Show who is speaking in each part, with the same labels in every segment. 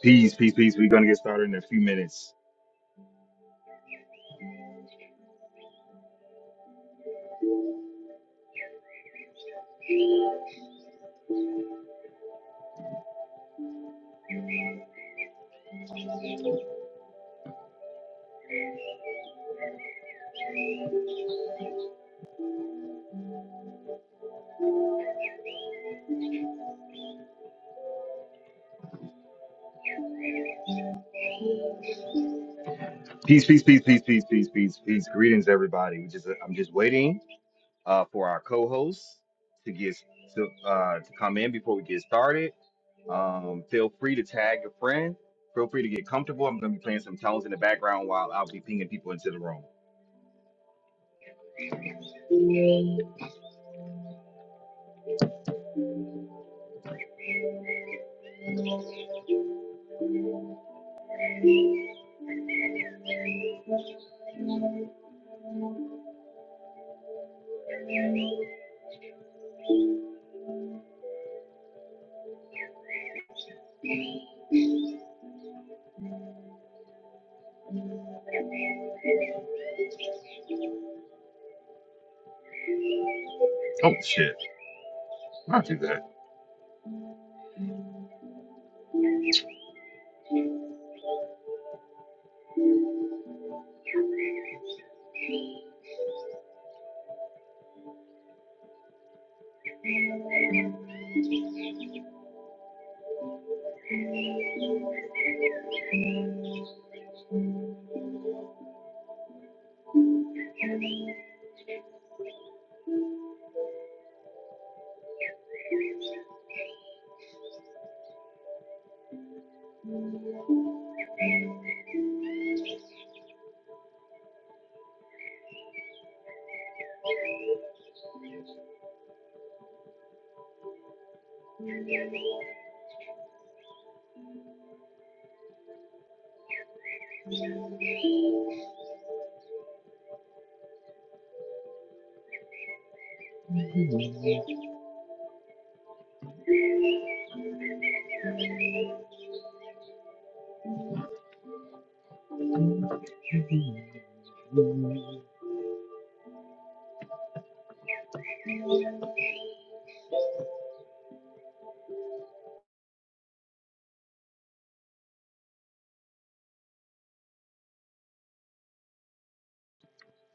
Speaker 1: Peace, peace, peace. We're gonna get started in a few minutes. Peace, peace, peace, peace, peace, peace, peace, peace. Greetings, everybody. We just I'm just waiting uh, for our co-hosts to get to uh, to come in before we get started. Um, feel free to tag a friend. Feel free to get comfortable. I'm gonna be playing some tones in the background while I'll be pinging people into the room. Oh shit! Not do that.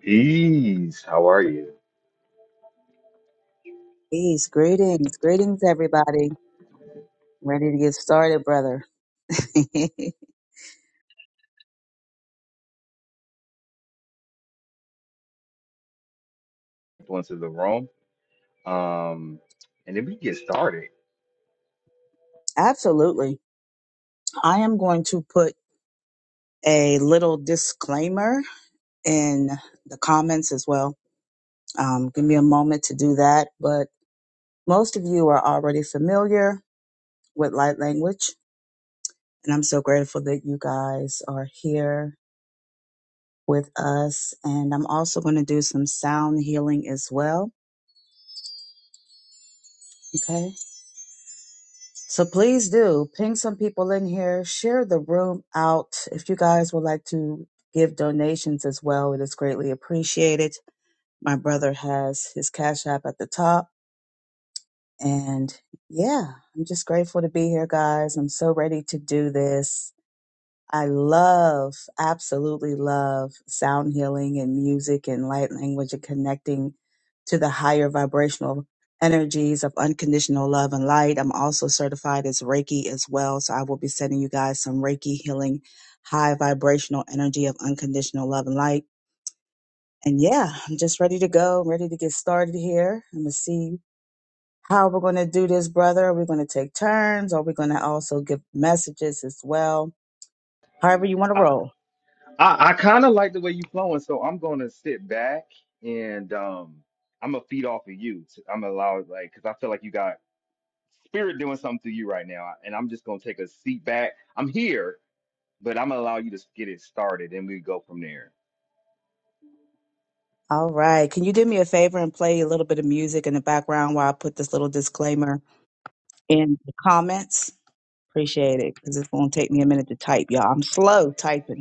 Speaker 1: Peace. How are you?
Speaker 2: Peace, greetings, greetings, everybody. Ready to get started, brother.
Speaker 1: People into the room. Um, and then we get started.
Speaker 2: Absolutely. I am going to put a little disclaimer in the comments as well. Um, give me a moment to do that. But most of you are already familiar with light language, and I'm so grateful that you guys are here with us. And I'm also going to do some sound healing as well. Okay. So please do ping some people in here, share the room out. If you guys would like to give donations as well, it is greatly appreciated. My brother has his Cash App at the top. And yeah, I'm just grateful to be here, guys. I'm so ready to do this. I love, absolutely love sound healing and music and light language and connecting to the higher vibrational energies of unconditional love and light. I'm also certified as Reiki as well. So I will be sending you guys some Reiki healing, high vibrational energy of unconditional love and light. And yeah, I'm just ready to go, ready to get started here. I'm going to see how we're going to do this, brother. Are we going to take turns? Are we going to also give messages as well? However you want to roll.
Speaker 1: I, I kind of like the way you flowing, so I'm gonna sit back and um, I'm gonna feed off of you. I'm gonna allow it, like because I feel like you got spirit doing something through you right now, and I'm just gonna take a seat back. I'm here, but I'm gonna allow you to get it started, and we go from there.
Speaker 2: All right. Can you do me a favor and play a little bit of music in the background while I put this little disclaimer in the comments? Appreciate it because it's going to take me a minute to type, y'all. I'm slow typing.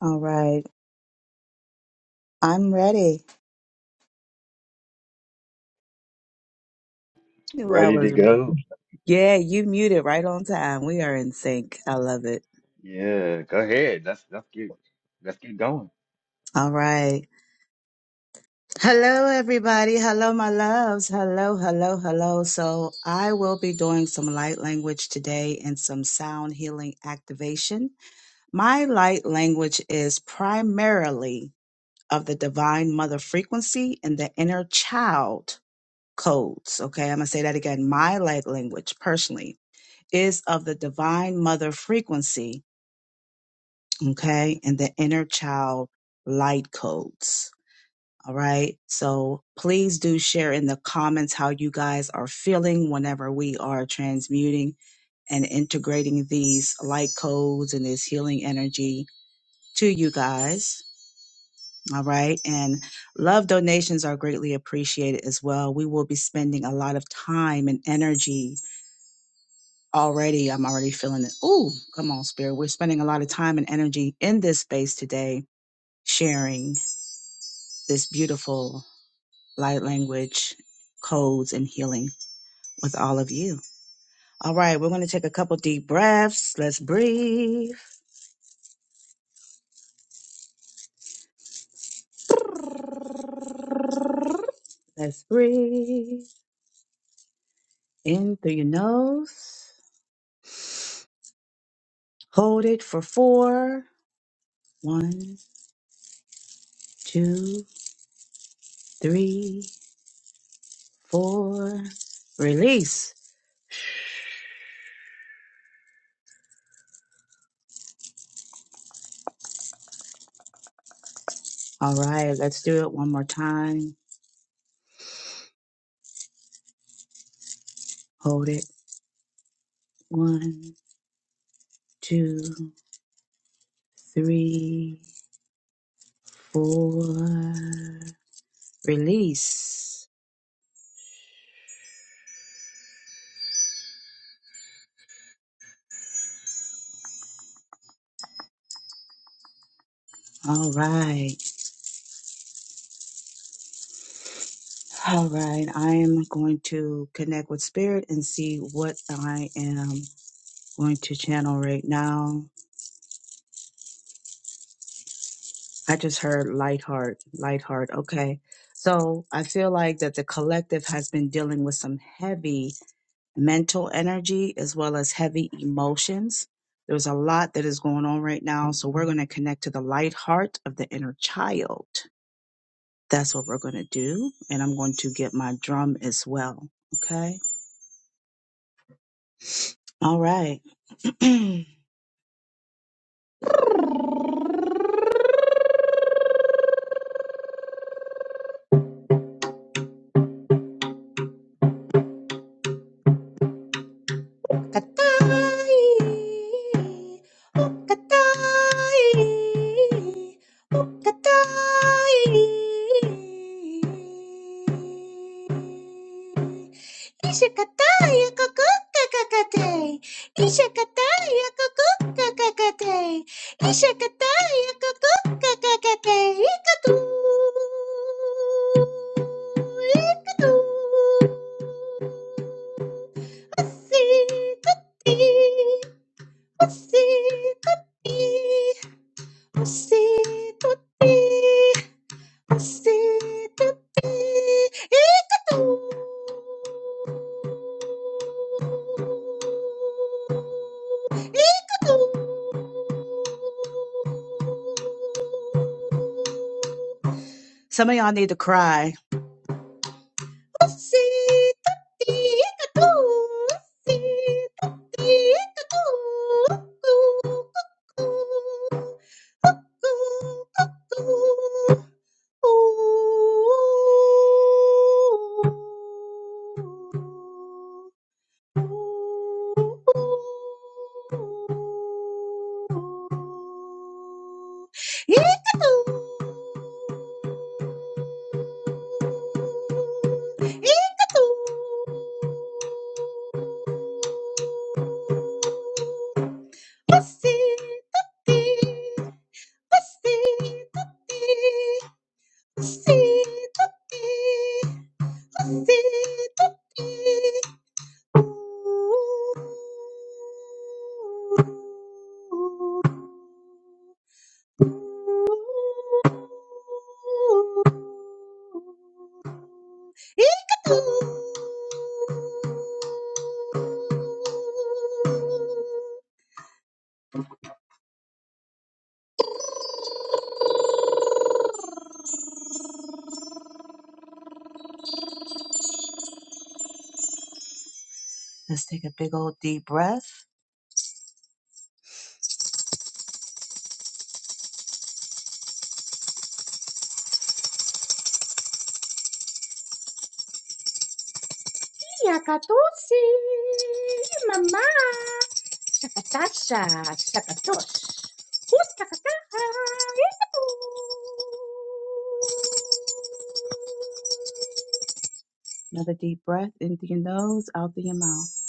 Speaker 2: All right. I'm ready. Knew I
Speaker 1: Ready to
Speaker 2: was.
Speaker 1: go?
Speaker 2: Yeah, you muted right on time. We are in sync. I love it.
Speaker 1: Yeah, go ahead. Let's let's get let's get going.
Speaker 2: All right. Hello, everybody. Hello, my loves. Hello, hello, hello. So, I will be doing some light language today and some sound healing activation. My light language is primarily of the divine mother frequency and the inner child codes. Okay, I'm gonna say that again. My light language, personally, is of the divine mother frequency. Okay, and the inner child light codes. All right. So please do share in the comments how you guys are feeling whenever we are transmuting and integrating these light codes and this healing energy to you guys. All right. And love donations are greatly appreciated as well. We will be spending a lot of time and energy already. I'm already feeling it. Ooh, come on, Spirit. We're spending a lot of time and energy in this space today, sharing this beautiful light language codes and healing with all of you. All right, we're going to take a couple deep breaths. Let's breathe. Let's breathe. In through your nose. Hold it for four. One, two, three, four. Release. All right, let's do it one more time. Hold it. One, two, three, four. Release. All right. All right, I am going to connect with spirit and see what I am going to channel right now. I just heard light heart, light heart. Okay. So I feel like that the collective has been dealing with some heavy mental energy as well as heavy emotions. There's a lot that is going on right now. So we're going to connect to the light heart of the inner child. That's what we're going to do. And I'm going to get my drum as well. Okay. All right. Okatai, okatai, okatai. Ishikatai, akakukakakate. Ishikatai, akakukakakate. Ishikatai, akakukakakate. Ikatu, ikatu. Pussy, Tutti, Pussy, tutti, Pussy, tutti, Pussy, tutti, Ikatu, Ikatu. Some of y'all need to cry. Pussy, tutti, Ikatu, Pussy, tutti, Ikatu, Cuckoo, cuckoo, cuckoo, cuckoo. Thank you. Let's take a big old deep breath. Yakatosi, mama, shakatasha, shakatosh, who's takataha, yakatosh. Another deep breath in through your nose, out through your mouth.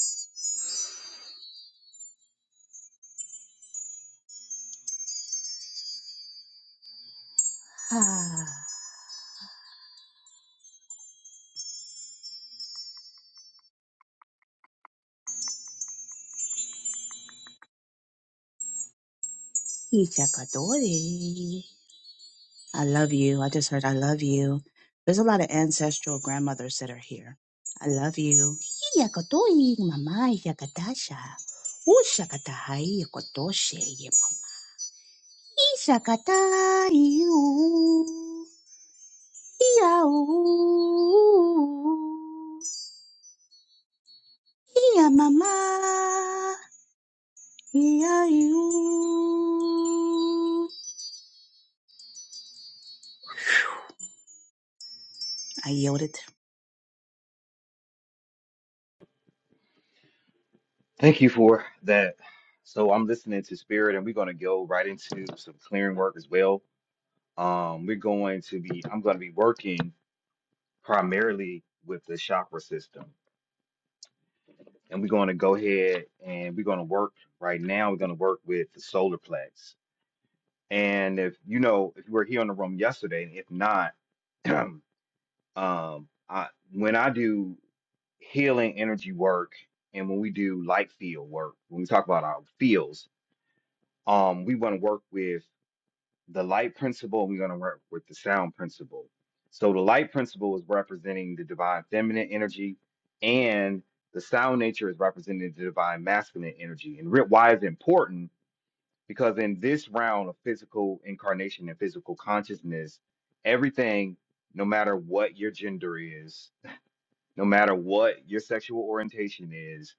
Speaker 2: Ah, Ishakadori. I love you. I just heard I love you. There's a lot of ancestral grandmothers that are here. I love you. Hiyakadoi, mama yakadasha. Ushakadahai yakadoshe. Ishakadayu. Yau. Yeah, mama. Yeah, you. I yielded
Speaker 1: Thank you for that. So I'm listening to spirit, and we're gonna go right into some clearing work as well. Um, we're going to be. I'm gonna be working. primarily with the chakra system. And we're going to go ahead and we're going to work right now. We're going to work with the solar plex. And if you know, if you were here in the room yesterday, and if not, um, I, when I do healing energy work and when we do light field work, when we talk about our fields, um, we want to work with the light principle, and we're going to work with the sound principle. So the light principle is representing the divine feminine energy, and the sound nature is representing the divine masculine energy. And re- why is it important? Because in this round of physical incarnation and physical consciousness, everything, no matter what your gender is, no matter what your sexual orientation is,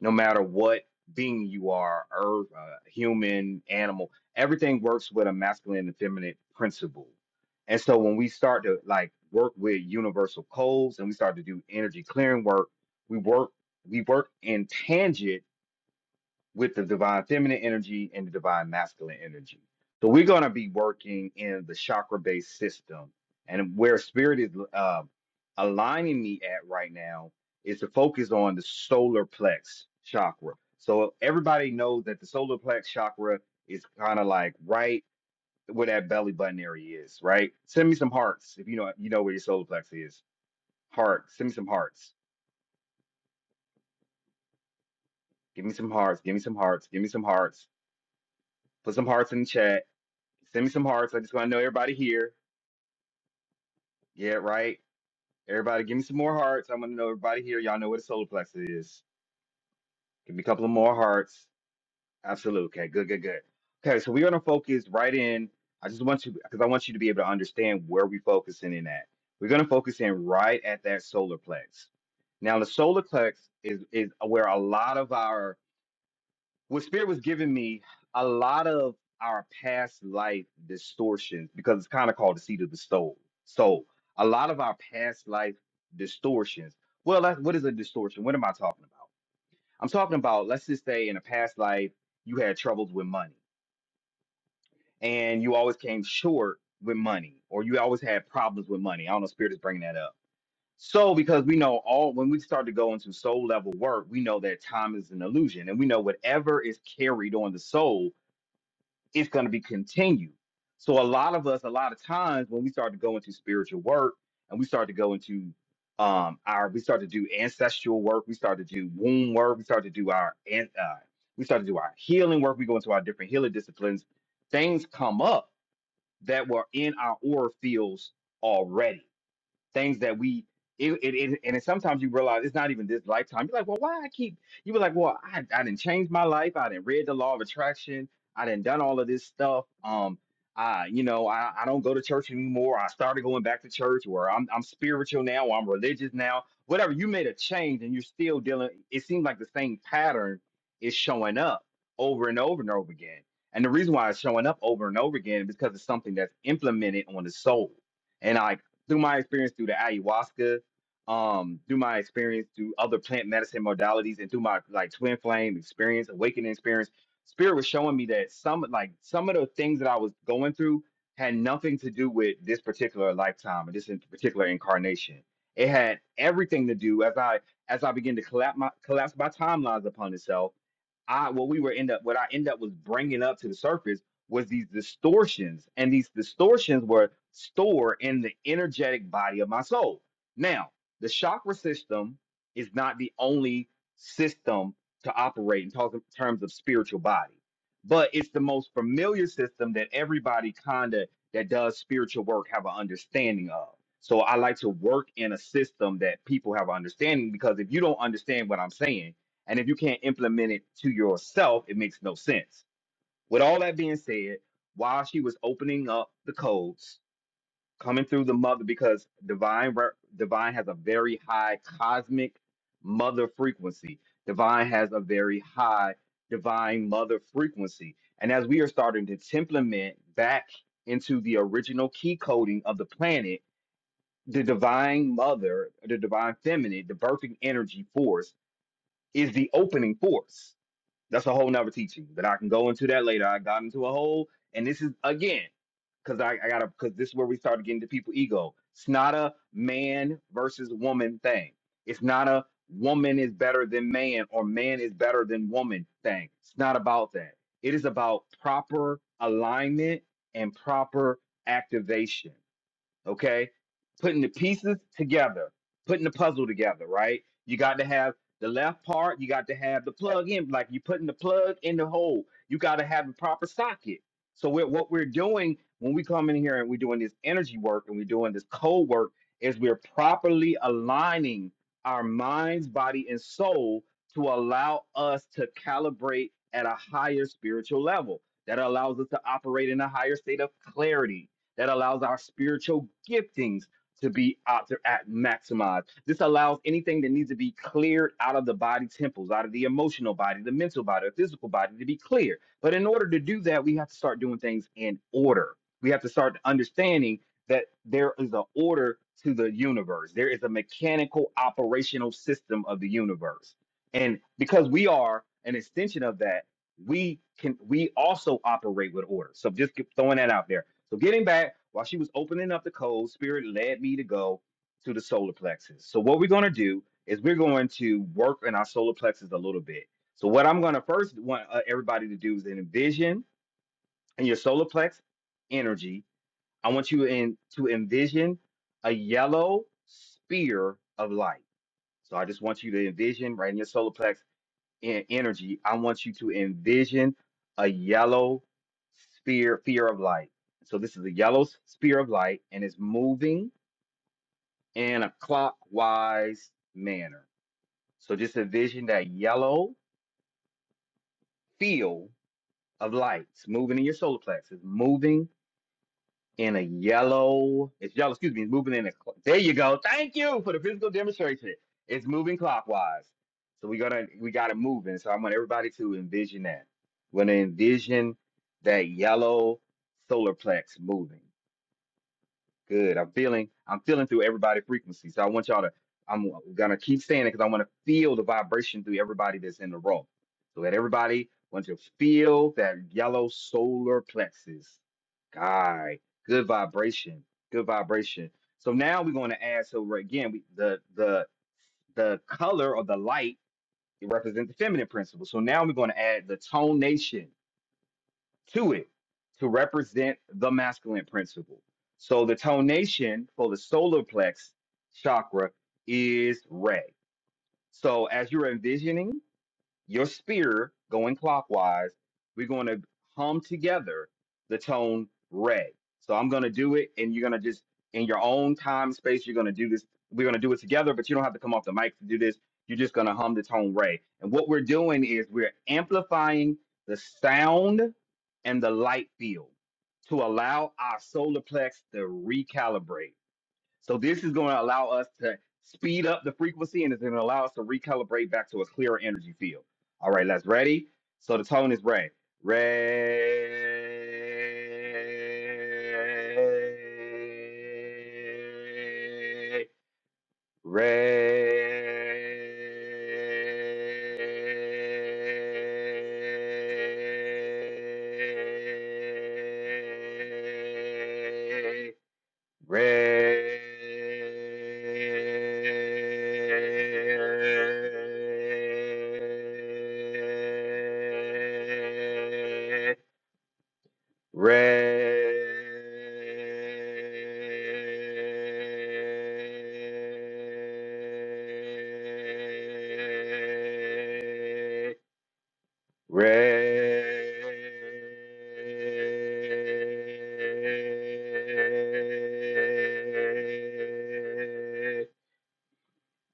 Speaker 1: no matter what being you are, earth, uh, human, animal, everything works with a masculine and feminine principle. And so when we start to like work with universal codes and we start to do energy clearing work, we work we work in tangent with the divine feminine energy and the divine masculine energy. So we're going to be working in the chakra based system. And where spirit is uh, aligning me at right now is to focus on the solar plex chakra. So everybody knows that the solar plex chakra is kind of like right where that belly button area is, right? Send me some hearts if you know you know where your solar plex is. Heart, send me some hearts. Give me some hearts. Give me some hearts. Give me some hearts. Put some hearts in the chat Send me some hearts. I just want to know everybody here. Yeah, right. Everybody, give me some more hearts. I want to know everybody here. Y'all know what a solar plexus is. Give me a couple of more hearts. Absolutely. Okay. Good. Good. Good. Okay. So we're gonna focus right in. I just want you because I want you to be able to understand where we're focusing in at. We're gonna focus in right at that solar plex. Now, the solar plex is is where a lot of our what spirit was giving me a lot of our past life distortions because it's kind of called the seat of the soul so a lot of our past life distortions well that, what is a distortion what am i talking about i'm talking about let's just say in a past life you had troubles with money and you always came short with money or you always had problems with money i don't know spirit is bringing that up so because we know all when we start to go into soul level work we know that time is an illusion and we know whatever is carried on the soul it's going to be continued. So a lot of us, a lot of times when we start to go into spiritual work and we start to go into um our we start to do ancestral work, we start to do womb work, we start to do our an- uh, we start to do our healing work, we go into our different healing disciplines, things come up that were in our aura fields already things that we it, it, it and it, sometimes you realize it's not even this lifetime. You're like, well, why I keep you were like, well, I I didn't change my life. I didn't read the law of attraction. I didn't done all of this stuff. Um, I you know I, I don't go to church anymore. I started going back to church, or I'm I'm spiritual now, or I'm religious now. Whatever you made a change, and you're still dealing. It seems like the same pattern is showing up over and over and over again. And the reason why it's showing up over and over again is because it's something that's implemented on the soul. And I through my experience through the ayahuasca, um, through my experience through other plant medicine modalities, and through my like twin flame experience, awakening experience, spirit was showing me that some like some of the things that I was going through had nothing to do with this particular lifetime or this in- particular incarnation. It had everything to do as I as I began to collapse my collapse my timelines upon itself. I what we were end up what I end up was bringing up to the surface was these distortions, and these distortions were stored in the energetic body of my soul. Now, the chakra system is not the only system to operate in talk- terms of spiritual body, but it's the most familiar system that everybody kind of that does spiritual work have an understanding of. So I like to work in a system that people have an understanding because if you don't understand what I'm saying, and if you can't implement it to yourself, it makes no sense. With all that being said, while she was opening up the codes, coming through the mother, because divine re- divine has a very high cosmic mother frequency. Divine has a very high divine mother frequency, and as we are starting to implement back into the original key coding of the planet, the divine mother, the divine feminine, the birthing energy force is the opening force that's a whole nother teaching that I can go into that later. I got into a hole, and this is again, because I, I gotta, because this is where we started getting to people ego. It's not a man versus woman thing. It's not a woman is better than man or man is better than woman thing. It's not about that. It is about proper alignment and proper activation okay? Putting the pieces together, putting the puzzle together, right? You got to have the left part, you got to have the plug in, like you're putting the plug in the hole. You got to have the proper socket. So we're, what we're doing when we come in here and we're doing this energy work and we're doing this cold work is we're properly aligning our minds, body, and soul to allow us to calibrate at a higher spiritual level. That allows us to operate in a higher state of clarity that allows our spiritual giftings to be out there at maximized. This allows anything that needs to be cleared out of the body temples, out of the emotional body, the mental body, the physical body to be clear. But in order to do that, we have to start doing things in order. We have to start understanding that there is an order to the universe. There is a mechanical operational system of the universe. And because we are an extension of that, we can we also operate with order. So just keep throwing that out there. So getting back, while she was opening up the code, spirit led me to go to the solar plexus. So what we're going to do is we're going to work in our solar plexus a little bit. So what I'm going to first want uh, everybody to do is envision in your solar plex energy. I want you in to envision a yellow spear of light. So I just want you to envision right in your solar plex in energy, I want you to envision a yellow sphere, sphere of light. So this is a yellow s- sphere of light, and it's moving in a clockwise manner. So just envision that yellow field of lights moving in your solar plexus, moving in a yellow. It's yellow. Excuse me. Moving in a. cl- There you go. Thank you for the physical demonstration. It's moving clockwise. So we gonna we got to it moving. So I want everybody to envision that. We're gonna envision that yellow solar plex moving. Good. I'm feeling. I'm feeling through everybody's frequency. So I want y'all to. I'm gonna keep saying it because I want to feel the vibration through everybody that's in the room. So that everybody wants to feel that yellow solar plexus. God, good vibration. Good vibration. So now we're going to add. So we're- again, we, the the the color or the light it represents the feminine principle. So now we're going to add the tonation to it to represent the masculine principle. So the tonation for the solar plex chakra is red. So as you're envisioning your spear going clockwise. We're going to hum together the tone re. So I'm going to do it, and you're going to just in your own time space. You're going to do this. We're going to do it together, but you don't have to come off the mic to do this. You're just going to hum the tone re. And what we're doing is we're amplifying the sound and the light field to allow our solar plex to recalibrate. So this is going to allow us to speed up the frequency and it's going to allow us to recalibrate back to a clearer energy field. All right, let's ready. So the tone is red. Red. Red. Red, red. Red,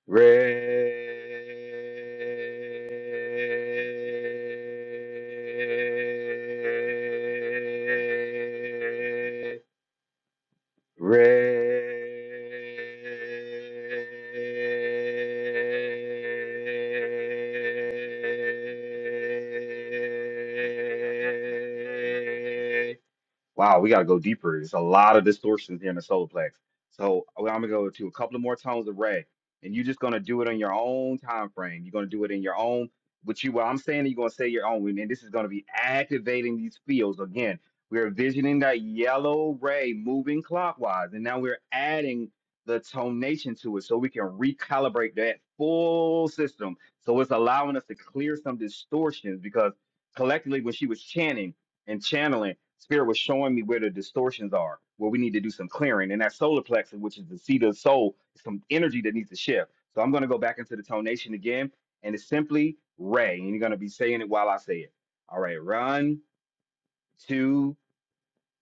Speaker 1: red. Red. Wow, we got to go deeper. There's a lot of distortions here in the solar So well, I'm gonna go to a couple of more tones of red, and you're just gonna do it on your own time frame. You're gonna do it in your own. What you, what I'm saying, you're gonna say your own, and this is gonna be activating these fields again. We're envisioning that yellow ray moving clockwise, and now we're adding the tonation to it so we can recalibrate that full system. So it's allowing us to clear some distortions because collectively, when she was chanting and channeling, Spirit was showing me where the distortions are, where we need to do some clearing. And that solar plexus, which is the seat of the soul, is some energy that needs to shift. So I'm going to go back into the tonation again, and it's simply Ray. And you're going to be saying it while I say it. All right, run, two,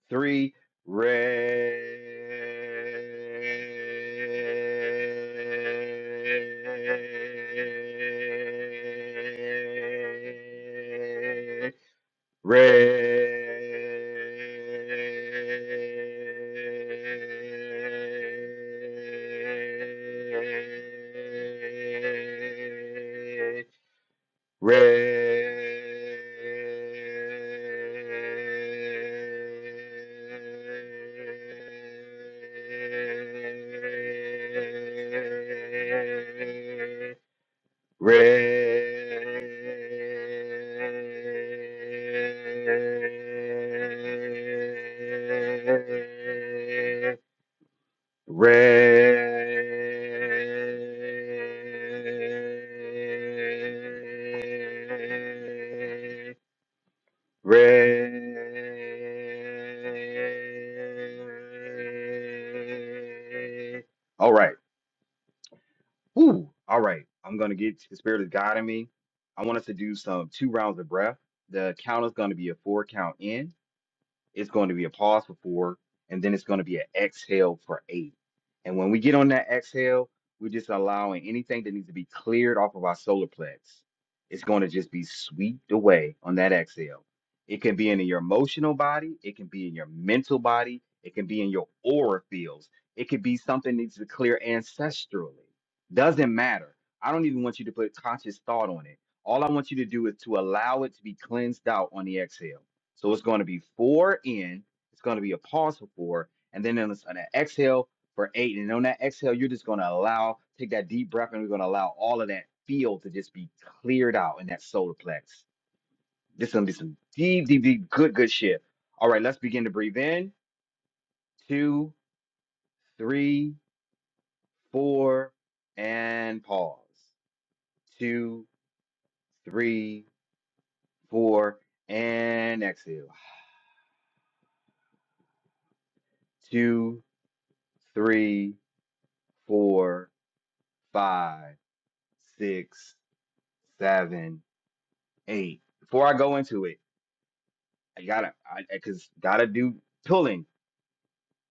Speaker 1: three, Ray. Red, red. Red, red, red. All right. Whew. All right. I'm going to get the spirit of God in me. I want us to do some two rounds of breath. The count is going to be a four count in. It's going to be a pause for four, and then it's going to be an exhale for eight. And when we get on that exhale, we're just allowing anything that needs to be cleared off of our solar plex. It's going to just be swept away on that exhale. It can be in your emotional body, it can be in your mental body, it can be in your aura fields, it could be something that needs to clear ancestrally. Doesn't matter. I don't even want you to put conscious thought on it. All I want you to do is to allow it to be cleansed out on the exhale. So it's going to be four in, it's going to be a pause for four, and then it's an exhale for eight. And on that exhale, you're just going to allow, take that deep breath, and we're going to allow all of that field to just be cleared out in that solar plex. This is going to be some deep, deep, deep, good, good shit. All right, let's begin to breathe in. Two, three, four, and pause. Two, three, four, and exhale. Two, three, four, five six, seven, eight. Before I go into it, I gotta, I, I cause gotta do pulling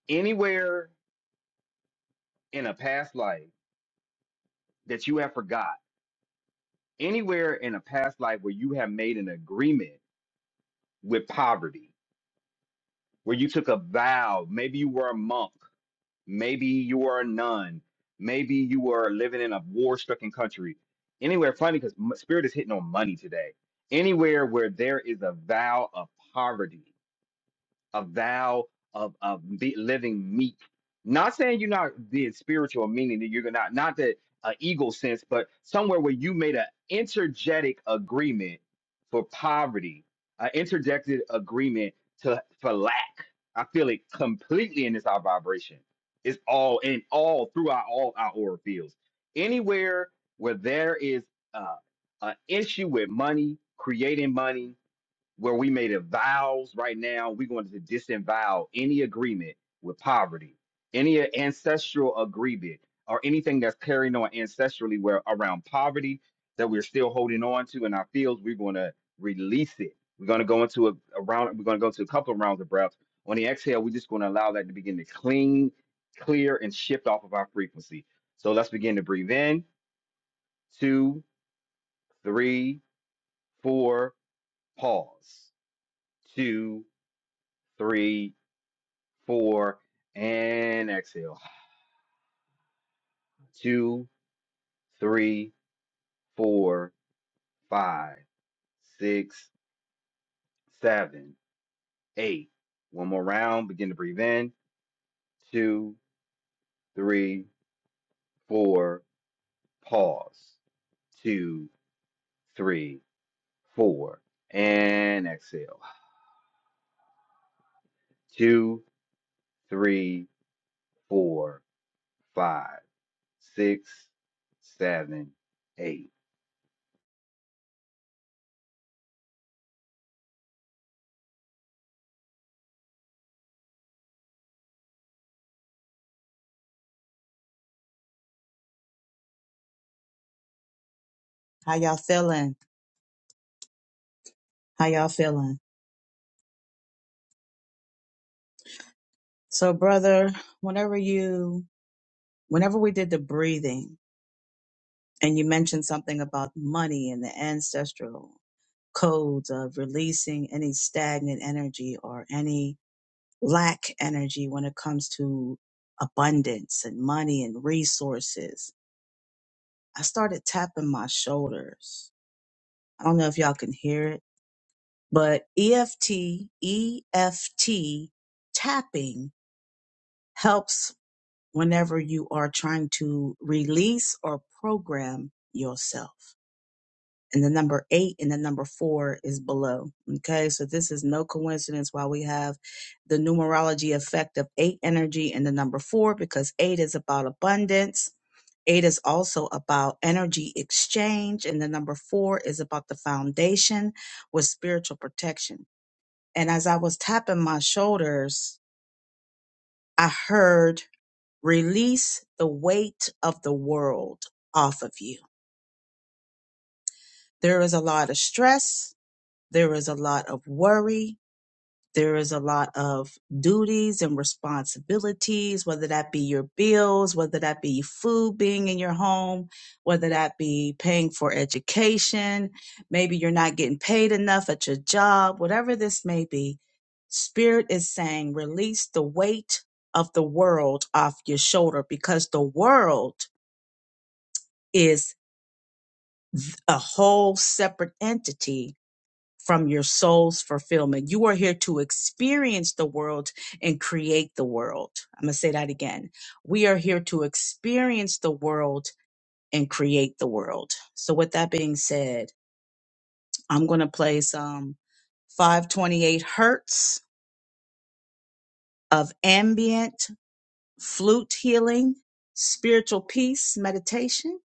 Speaker 1: anywhere in a past life that you have forgot, anywhere in a past life where you have made an agreement with poverty, where you took a vow. Maybe you were a monk, maybe you were a nun, maybe you were living in a war-stricken country. Anywhere, funny because spirit is hitting on money today. Anywhere where there is a vow of poverty a vow of of be, living meek. Not saying you're not being spiritual, meaning that you're not not that uh, ego sense, but somewhere where you made an intergetic agreement for poverty, an interjected agreement to for lack. I feel it completely in this our vibration. It's all in all throughout all our aura fields. Anywhere where there is uh, an issue with money, creating money, where we made a vows right now we're going to disavow any agreement with poverty any ancestral agreement or anything that's carrying on ancestrally where around poverty that we're still holding on to in our fields we're going to release it we're going to go into a, a round we're going to go to a couple of rounds of breaths on the exhale we're just going to allow that to begin to clean clear and shift off of our frequency so let's begin to breathe in two three four pause two three four, and exhale. Two, three, four, five, six, seven, eight. One more round. Begin to breathe in. Two, three, four. Pause. Two, three, four. And exhale. Two, three, four, five, six, seven, eight.
Speaker 2: How y'all feeling? How y'all feeling? So, brother, whenever you, whenever we did the breathing and you mentioned something about money and the ancestral codes of releasing any stagnant energy or any lack energy when it comes to abundance and money and resources, I started tapping my shoulders. I don't know if y'all can hear it, but EFT, EFT tapping helps whenever you are trying to release or program yourself. And the number eight and the number four is below. Okay, so this is no coincidence why we have the numerology effect of eight energy and the number four, because eight is about abundance. Eight is also about energy exchange. And the number four is about the foundation with spiritual protection. And as I was tapping my shoulders, I heard Release the weight of the world off of you. There is a lot of stress. There is a lot of worry. There is a lot of duties and responsibilities, whether that be your bills, whether that be food being in your home, whether that be paying for education. Maybe you're not getting paid enough at your job, whatever this may be. Spirit is saying, release the weight of the world off your shoulder because the world is a whole separate entity from your soul's fulfillment. You are here to experience the world and create the world. I'm going to say that again. We are here to experience the world and create the world. So, with that being said, I'm going to play some 528 hertz of ambient flute healing, spiritual peace meditation,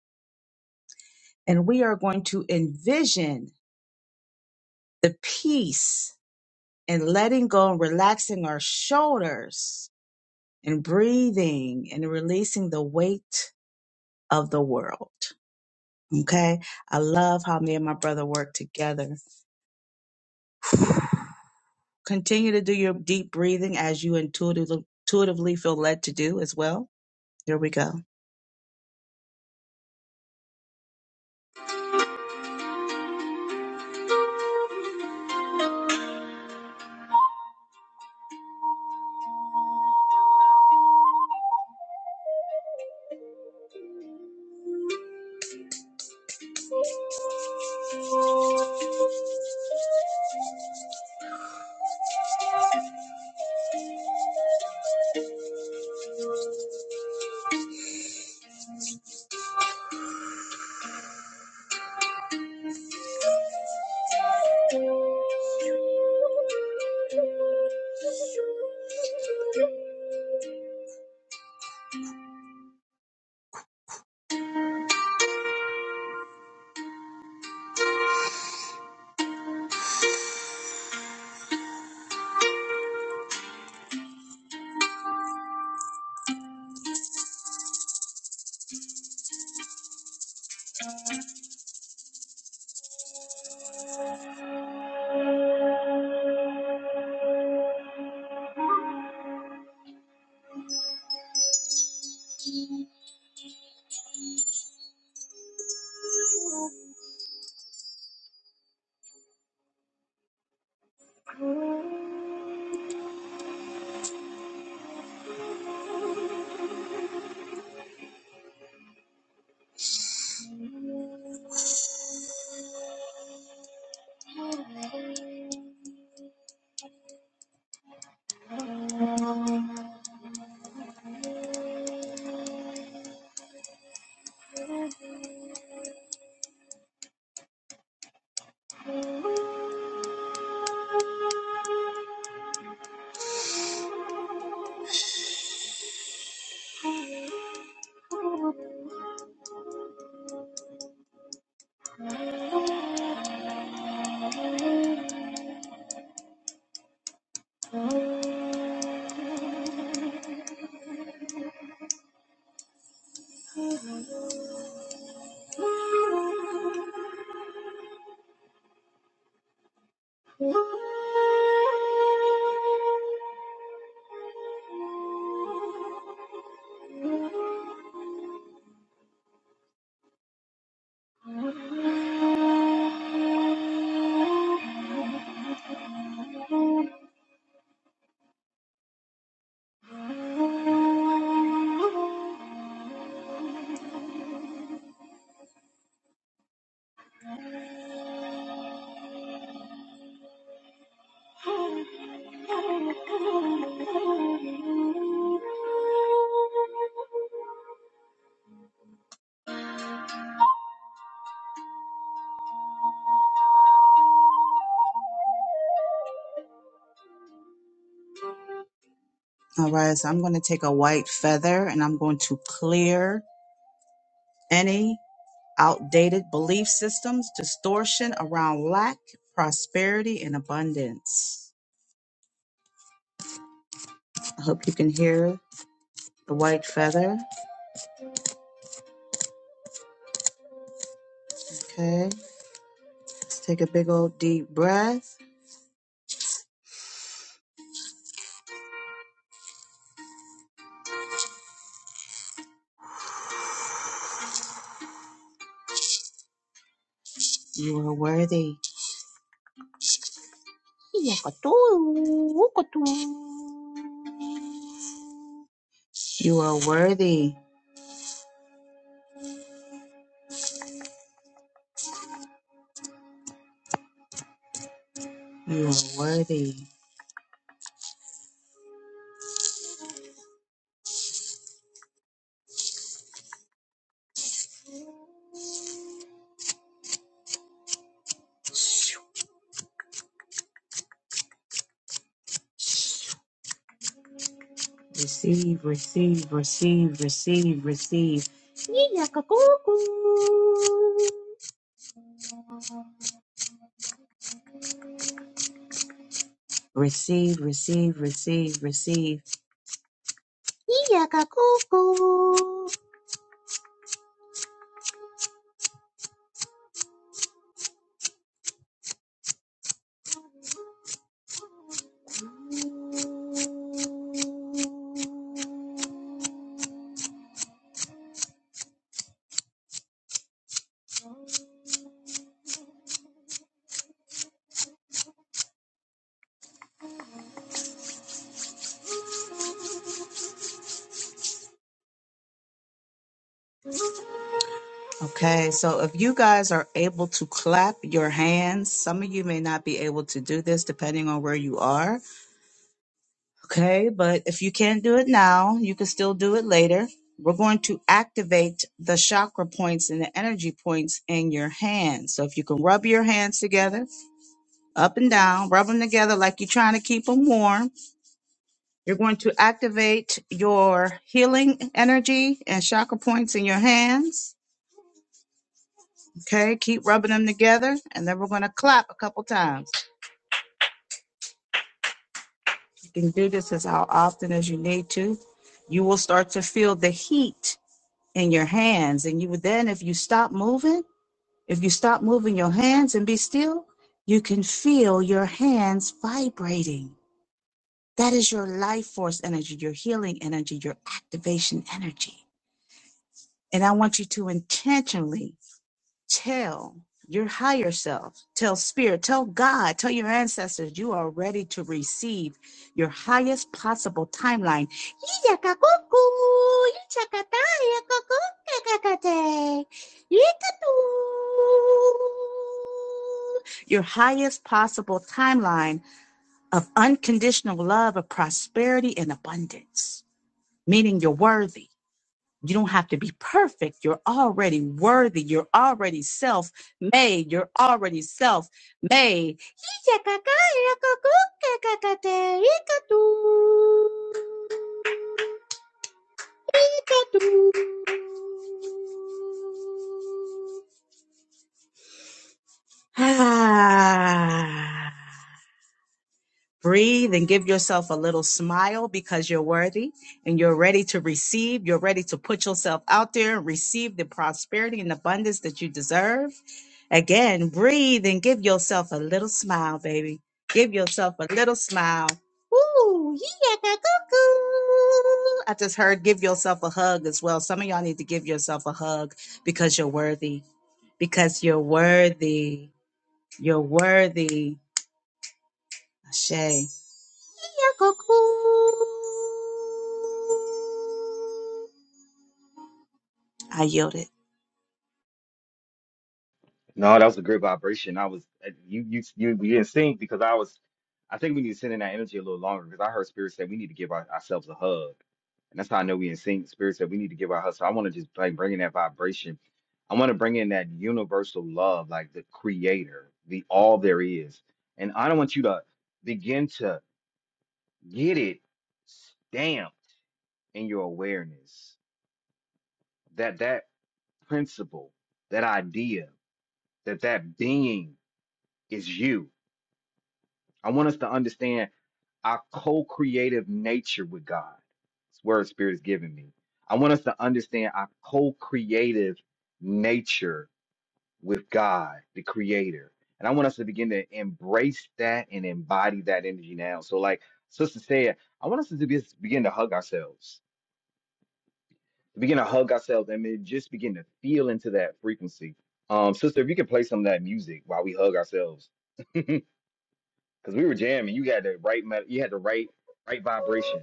Speaker 2: and we are going to envision the peace and letting go and relaxing our shoulders and breathing and releasing the weight of the world. Okay. I love how me and my brother work together. Continue to do your deep breathing as you intuitively, intuitively feel led to do as well. Here we go. Oh. All right, so I'm going to take a white feather and I'm going to clear any outdated belief systems, distortion around lack, prosperity, and abundance. I hope you can hear the white feather. Okay, let's take a big old deep breath. You are worthy. You are worthy. You are worthy. Receive, receive, receive, receive, receive. Yee-yaka-coo-coo. Receive, receive, receive, receive. Yee-yaka-coo-coo. Okay, so if you guys are able to clap your hands, some of you may not be able to do this depending on where you are. Okay, but if you can't do it now, you can still do it later. We're going to activate the chakra points and the energy points in your hands. So if you can rub your hands together, up and down, rub them together like you're trying to keep them warm. You're going to activate your healing energy and chakra points in your hands. Okay, keep rubbing them together, and then we're going to clap a couple times. You can do this as how often as you need to. You will start to feel the heat in your hands and you then if you stop moving if you stop moving your hands and be still you can feel your hands vibrating that is your life force energy your healing energy your activation energy and i want you to intentionally Tell your higher self, tell spirit, tell God, tell your ancestors you are ready to receive your highest possible timeline. Your highest possible timeline of unconditional love, of prosperity, and abundance, meaning you're worthy. You don't have to be perfect. You're already worthy. You're already self made. You're already self made. Breathe and give yourself a little smile because you're worthy and you're ready to receive. You're ready to put yourself out there and receive the prosperity and abundance that you deserve. Again, breathe and give yourself a little smile, baby. Give yourself a little smile. Ooh, yeah, cuckoo. I just heard give yourself a hug as well. Some of y'all need to give yourself a hug because you're worthy. Because you're worthy. You're worthy. Ashe. Yeah, cuckoo. I yielded.
Speaker 1: No, that was a great vibration. I was you you you, you didn't sing because I was. I think we need to send in that energy a little longer because I heard Spirit say we need to give our, ourselves a hug, and that's how I know we in sync. Spirit said we need to give our hug. So I want to just like bring in that vibration. I want to bring in that universal love, like the Creator, the all there is, and I don't want you to begin to get it stamped in your awareness that that principle, that idea, that that being is you I want us to understand our co-creative nature with God. This word spirit is giving me. I want us to understand our co-creative nature with God, the creator. And I want us to begin to embrace that and embody that energy now. So like sister said, I want us to be, begin to hug ourselves, to begin to hug ourselves and then just begin to feel into that frequency. Um, sister, if you could play some of that music while we hug ourselves, because we were jamming, you had the right, me- you had the right right vibration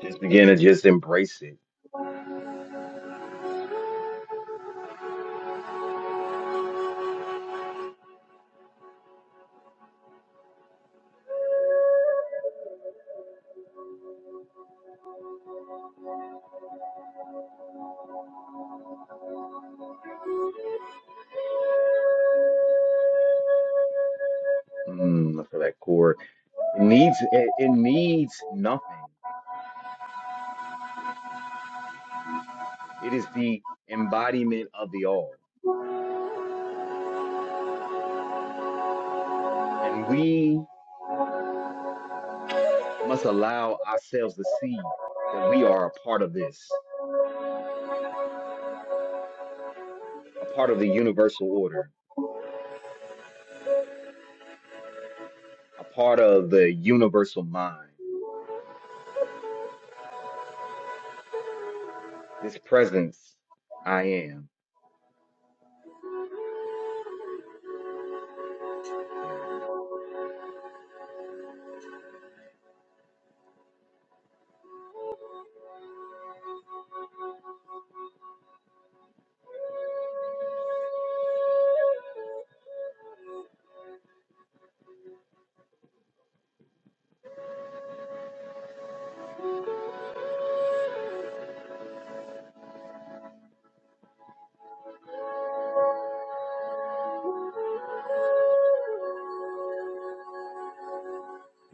Speaker 1: Just begin to just embrace it. Mm, I feel that chord, it needs it, it needs nothing. It is the embodiment of the all, and we must allow ourselves to see that we are a part of this, a part of the universal order, a part of the universal mind. This presence, I am. Yeah.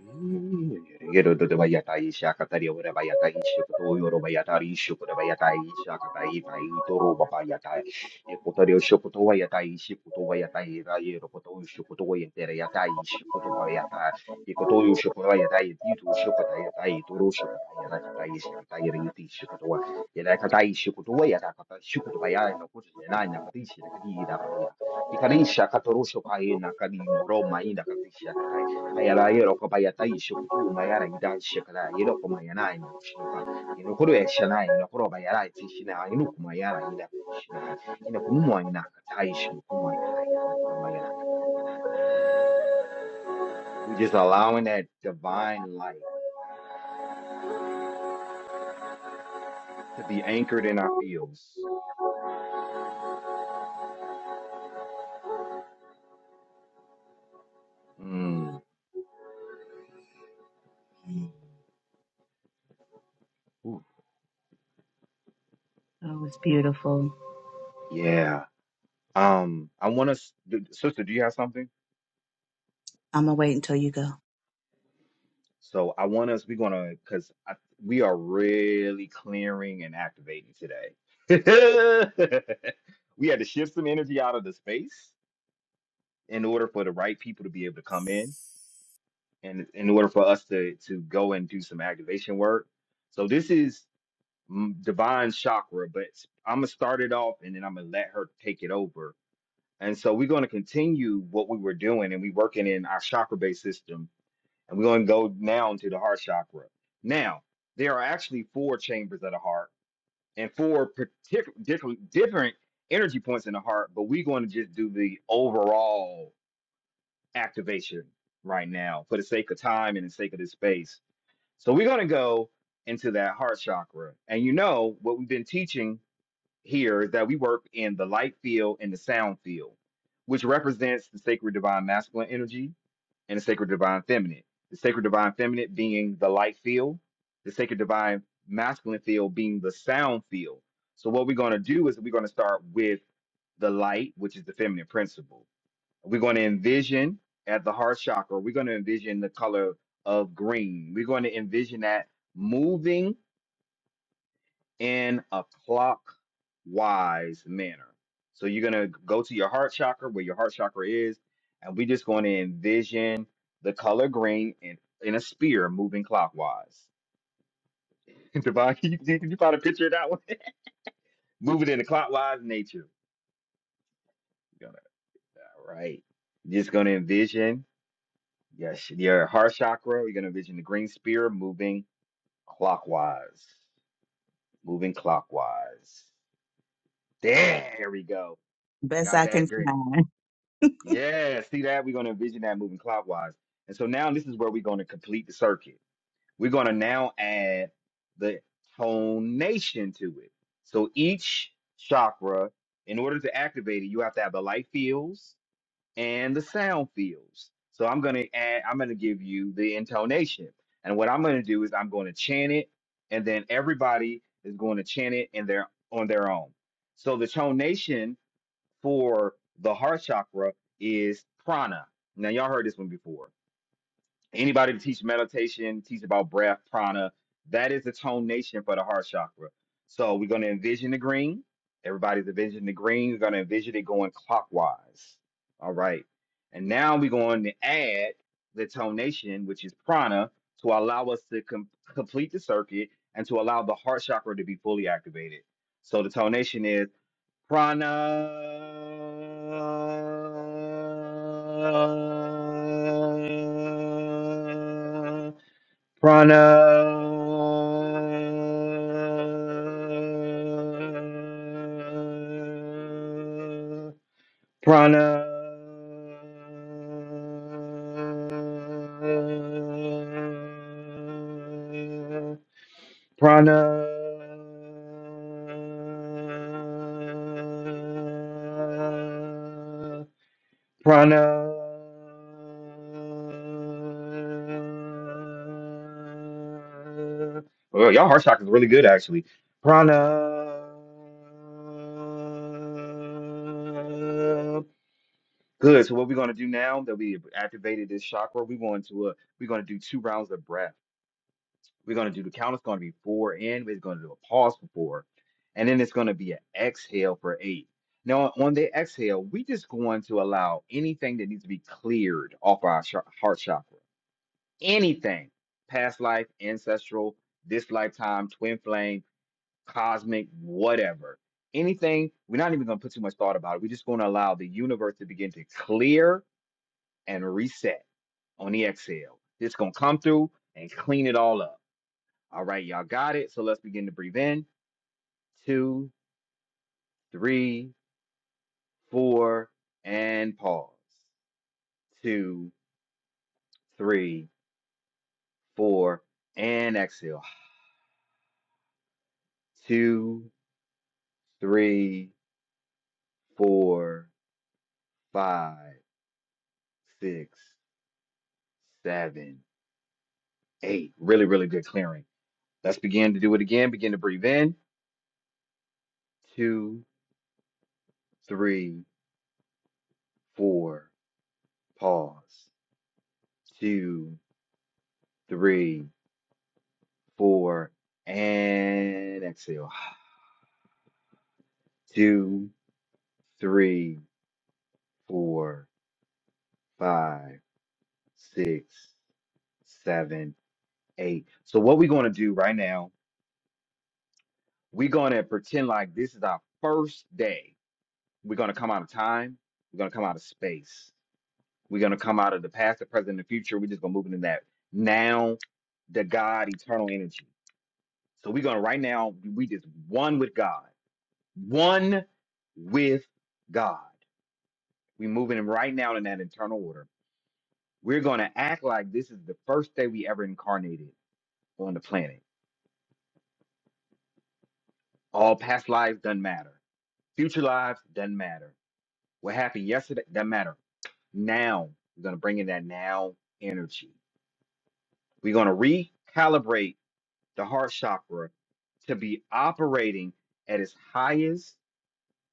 Speaker 1: yatai toro toro Babayatai, Epotario Shokoto Vayatai, Shikoto Vayatai, Yerokoto Shokoto Yatai, Shikoto Vayata, ekoto Ikarisha katorosho kaina kadino roma ina katisha katai. Hayala no We're just allowing that divine light to be anchored in our fields. Mm. Ooh,
Speaker 2: Oh, it's beautiful.
Speaker 1: yeah. Um, I want to, sister, do you have something?
Speaker 2: I'm gonna wait until you go.
Speaker 1: So I want us, we're gonna, because I, we are really clearing and activating today. We had to shift some energy out of the space in order for the right people to be able to come in and in order for us to to go and do some activation work. So this is mm, divine chakra, but I'm gonna start it off and then I'm gonna let her take it over. And so we're gonna continue what we were doing and we working in our chakra based system and we're going to go now into the heart chakra. Now, there are actually four chambers of the heart and four particular different, different energy points in the heart, but we're going to just do the overall activation right now for the sake of time and the sake of this space. So we're going to go into that heart chakra. And you know what we've been teaching here is that we work in the light field and the sound field, which represents the sacred divine masculine energy and the sacred divine feminine. The sacred divine feminine being the light field, the sacred divine masculine field being the sound field. So what we're going to do is we're going to start with the light, which is the feminine principle. We're going to envision at the heart chakra, we're going to envision the color of green. We're going to envision that moving in a clockwise manner. So you're gonna go to your heart chakra where your heart chakra is, and we're just going to envision the color green in, in a spear moving clockwise. Devon, can you, can you find a picture of that one? moving in a clockwise nature. You're gonna all right. You're just gonna envision yes your heart chakra. You're gonna envision the green spear moving clockwise, moving clockwise. There we go.
Speaker 2: Best
Speaker 1: Got
Speaker 2: I can
Speaker 1: that
Speaker 2: find.
Speaker 1: Yeah, see that? We're going to envision that moving clockwise. And so now this is where we're going to complete the circuit. We're going to now add the tonation to it. So each chakra, in order to activate it, you have to have the light fields and the sound fields. So I'm going to add, I'm going to give you the intonation. And what I'm going to do is I'm going to chant it, and then everybody is going to chant it in their on their own. So the tonation for the heart chakra is prana. Now y'all heard this one before. Anybody that teach meditation, teach about breath, prana, that is the tonation for the heart chakra. So we're going to envision the green. Everybody's envisioning the green. We're going to envision it going clockwise. All right. And now we're going to add the tonation, which is prana, to allow us to com- complete the circuit and to allow the heart chakra to be fully activated. So the tonation is Prana. Prana. Prana. Prana. Prana. Well, y'all heart chakra is really good, actually. Prana. Good. So what we're gonna do now that we activated this chakra, we're going to uh, we're gonna do two rounds of breath. We're going to do the count. It's going to be four in. We're going to do a pause for four. And then it's going to be an exhale for eight. Now, on the exhale, we just going to allow anything that needs to be cleared off our ch- heart chakra. Anything, past life, ancestral, this lifetime, twin flame, cosmic, whatever. Anything, we're not even going to put too much thought about it. We're just going to allow the universe to begin to clear and reset on the exhale. It's going to come through and clean it all up. All right, y'all got it. So let's begin to breathe in. Two, three, four, and pause. Two, three, four, and exhale. Two, three, four, five, six, seven, eight. Really, really good clearing. Let's begin to do it again. Begin to breathe in. Two, three, four, pause. Two, three, four, and exhale. two, three, four, five, six, seven, eight. So what we're gonna do right now, we're gonna pretend like this is our first day. We're gonna come out of time, we're gonna come out of space, we're gonna come out of the past, the present, and the future. We're just gonna move into that now, the God, eternal energy. So we're gonna right now, we just one with God, one with God. we moving him right now in that internal order. We're going to act like this is the first day we ever incarnated on the planet. All past lives doesn't matter. Future lives doesn't matter. What happened yesterday doesn't matter. Now, we're going to bring in that now energy. We're going to recalibrate the heart chakra to be operating at its highest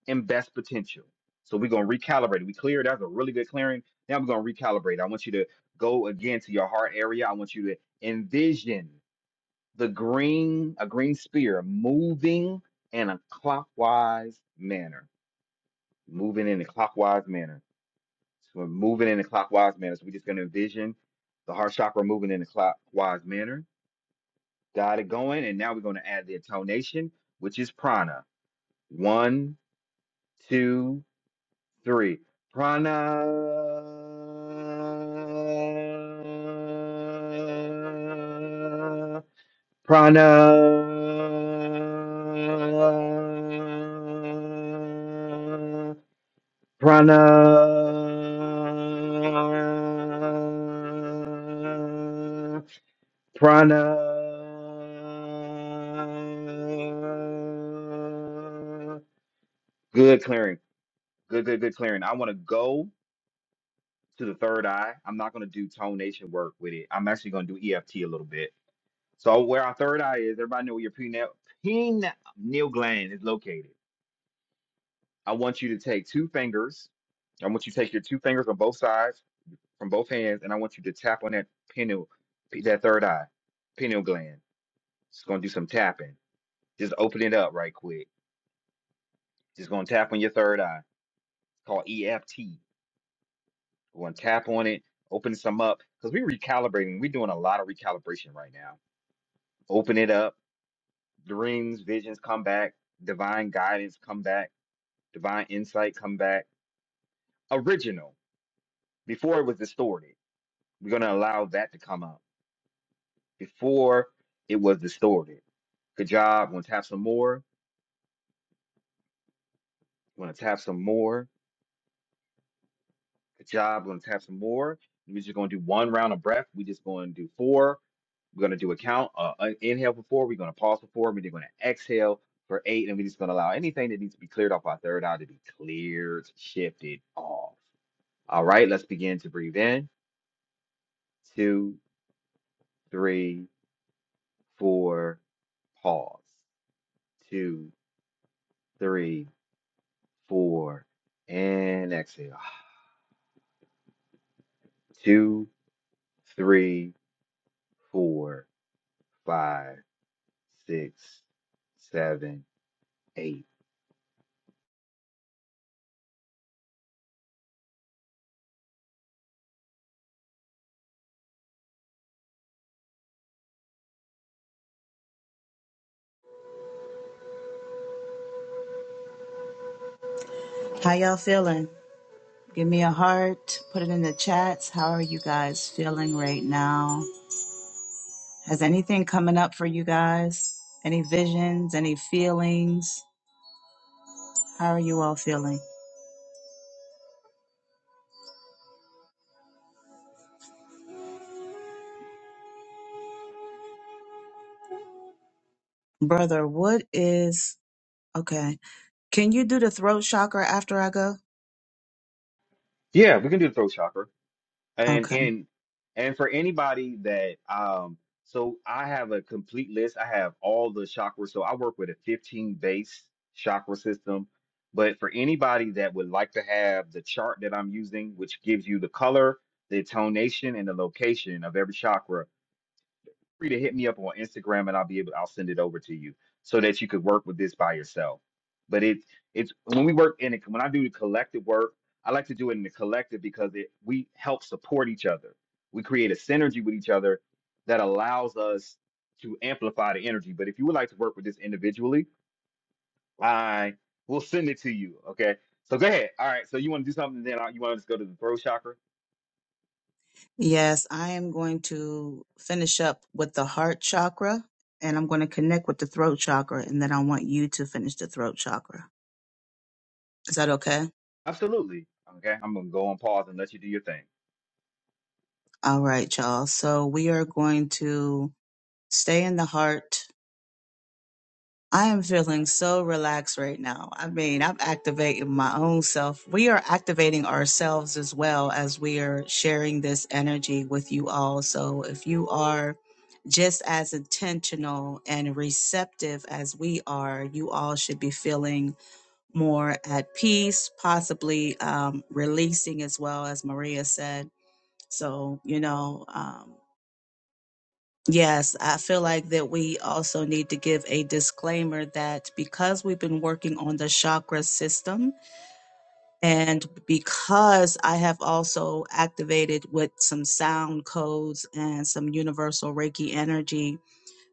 Speaker 1: and best potential. So we're going to recalibrate. We cleared. That's a really good clearing. Now we're going to recalibrate. I want you to go again to your heart area. I want you to envision. the green, a green spear moving in a clockwise manner, moving in a clockwise manner. So we're moving in a clockwise manner. So we're just going to envision the heart chakra moving in a clockwise manner. Got it going. And now we're going to add the intonation, which is prana. One, two, three. Prana. Prana, prana, prana. Good clearing. Good, good, good clearing. I want to go to the third eye. I'm not going to do tone nation work with it. I'm actually going to do EFT a little bit. So where our third eye is, everybody know where your pineal, pineal gland is located. I want you to take two fingers. I want you to take your two fingers on both sides from both hands, and I want you to tap on that pineal, that third eye, pineal gland. Just gonna do some tapping. Just open it up right quick. Just gonna tap on your third eye. It's called EFT. We're gonna tap on it, open some up, because we're recalibrating. We're doing a lot of recalibration right now. Open it up. Dreams, visions come back. Divine guidance come back divine insight come back original before it was distorted we're going to allow that to come up before it was distorted good job We're going to tap some more We're going to tap some more good job We're going to tap some more we're just going to do one round of breath we're just going to do four we're going to do a count uh, uh, inhale for four we're going to pause for four we're going to exhale for eight and we're just going to allow anything that needs to be cleared off our third eye to be cleared shifted off all right let's begin to breathe in two three four, pause, two, three, four, and exhale. Two, three, four, five, six, seven, eight.
Speaker 2: How y'all feeling? Give me a heart. Put it in the chats. How are you guys feeling right now? Has anything coming up for you guys? Any visions? Any feelings? How are you all feeling? Brother, what is okay? Can you do the throat chakra after I go?
Speaker 1: Yeah, we can do the throat chakra. and
Speaker 2: Okay.
Speaker 1: and and for anybody that um so i have a complete list i have all the chakras so i work with a 15 base chakra system but for anybody that would like to have the chart that i'm using which gives you the color the tonation and the location of every chakra free to hit me up on Instagram and I'll be able I'll send it over to you so that you could work with this by yourself. But it's it's when we work in it when I do the collective work, I like to do it in the collective because it we help support each other. We create a synergy with each other that allows us to amplify the energy. But if you would like to work with this individually, I will send it to you. Okay. So go ahead. All right. So you want to do something, then I- you want to just go to the throw chakra?
Speaker 2: Yes, I am going to finish up with the heart chakra and I'm going to connect with the throat chakra and then I want you to finish the throat chakra. Is that okay?
Speaker 1: Absolutely. Okay. I'm gonna go on pause and let you do your thing.
Speaker 2: All right, y'all. So we are going to stay in the heart I am feeling so relaxed right now. I mean, I'm activating my own self. We are activating ourselves as well as we are sharing this energy with you all. So if you are just as intentional and receptive as we are, you all should be feeling more at peace, possibly um, releasing as well, as Maria said. So, you know, um, Yes, I feel like that we also need to give a disclaimer that because we've been working on the chakra system and because I have also activated with some sound codes and some universal Reiki energy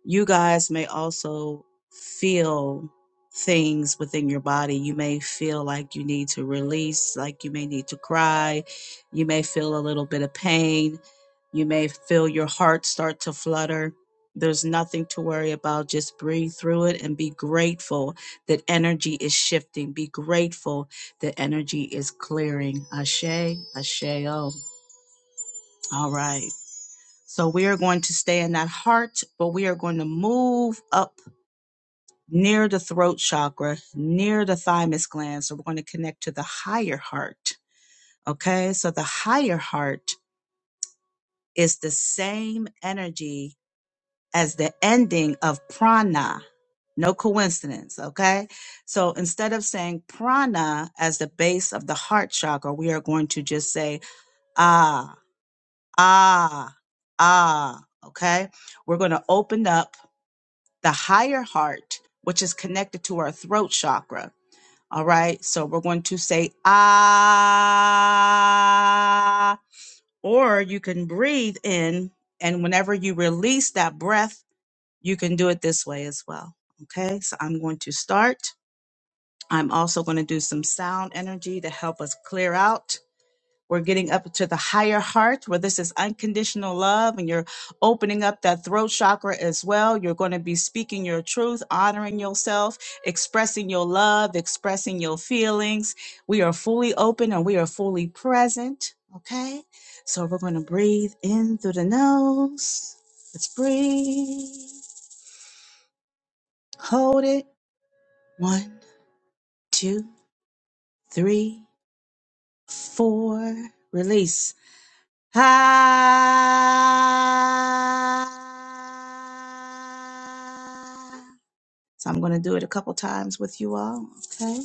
Speaker 2: you guys may also feel things within your body. You may feel like you need to release, like you may need to cry. You may feel a little bit of pain. You may feel your heart start to flutter. There's nothing to worry about. Just breathe through it and be grateful that energy is shifting. Be grateful that energy is clearing. Ashe, ashe, oh. All right. So we are going to stay in that heart, but we are going to move up near the throat chakra, near the thymus gland. So we're going to connect to the higher heart. Okay. So the higher heart is the same energy as the ending of prana. No coincidence. Okay. So instead of saying prana as the base of the heart chakra, we are going to just say ah, ah, ah. Okay. We're going to open up the higher heart, which is connected to our throat chakra All right. So we're going to say ah, or you can breathe in. And whenever you release that breath, you can do it this way as well. Okay. So I'm going to start. I'm also going to do some sound energy to help us clear out. We're getting up to the higher heart where this is unconditional love and you're opening up that throat chakra as well. You're going to be speaking your truth, honoring yourself, expressing your love, expressing your feelings. We are fully open and we are fully present. Okay. So we're going to breathe in through the nose. Let's breathe. Hold it. One, two, three, four. Release. Ha. So I'm going to do it a couple times with you all. Okay.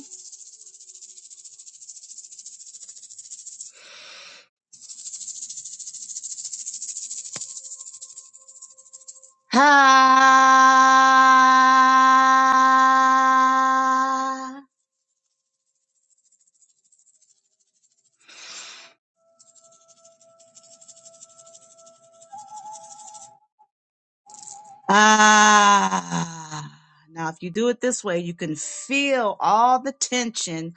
Speaker 2: Ha. Ah. Now, if you do it this way, you can feel all the tension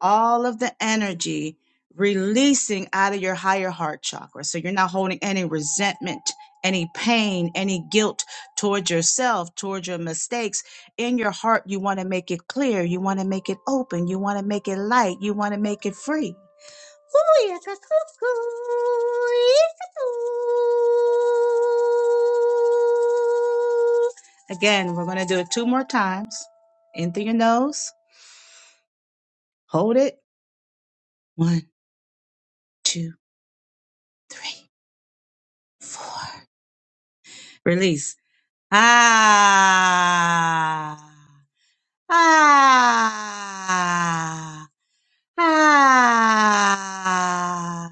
Speaker 2: all of the energy releasing out of your higher heart chakra. So you're not holding any resentment, any pain, any guilt towards yourself, towards your mistakes. In your heart, you want to make it clear. You want to make it open. You want to make it light. You want to make it free. Ooh, yes, yes, yes, ooh, yes, yes, ooh. Again, we're going to do it two more times. In through your nose, hold it. One, two. three, four. Release. Ah, ah, ah.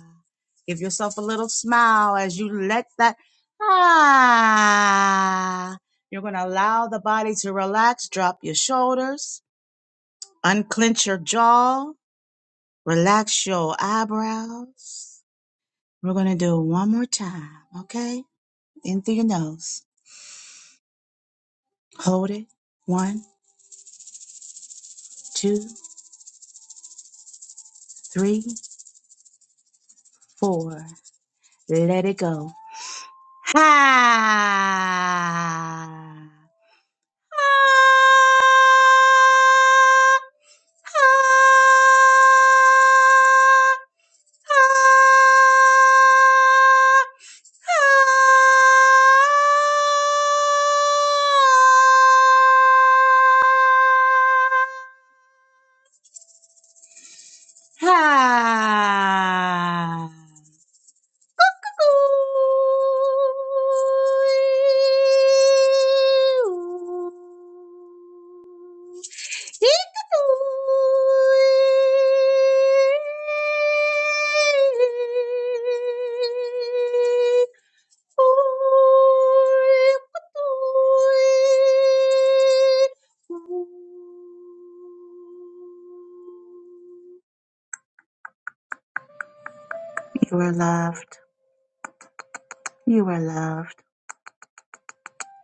Speaker 2: Give yourself a little smile as you let that ah. You're going to allow the body to relax. Drop your shoulders, unclench your jaw, relax your eyebrows. We're going to do it one more time, okay? In through your nose. Hold it. One two, three, four. Let it go. Ha! Ha! You are loved. You are loved.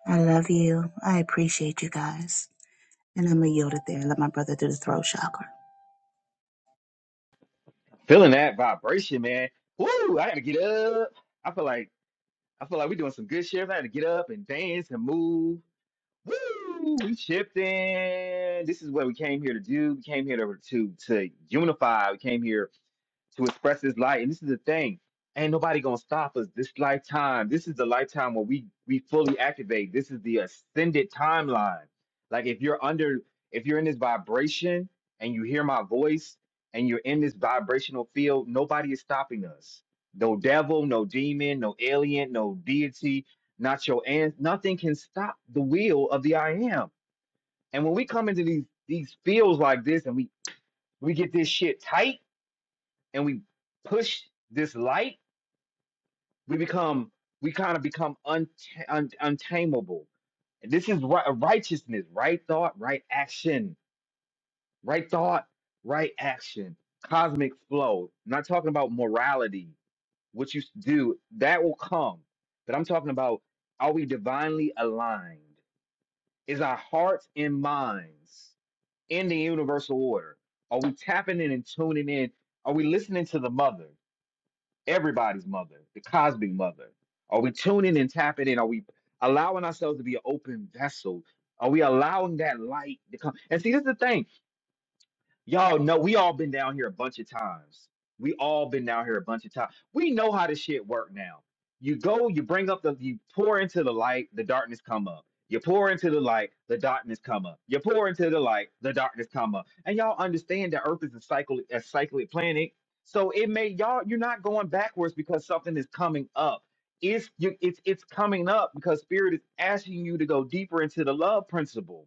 Speaker 2: I love you. I appreciate you guys. And I'm going to yield it there and let my brother do the throat chakra.
Speaker 1: Feeling that vibration, man. Woo! I gotta get up. I feel like I feel like we're doing some good shit. I gotta get up and dance and move. Woo! We shifting. This is what we came here to do. We came here to to, to unify. We came here to express his light. And this is the thing. Ain't nobody gonna stop us this lifetime. This is the lifetime where we we fully activate. This is the ascended timeline. Like if you're under if you're in this vibration and you hear my voice and you're in this vibrational field, nobody is stopping us. No devil, no demon, no alien, no deity, not your aunt. Nothing can stop the wheel of the I am. And when we come into these these fields like this and we we get this shit tight and we push this light, we become we kind of become un, un, untamable. And This is ri- righteousness, right thought, right action, right thought, right action. Cosmic flow. I'm not talking about morality, what you s- do that will come, but I'm talking about are we divinely aligned? Is our hearts and minds in the universal order? Are we tapping in and tuning in? Are we listening to the mother? everybody's mother, the cosmic mother? Are we tuning and tapping in? Are we allowing ourselves to be an open vessel? Are we allowing that light to come? And see, this is the thing. Y'all know we all been down here a bunch of times. We all been down here a bunch of times. We know how this shit work now. You go, you bring up the, you pour into the light, the darkness come up. You pour into the light, the darkness come up. You pour into the light, the darkness come up. And y'all understand that Earth is a cycle, a cyclic planet. So it may y'all, you're not going backwards because something is coming up. It's you, it's it's coming up because spirit is asking you to go deeper into the love principle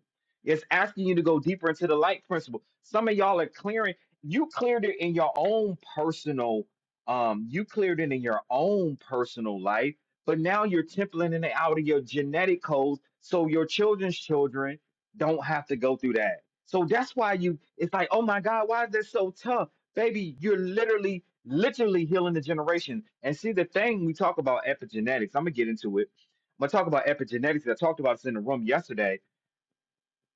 Speaker 1: it's asking you to go deeper into the light principle. Some of y'all are clearing. You cleared it in your own personal. Um, you cleared it in your own personal life, but now you're templating it out of your genetic codes, so your children's children don't have to go through that. So that's why you. It's like, oh my God, why is this so tough, baby? You're literally, literally healing the generation. And see, the thing we talk about epigenetics. I'm gonna get into it. I'm gonna talk about epigenetics. I talked about this in the room yesterday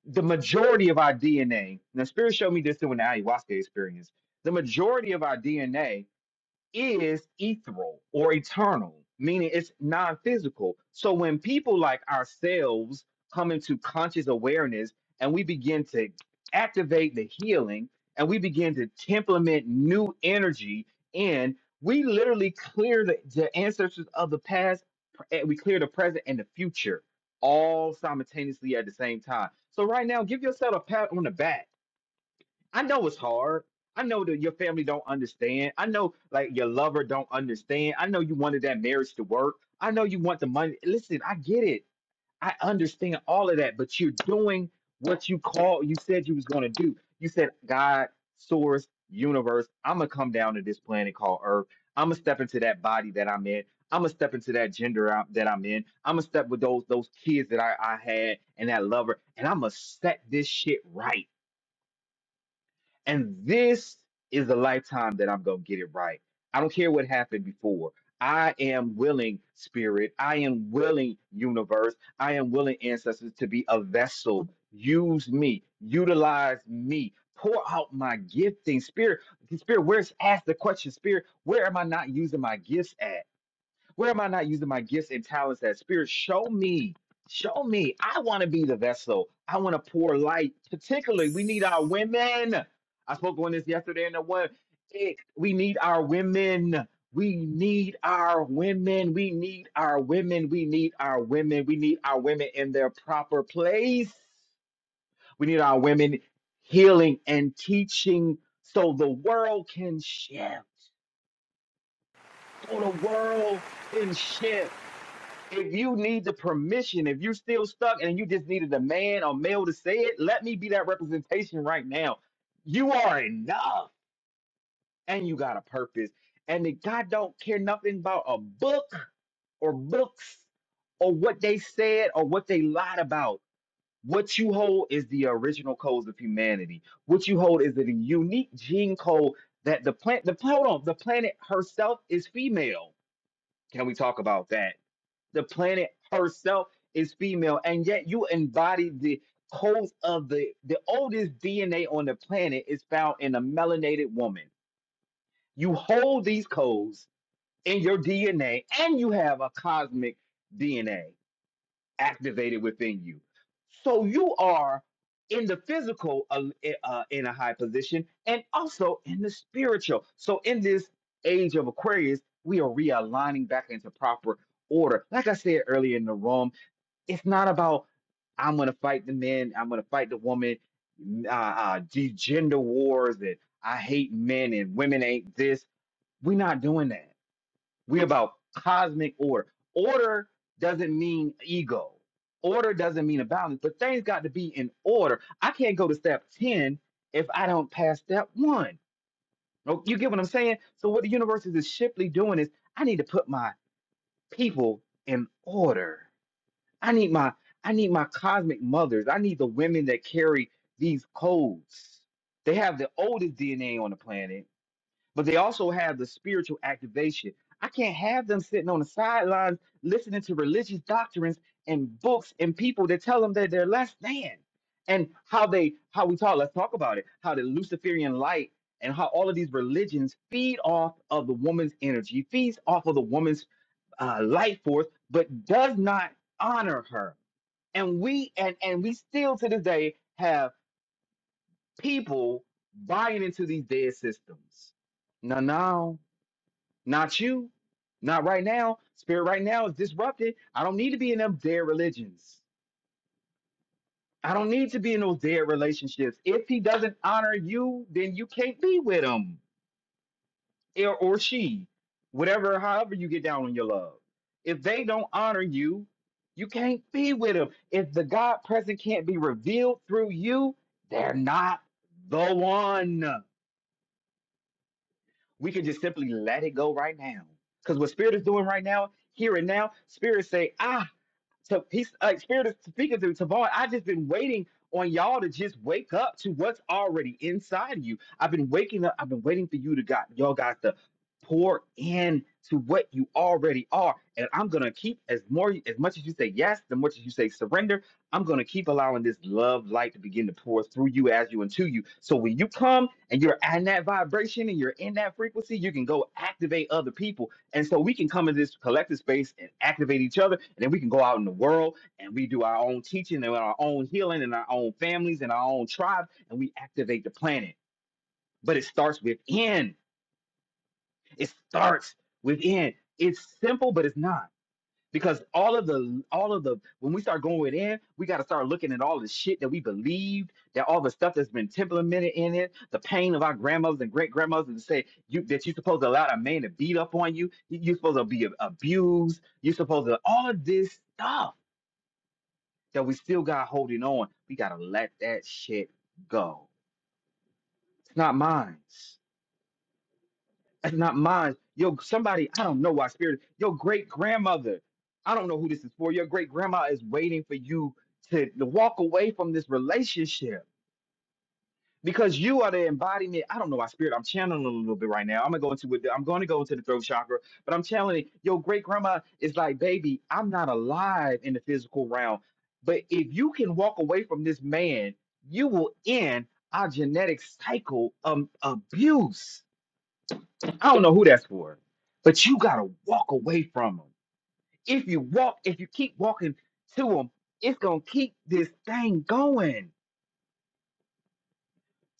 Speaker 1: the majority of our DNA. Now, Spirit showed me this through an ayahuasca experience. The majority of our DNA is ethereal or eternal, meaning it's non physical. So when people like ourselves come into conscious awareness and we begin to activate the healing and we begin to implement new energy in, we literally clear the, the ancestors of the past, eh, we clear the present and the future all simultaneously at the same time. So right now, give yourself a pat on the back I know it's hard. I know that your family don't understand. I know like your lover don't understand. I know you wanted that marriage to work. I know you want the money. Listen, I get it. I understand all of that, but you're doing what you call you said you was going to do. You said God, source, universe, I'm going to come down to this planet called Earth. I'm going to step into that body that I'm in. I'm gonna step into that gender I- that I'm in. I'm gonna step with those those kids that I, I had and that lover, and I'm gonna set this shit right. And this is the lifetime that I'm going to get it right. I don't care what happened before. I am willing, Spirit. I am willing, universe. I am willing, ancestors, to be a vessel. Use me, utilize me, pour out my gifting. Spirit, Spirit, where's asked the question, Spirit, where am I not using my gifts at? Where am I not using my gifts and talents that spirit? Show me. Show me. I want to be the vessel. I want to pour light. Particularly, we need our women. I spoke on this yesterday in the one. It, we need our women. We need our women. We need our women. We need our women. We need our women in their proper place. We need our women healing and teaching so the world can shift. So the world can shift if you need the permission, if you're still stuck and you just needed a man or male to say it, let me be that representation right now. You are enough and you got a purpose. And that God don't care nothing about a book or books or what they said or what they lied about. What you hold is the original codes of humanity. What you hold is the unique gene code that the plant the hold on, the planet herself is female. Can we talk about that? The planet herself is female, and yet you embody the codes of the the oldest DNA on the planet is found in a melanated woman. You hold these codes in your DNA, and you have a cosmic DNA activated within you. So you are in the physical uh, eh, uh, in a high position, and also in the spiritual. So in this age of Aquarius, we are realigning back into proper order. Like I said earlier in the room it's not about I'm gonna fight the men, I'm gonna fight the woman, uh, uh, de- gender wars, and I hate men and women ain't this. We're not doing that. We're about cosmic order. Order doesn't mean ego. Order doesn't mean a balance, but things got to be in order. I can't go to step 10 if I don't pass step one. Oh, You get what I'm saying? So what the universe is simply doing is I need to put my people in order. I need my I need my cosmic mothers. I need the women that carry these codes. They have the oldest DNA on the planet, but they also have the spiritual activation. I can't have them sitting on the sidelines listening to religious doctrines and books and people that tell them that they're less than and how they how we talk. Let's talk about it. How the Luciferian light and how all of these religions feed off of the woman's energy, feeds off of the woman's uh, life force, but does not honor her and we and and we still to this day have people buying into these dead systems. No, no, not you, not right now. Spirit right now is disrupted. I don't need to be in them dead religions. I don't need to be in those dead relationships. If he doesn't honor you, then you can't be with him. or, or she, whatever, however you get down on your love. If they don't honor you, you can't be with them. If the God present can't be revealed through you, they're not the one. We can just simply let it go right now. Because what Spirit is doing right now, here and now, Spirit say, I to he's like spirit is speaking to Tavon. I just been waiting on y'all to just wake up to what's already inside of you. I've been waking up. I've been waiting for you to got y'all got to pour in to what you already are. And I'm gonna keep as more as much as you say yes, the much as you say surrender. I'm gonna keep allowing this love light to begin to pour through you as you and to you. So when you come and you're in that vibration and you're in that frequency, you can go activate other people and so we can come in this collective space and activate each other, and then we can go out in the world and we do our own teaching and our own healing and our own families and our own tribe, and we activate the planet. But it starts within. It starts within. It's simple, but it's not because all of the all of the when we start going in we got to start looking at all the shit that we believed that all the stuff that's been implemented in it the pain of our grandmothers and great grandmothers and say you that you're supposed to allow a man to beat up on you you- you're supposed to be ab- abused you're supposed to all of this stuff that we still got holding on we got to let that shit go it's not mine That's not mine. Yo, somebody, I don't know why spirit, your great grandmother, I don't know who this is for. Your great grandma is waiting for you to, to walk away from this relationship because you are the embodiment. I don't know why spirit, I'm channeling a little bit right now. I'm gonna go into it, I'm gonna go into the throat chakra, but I'm channeling your great grandma is like, baby, I'm not alive in the physical realm. But if you can walk away from this man, you will end our genetic cycle of abuse I don't know who that's for, but you gotta walk away from them. If you walk, if you keep walking to them, it's gonna keep this thing going.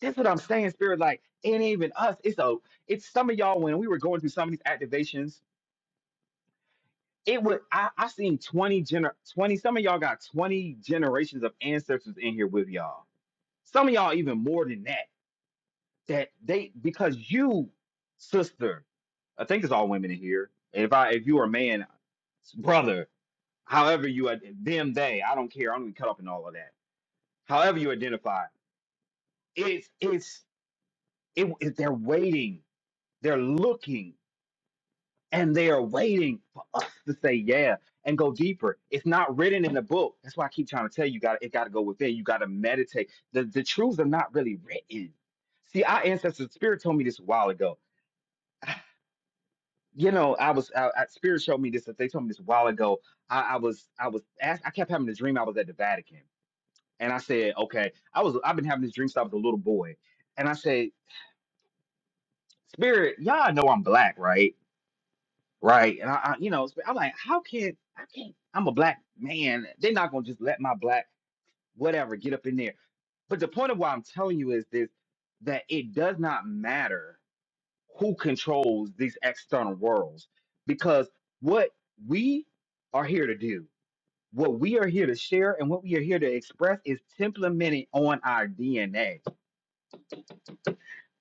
Speaker 1: That's what I'm saying, Spirit. Like, it ain't even us. It's a, it's some of y'all when we were going through some of these activations. It would I, I seen 20 gener 20, some of y'all got 20 generations of ancestors in here with y'all. Some of y'all even more than that. That they because you, sister, I think it's all women in here. If I if you are a man, brother, however you ad- them they i don't care i'm gonna cut up in all of that however you identify it's it's it, it- they're waiting they're looking and they are waiting for us to say yeah and go deeper it's not written in the book that's why i keep trying to tell you got it got to go within you got to meditate the the truths are not really written see our ancestors spirit told me this a while ago you know i was I, I- spirit showed me this they told me this a while ago i, I was i was asked, i kept having a dream i was at the vatican And I said, okay, I was I've been having this dream since I a little boy. And I said, Spirit, y'all know I'm black, right? Right. And I, I you know, Sp- I'm like, how can I can't I'm a black man. They're not gonna just let my black whatever get up in there. But the point of why I'm telling you is this that it does not matter who controls these external worlds because what we are here to do, what we are here to share, and what we are here to express is implemented on our DNA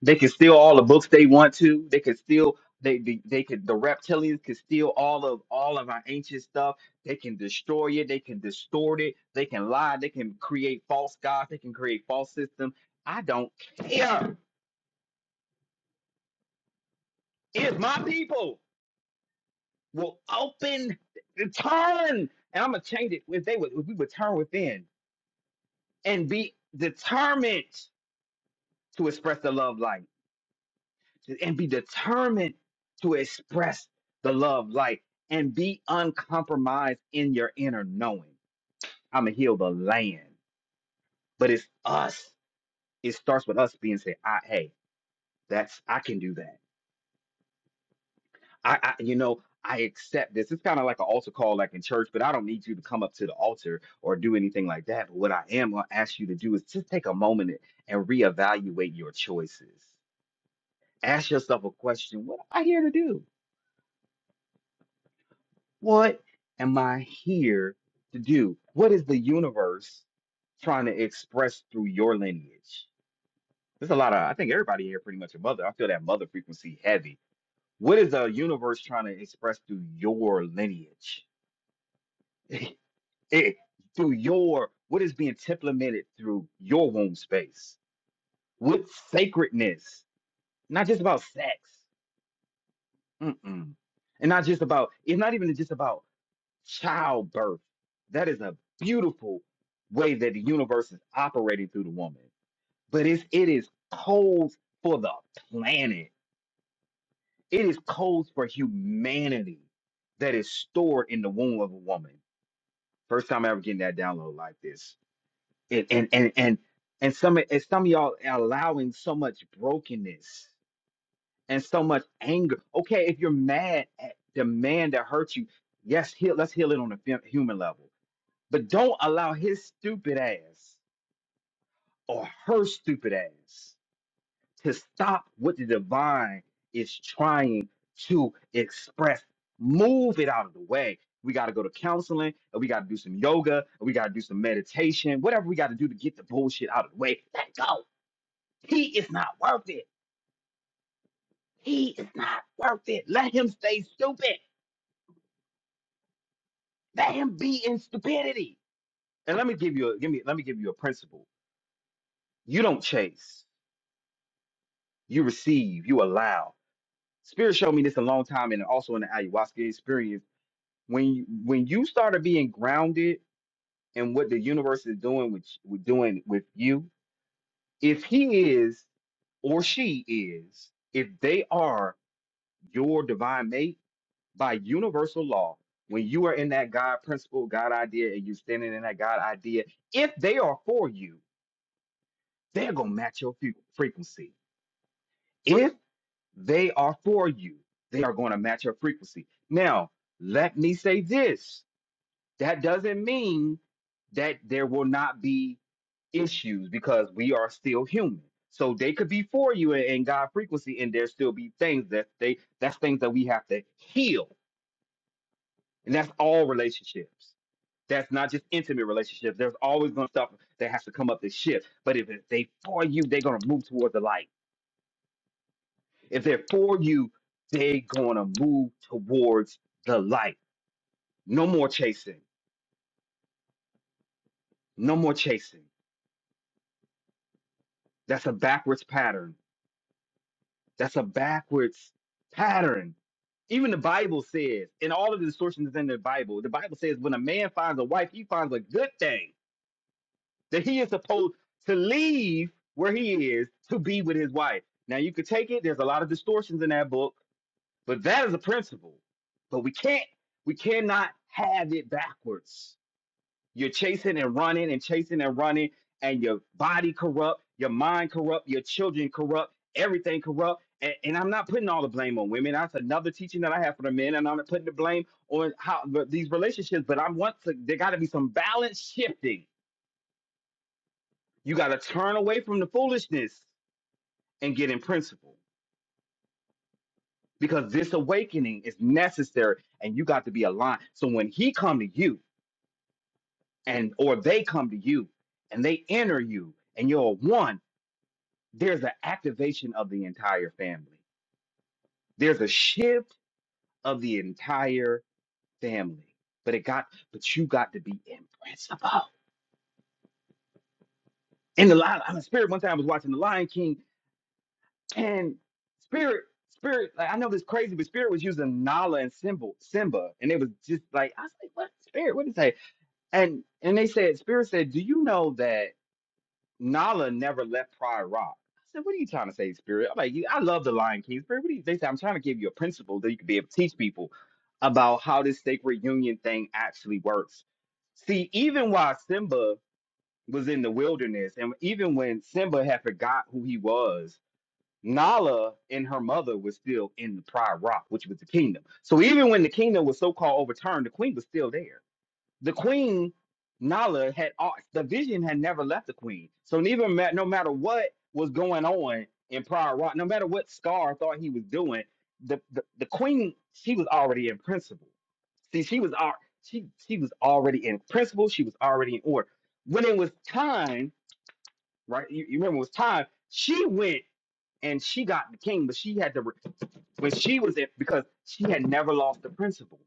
Speaker 1: They can steal all the books they want to. They could steal they, they they could the reptilians could steal all of all of our ancient stuff. They can destroy it, they can distort it, they can lie, they can create false gods, they can create false systems. I don't care. If my people will open the turn and I'm gonna change it if they would if we would turn within and be determined to express the love light. and be determined to express the love light, and be uncompromised in your inner knowing. I'm gonna heal the land, but it's us. It starts with us being said, I, hey, that's I can do that. I, I you know, I accept this. It's kind of like an altar call, like in church, but I don't need you to come up to the altar or do anything like that. But what I am gonna ask you to do is just take a moment and reevaluate your choices. Ask yourself a question: What am I here to do? What am I here to do? What is the universe trying to express through your lineage? There's a lot of, I think everybody here pretty much a mother. I feel that mother frequency heavy. What is the universe trying to express through your lineage? It, through your, what is being implemented through your womb space? What sacredness? Not just about sex. Mm-mm. And not just about, it's not even just about childbirth. That is a beautiful way that the universe is operating through the woman. But it's, it is codes for the planet. It is codes for humanity that is stored in the womb of a woman. First time ever getting that download like this. It, and and and and some and some of y'all are allowing so much brokenness and so much anger. Okay, if you're mad at the man that hurt you, yes, heal, let's heal it on a fem- human level But don't allow his stupid ass or her stupid ass to stop what the divine is trying to express. Move it out of the way. We got to go to counseling, and we got to do some yoga, and we got to do some meditation, whatever we got to do to get the bullshit out of the way. Let go. He is not worth it. He is not worth it. Let him stay stupid. Let him be in stupidity. And let me give you a give me let me give you a principle. You don't chase. You receive. You allow. Spirit showed me this a long time, and also in the ayahuasca experience. When you, when you started being grounded in what the universe is doing with with doing with you, if he is or she is, if they are your divine mate by universal law, when you are in that God principle, God idea, and you're standing in that God idea, if they are for you, they're gonna match your fre- frequency. If They are for you. They are going to match your frequency. Now, let me say this. That doesn't mean that there will not be issues because we are still human. So they could be for you in, in God frequency, and there still be things that they that's things that we have to heal. And that's all relationships. That's not just intimate relationships. There's always gonna stuff that has to come up to shift. But if it- they for you, they're gonna move towards the light If they're for you, they're going to move towards the light. No more chasing. No more chasing. That's a backwards pattern. That's a backwards pattern. Even the Bible says, in all of the distortions in the Bible, the Bible says when a man finds a wife, he finds a good thing that he is supposed to leave where he is to be with his wife. Now, you could take it, there's a lot of distortions in that book, but that is a principle. But we can't, we cannot have it backwards You're chasing and running and chasing and running, and your body corrupt, your mind corrupt, your children corrupt, everything corrupt. And, and I'm not putting all the blame on women. That's another teaching that I have for the men, and I'm not putting the blame on how but these relationships. But I want to. There got to be some balance shifting. You got to turn away from the foolishness and get in principle because this awakening is necessary, and you got to be aligned. So when he come to you, and or they come to you, and they enter you, and you're one there's an activation of the entire family. There's a shift of the entire family. But it got, but you got to be in principle. In the lion, I'm a spirit. One time I was watching The Lion King, and spirit, spirit. Like I know this crazy, but spirit was using Nala and Simba, Simba, and it was just like I was like, what spirit? What did it say? And and they said, spirit said, do you know that? Nala never left Prior Rock. I said, what are you trying to say, Spirit? I'm like, "You- I love the Lion King, Spirit. What are you? They said, I'm trying to give you a principle that you can be able to teach people about how this sacred union thing actually works. See, even while Simba was in the wilderness, and even when Simba had forgot who he was, Nala and her mother was still in the Prior Rock, which was the kingdom. So even when the kingdom was so called overturned, the queen was still there the queen Nala had all the vision had never left the queen. So neither ma- no matter what was going on in Prior Rock, no matter what Scar thought he was doing, the, the, the queen she was already in principle. See, she was al- she she was already in principle. She was already in order. When it was time, right? You, you remember it was time. She went and she got the king, but she had to re- when she was it because she had never lost the principle.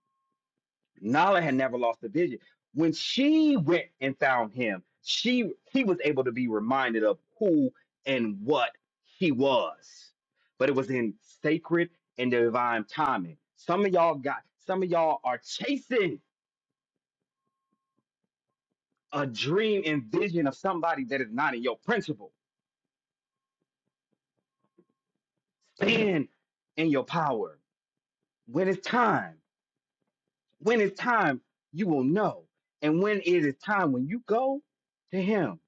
Speaker 1: Nala had never lost the vision. When she went and found him, she he was able to be reminded of who and what he was. But it was in sacred and divine timing. Some of y'all got some of y'all are chasing a dream and vision of somebody that is not in your principle. Stand in your power. When it's time, when it's time, you will know. And when it is time, when you go to him,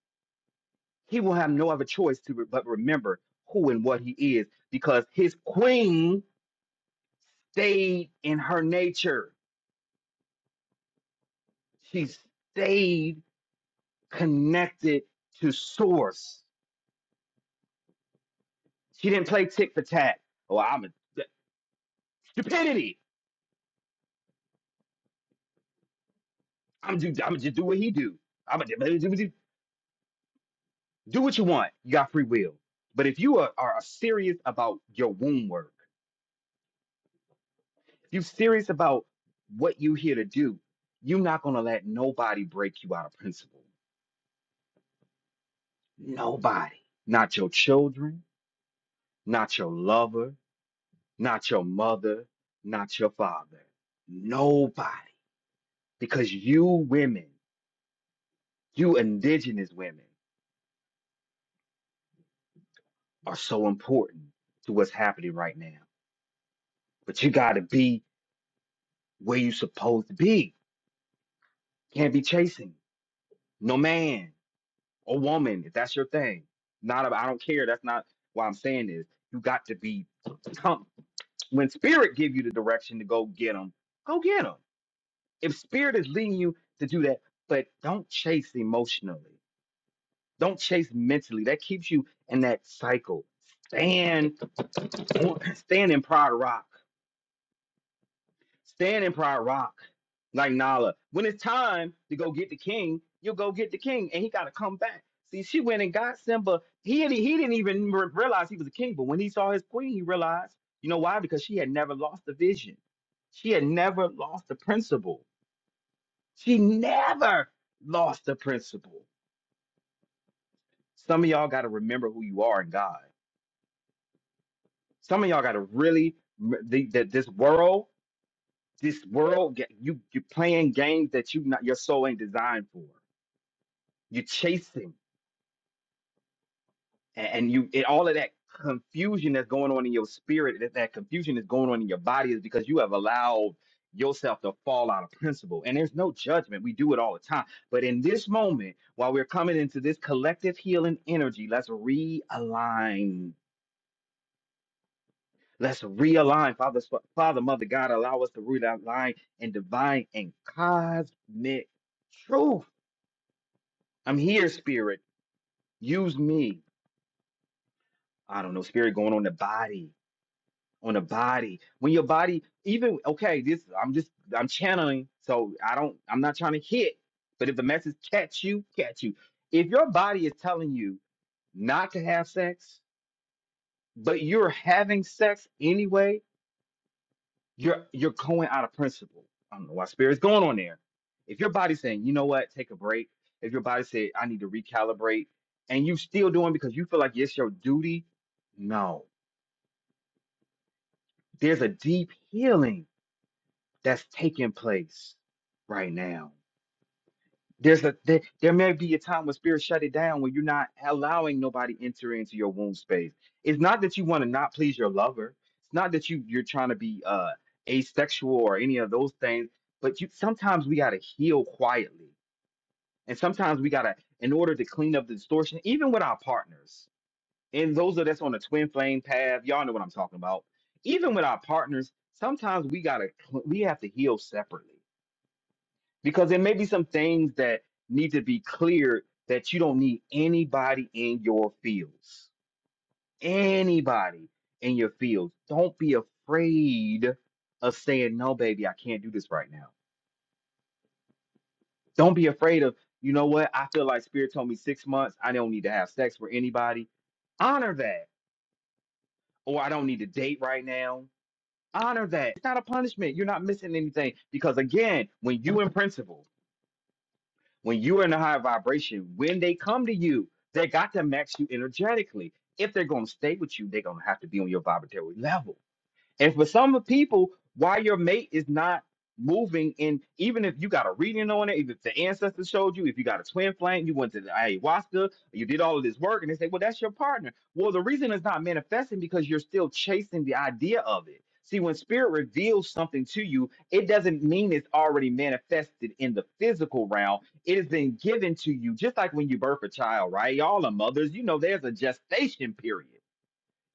Speaker 1: he will have no other choice to re- but remember who and what he is because his queen stayed in her nature. She stayed connected to source. She didn't play tit for tat. Oh, I'm a th- stupidity. I'm do I'm just do what he do. I'm a, do do what you want. You got free will. But if you are, are serious about your womb work, if you're serious about what you here to do, you're not gonna let nobody break you out of principle Nobody. Not your children, not your lover, not your mother, not your father. Nobody. Because you women, you indigenous women, are so important to what's happening right now. But you got to be where you supposed to be. Can't be chasing no man or woman if that's your thing. Not a, I don't care. That's not why I'm saying this. You got to be. Come when spirit give you the direction to go get them. Go get them. if spirit is leading you to do that, but don't chase emotionally. Don't chase mentally. That keeps you in that cycle. Stand on, stand in pride rock. Stand in pride rock. Like Nala. When it's time to go get the king, you'll go get the king and he gotta come back. See, she went and got Simba. He didn't, he didn't even re- realize he was a king, but when he saw his queen, he realized. You know why? Because she had never lost the vision. She had never lost the principle. She never lost the principle. Some of y'all got to remember who you are in God. Some of y'all got to really m- the- that this world, this world, get- you you playing games that you not your soul ain't designed for. You're chasing. A- and, you it, all of that confusion that's going on in your spirit that, that confusion that's going on in your body is because you have allowed yourself to fall out of principle and there's no judgment we do it all the time but in this moment while we're coming into this collective healing energy let's realign let's realign father Sp- father mother god allow us to realign in divine and cosmic truth i'm here spirit use me i don't know spirit going on the body on the body when your body even okay this i'm just i'm channeling so i don't i'm not trying to hit but if the message catch you catch you if your body is telling you not to have sex but you're having sex anyway you're you're going out of principle i don't know why spirit's going on there if your body's saying you know what take a break if your body said i need to recalibrate and you still doing because you feel like it's your duty no there's a deep healing that's taking place right now. There's a there, there may be a time when spirit shut it down when you're not allowing nobody enter into your womb space. It's not that you want to not please your lover. It's not that you you're trying to be uh asexual or any of those things, but you sometimes we gotta heal quietly. And sometimes we gotta, in order to clean up the distortion, even with our partners, and those of us on the twin flame path, y'all know what I'm talking about. Even with our partners, sometimes we gotta cl- we have to heal separately because there may be some things that need to be cleared that you don't need anybody in your fields. Anybody in your fields. Don't be afraid of saying, no, baby, I can't do this right now. Don't be afraid of, you know what? I feel like Spirit told me six months. I don't need to have sex with anybody. Honor that. Or I don't need to date right now. Honor that. It's not a punishment. You're not missing anything. Because again, when you in principles. When you are in a high vibration, when they come to you, they got to match you energetically. If they're going to stay with you, they're going to have to be on your vibratory level. And for some of people, why your mate is not moving, and even if you got a reading on it, if the ancestors showed you, if you got a twin flame, you went to the ayahuasca, you did all of this work, and they say, well, that's your partner. Well, the reason it's not manifesting because you're still chasing the idea of it. See, when spirit reveals something to you, it doesn't mean it's already manifested in the physical realm. It has been given to you, just like when you birth a child, right? Y'all are mothers, you know, there's a gestation period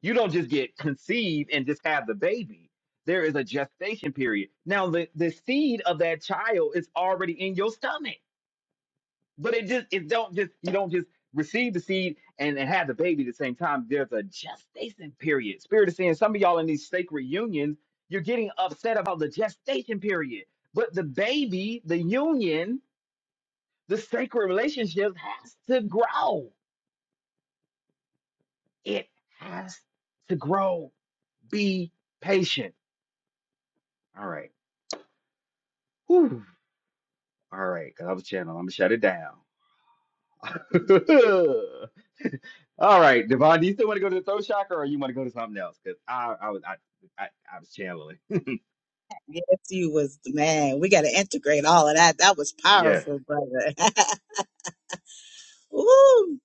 Speaker 1: you don't just get conceived and just have the baby. There is a gestation period. Now the, the seed of that child is already in your stomach. But it just it don't just you don't just receive the seed and, and have the baby at the same time. There's a gestation period. Spirit is saying some of y'all in these sacred unions, you're getting upset about the gestation period. But the baby, the union, the sacred relationship has to grow. It has to grow. Be patient. All right. Whew. All right, because I was channeling. I'm gonna shut it down. All right, Devon, do you still want to go to the throat chakra, or you want to go to something else? Because I, I was, I, I, I was channeling.
Speaker 2: Yes, you was man. We got to integrate all of that. That was
Speaker 1: yeah.
Speaker 2: powerful, brother. Woo!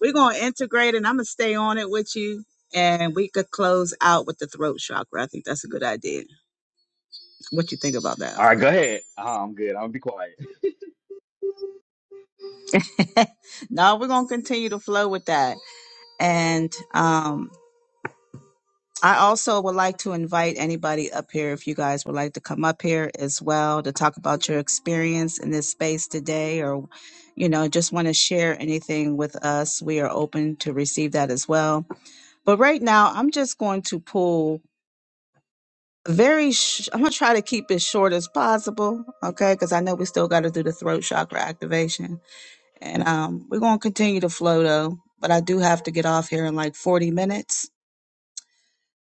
Speaker 2: We're gonna integrate, and I'm gonna stay on it with you. And we could close out with the throat chakra. I think that's a good idea. What you think about
Speaker 1: All
Speaker 2: that?
Speaker 1: right, go ahead. Uh, I'm good. I'll be quiet.
Speaker 2: no, we're gonna continue to flow with that. And um, I also would like to invite anybody up here if you guys would like to come up here as well to talk about your experience in this space today or you know just want to share anything with us. We are open to receive that as well. But right now, I'm just going to pull very sh- I'm going to try to keep it short as possible, okay? Cuz I know we still got to do the throat chakra activation. And um we're going to continue to flow though, but I do have to get off here in like 40 minutes.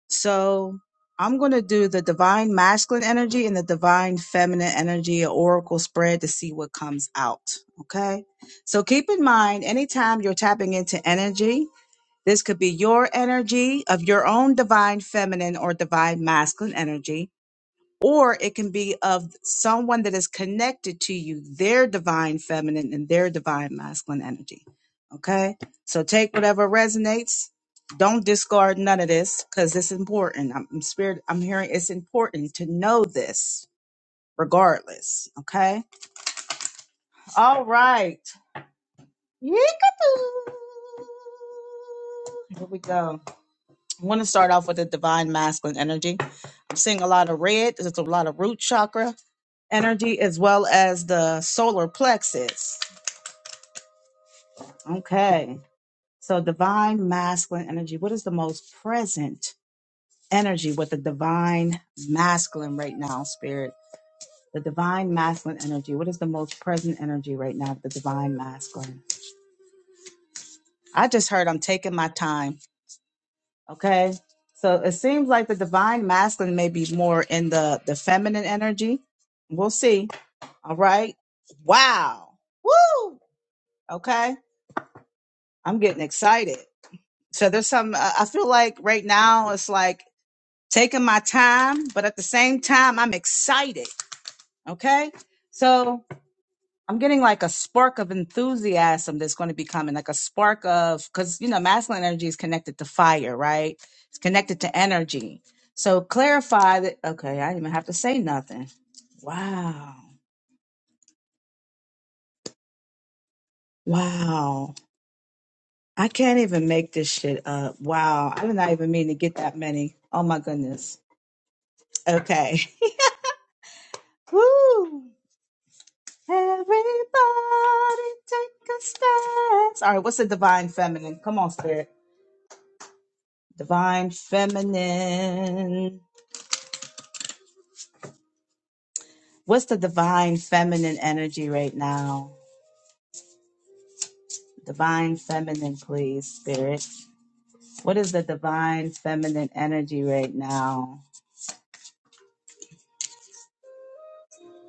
Speaker 2: So I'm going to do the divine masculine energy and the divine feminine energy, an oracle spread to see what comes out. Okay. So keep in mind, anytime you're tapping into energy, this could be your energy of your own divine feminine or divine masculine energy or it can be of someone that is connected to you, their divine feminine and their divine masculine energy. Okay. So take whatever resonates. Don't discard none of this because it's important. I'm, I'm spirit. I'm hearing it's important to know this regardless. Okay. All right. Yeekatoo. Here we go. I want to start off with the divine masculine energy. I'm seeing a lot of red. There's a lot of root chakra energy as well as the solar plexus. Okay. So divine masculine energy. What is the most present energy with the divine masculine right now, spirit? The divine masculine energy. What is the most present energy right now with the divine masculine? I just heard I'm taking my time. Okay. So it seems like the divine masculine may be more in the, the feminine energy. We'll see. All right. Wow. Woo. Okay. I'm getting excited. So there's some, I I feel like right now it's like taking my time, but at the same time, I'm excited. Okay. So I'm getting like a spark of enthusiasm that's going to be coming, like a spark of, because, you know, masculine energy is connected to fire, right? It's connected to energy. So clarify that. Okay. I didn't even have to say nothing. Wow. Wow. I can't even make this shit up. Wow. I did not even mean to get that many. Oh my goodness. Okay. Woo. Everybody take a stance. All right, what's the divine feminine? Come on, spirit. Divine feminine. What's the divine feminine energy right now? Divine feminine, please, spirit. What is the divine feminine energy right now?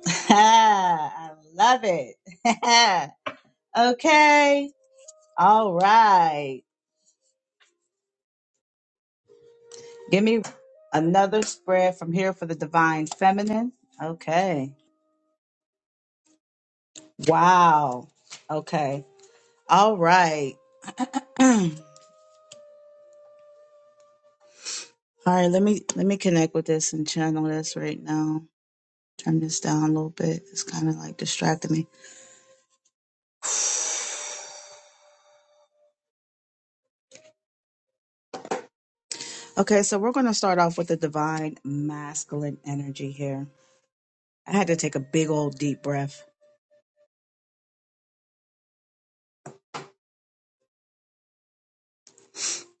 Speaker 2: I love it. okay. All right. Give me another spread from here for the divine feminine. Okay. Wow. Okay. All right. All right. Let me let me connect with this and channel this right now. Turn this down a little bit. It's kind of like distracting me. Okay, so we're going to start off with the divine masculine energy here. I had to take a big old deep breath.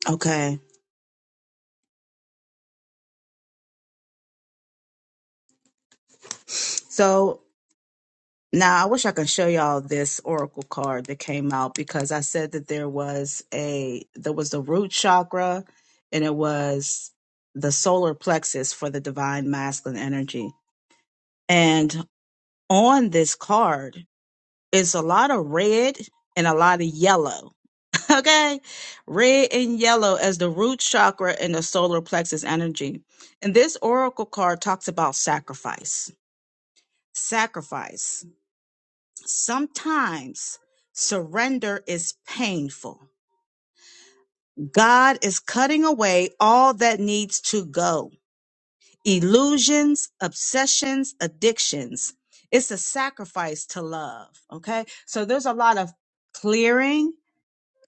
Speaker 2: Okay. So. Now, I wish I could show y'all this oracle card that came out because I said that there was a there was the root chakra and it was the solar plexus for the divine masculine energy. And on this card, it's a lot of red and a lot of yellow. Okay? Red and yellow as the root chakra and the solar plexus energy. And this oracle card talks about sacrifice. Sacrifice Sometimes surrender is painful. God is cutting away all that needs to go illusions, obsessions, addictions. It's a sacrifice to love. Okay. So there's a lot of clearing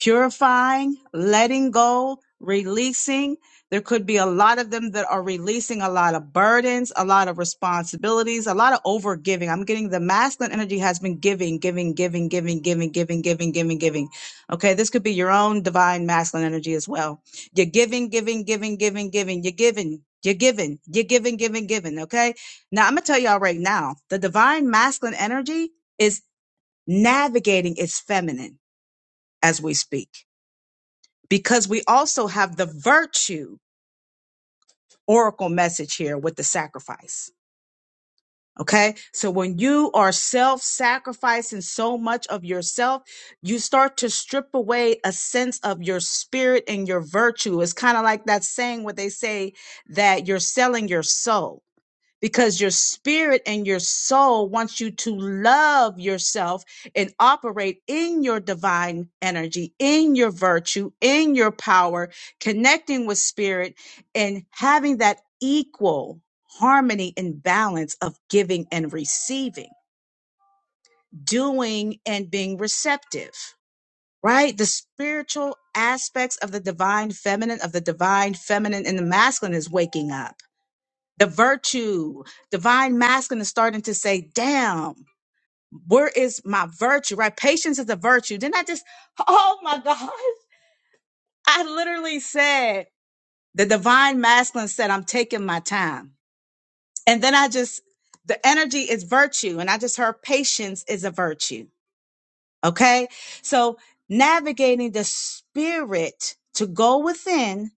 Speaker 2: purifying, letting go, releasing. There could be a lot of them that are releasing a lot of burdens, a lot of responsibilities, a lot of over giving. I'm getting the masculine energy has been giving, giving, giving, giving, giving, giving, giving, giving, giving. Okay, this could be your own divine masculine energy as well. You're giving, giving, giving, giving, giving. You're giving. You're giving, you're giving, giving, giving. Okay. Now I'm going to tell y'all right now the divine masculine energy is navigating its feminine as we speak because we also have the virtue oracle message here with the sacrifice. Okay. So when you are self sacrificing so much of yourself, you start to strip away a sense of your spirit and your virtue. It's kind of like that saying where they say that you're selling your soul because your spirit and your soul wants you to love yourself and operate in your divine energy, in your virtue, in your power, connecting with spirit and having that equal harmony and balance of giving and receiving, doing and being receptive. Right? The spiritual aspects of the divine feminine, of the divine feminine and the masculine is waking up the virtue, divine masculine is starting to say, damn, where is my virtue? Right? Patience is a virtue. Then I just, oh my God. I literally said, the divine masculine said, I'm taking my time. And then I just, the energy is virtue. And I just heard patience is a virtue. Okay. So navigating the spirit to go within,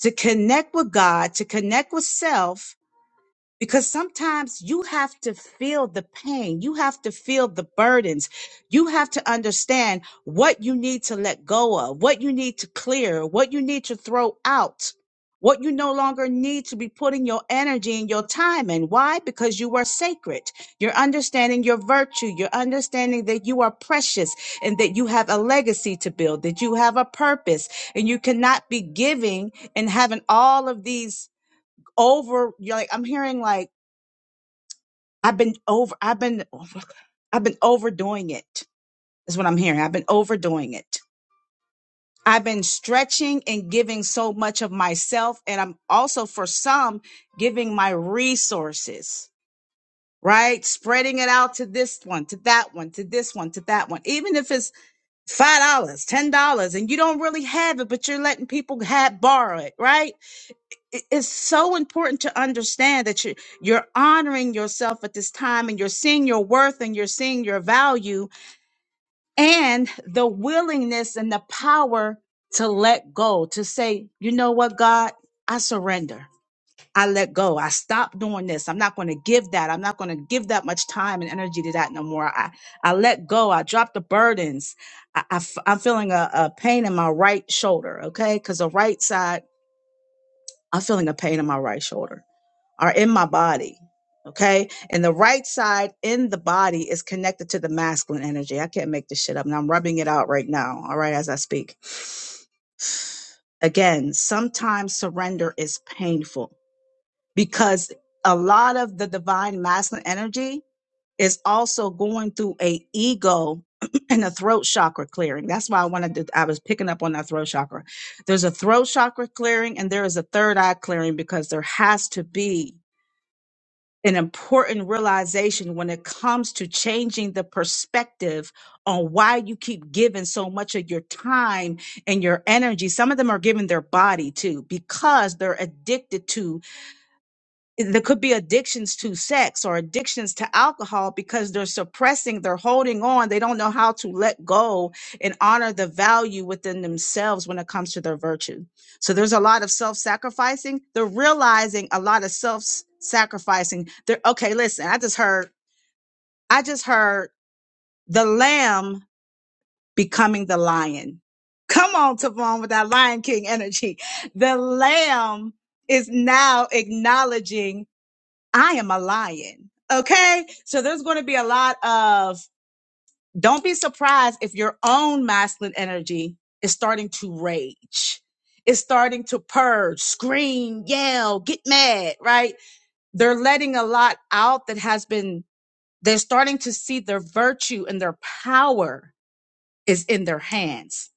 Speaker 2: to connect with God, to connect with self, because sometimes you have to feel the pain. You have to feel the burdens. You have to understand what you need to let go of, what you need to clear, what you need to throw out, what you no longer need to be putting your energy and your time in. Why? Because you are sacred. You're understanding your virtue. You're understanding that you are precious and that you have a legacy to build, that you have a purpose and you cannot be giving and having all of these over, you're like, I'm hearing like, I've been over I've been I've been overdoing it. Is what I'm hearing. I've been overdoing it. I've been stretching and giving so much of myself and I'm also for some giving my resources, right? Spreading it out to this one, to that one, to this one, to that one. Even if it's $5, dollars, $10 and you don't really have it, but you're letting people have borrow it, right? it- it's so important to understand that you you're honoring yourself at this time and you're seeing your worth and you're seeing your value and the willingness and the power to let go to say you know what god i surrender i let go i stop doing this i'm not going to give that i'm not going to give that much time and energy to that no more i i let go i drop the burdens i, I f- i'm feeling a, a pain in my right shoulder okay because the right side i'm feeling a pain in my right shoulder are in my body. Okay. And the right side in the body is connected to the masculine energy. I can't make this shit up. And I'm rubbing it out right now. All right. As I speak. Again, sometimes surrender is painful because a lot of the divine masculine energy is also going through a ego and a throat chakra clearing. That's why I wanted to, I was picking up on that throat chakra. There's a throat chakra clearing and there is a third eye clearing because there has to be an important realization when it comes to changing the perspective on why you keep giving so much of your time and your energy. Some of them are giving their body too because they're addicted to there could be addictions to sex or addictions to alcohol because they're suppressing, they're holding on, they don't know how to let go and honor the value within themselves when it comes to their virtue. So there's a lot of self sacrificing. They're realizing a lot of self sacrificing. They're okay, listen, I just heard, I just heard the lamb becoming the lion. Come on, Tavon, with that Lion King energy. The lamb is now acknowledging I am a lion. Okay. So there's going to be a lot of, don't be surprised if your own masculine energy is starting to rage, is starting to purge, scream, yell, get mad, right? They're letting a lot out that has been, they're starting to see their virtue and their power is in their hands.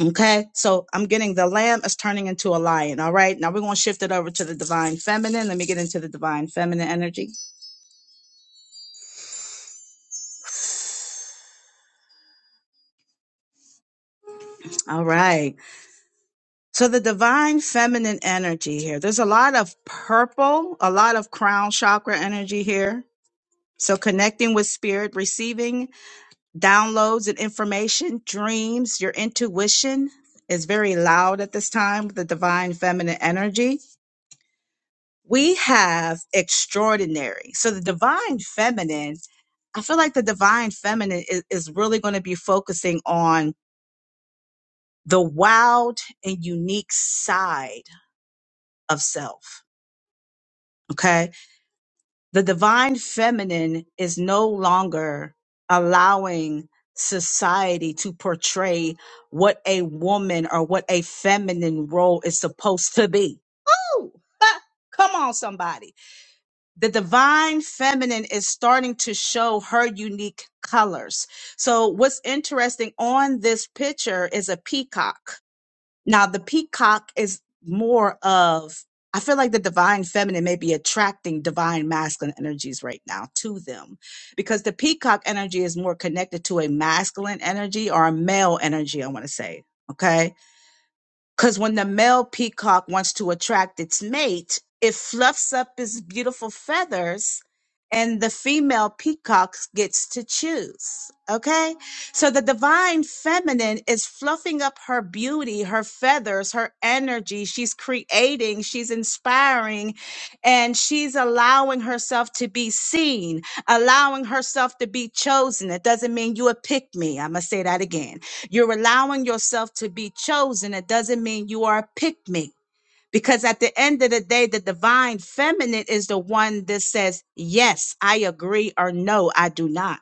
Speaker 2: Okay. So I'm getting the lamb is turning into a lion. All right. Now we're going to shift it over to the divine feminine. Let me get into the divine feminine energy. All right. So the divine feminine energy here. There's a lot of purple, a lot of crown chakra energy here. So connecting with spirit, receiving downloads and information, dreams, your intuition is very loud at this time with the divine feminine energy. We have extraordinary. So the divine feminine I feel like the divine feminine is, is really going to be focusing on the wild and unique side of self. Okay. The divine feminine is no longer allowing society to portray what a woman or what a feminine role is supposed to be. Ooh, ha, come on, somebody. The divine feminine is starting to show her unique colors. So, what's interesting on this picture is a peacock now, the peacock is more of, I feel like the divine feminine may be attracting divine masculine energies right now to them because the peacock energy is more connected to a masculine energy or a male energy, I want to say. Okay because when the male peacock wants to attract its mate, it fluffs up its beautiful feathers and the female peacock gets to choose. Okay? So the divine feminine is fluffing up her beauty, her feathers, her energy. She's creating, she's inspiring, and she's allowing herself to be seen, allowing herself to be chosen. It doesn't mean you a pick me. I'm going to say that again you're allowing yourself to be chosen. It doesn't mean you are a pick me. Because at the end of the day, the divine feminine is the one that says, yes, I agree, or no, I do not.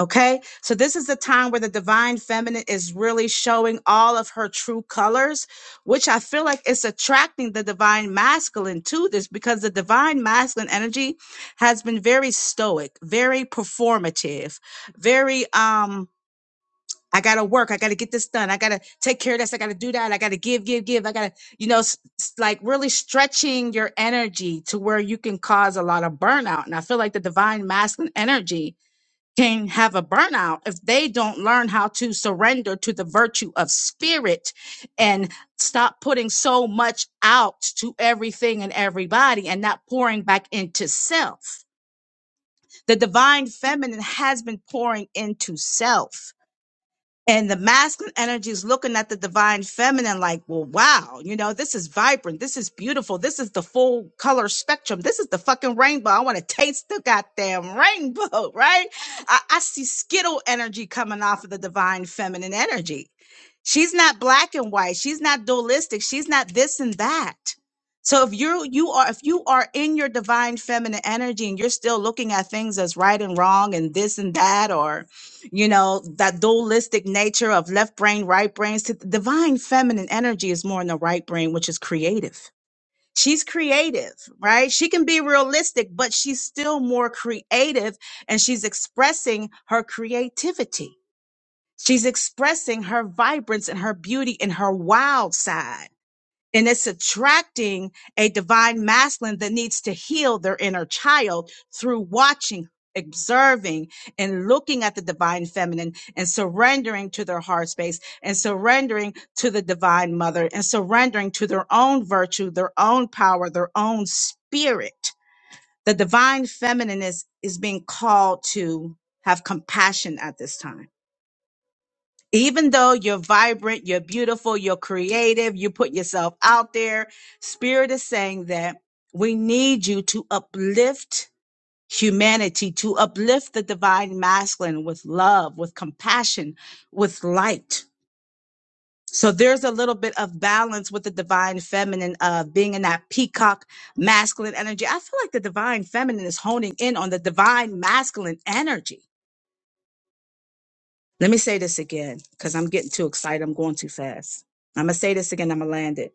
Speaker 2: Okay. So this is the time where the divine feminine is really showing all of her true colors, which I feel like it's attracting the divine masculine to this because the divine masculine energy has been very stoic, very performative, very, um, I gotta work. I gotta get this done. I gotta take care of this. I gotta do that. I gotta give, give, give. I gotta, you know, s- s- like really stretching your energy to where you can cause a lot of burnout. And I feel like the divine masculine energy can have a burnout if they don't learn how to surrender to the virtue of spirit and stop putting so much out to everything and everybody and not pouring back into self. The divine feminine has been pouring into self and the masculine energy is looking at the divine feminine like, well, wow, you know, this is vibrant. This is beautiful. This is the full color spectrum. This is the fucking rainbow. I want to taste the goddamn rainbow, right? I, I see Skittle energy coming off of the divine feminine energy. She's not black and white. She's not dualistic. She's not this and that. So if you're you are if you are in your divine feminine energy and you're still looking at things as right and wrong and this and that or you know, that dualistic nature of left brain, right brain. So the divine feminine energy is more in the right brain, which is creative. She's creative, right? She can be realistic, but she's still more creative and she's expressing her creativity. She's expressing her vibrance and her beauty and her wild side and it's attracting a divine masculine that needs to heal their inner child through watching observing and looking at the divine feminine and surrendering to their heart space and surrendering to the divine mother and surrendering to their own virtue their own power their own spirit the divine feminine is is being called to have compassion at this time even though you're vibrant, you're beautiful, you're creative, you put yourself out there, Spirit is saying that we need you to uplift humanity, to uplift the divine masculine with love, with compassion, with light. So there's a little bit of balance with the divine feminine of being in that peacock masculine energy. I feel like the divine feminine is honing in on the divine masculine energy Let me say this again because I'm getting too excited. I'm going too fast. I'm going to say this again. I'm going to land it.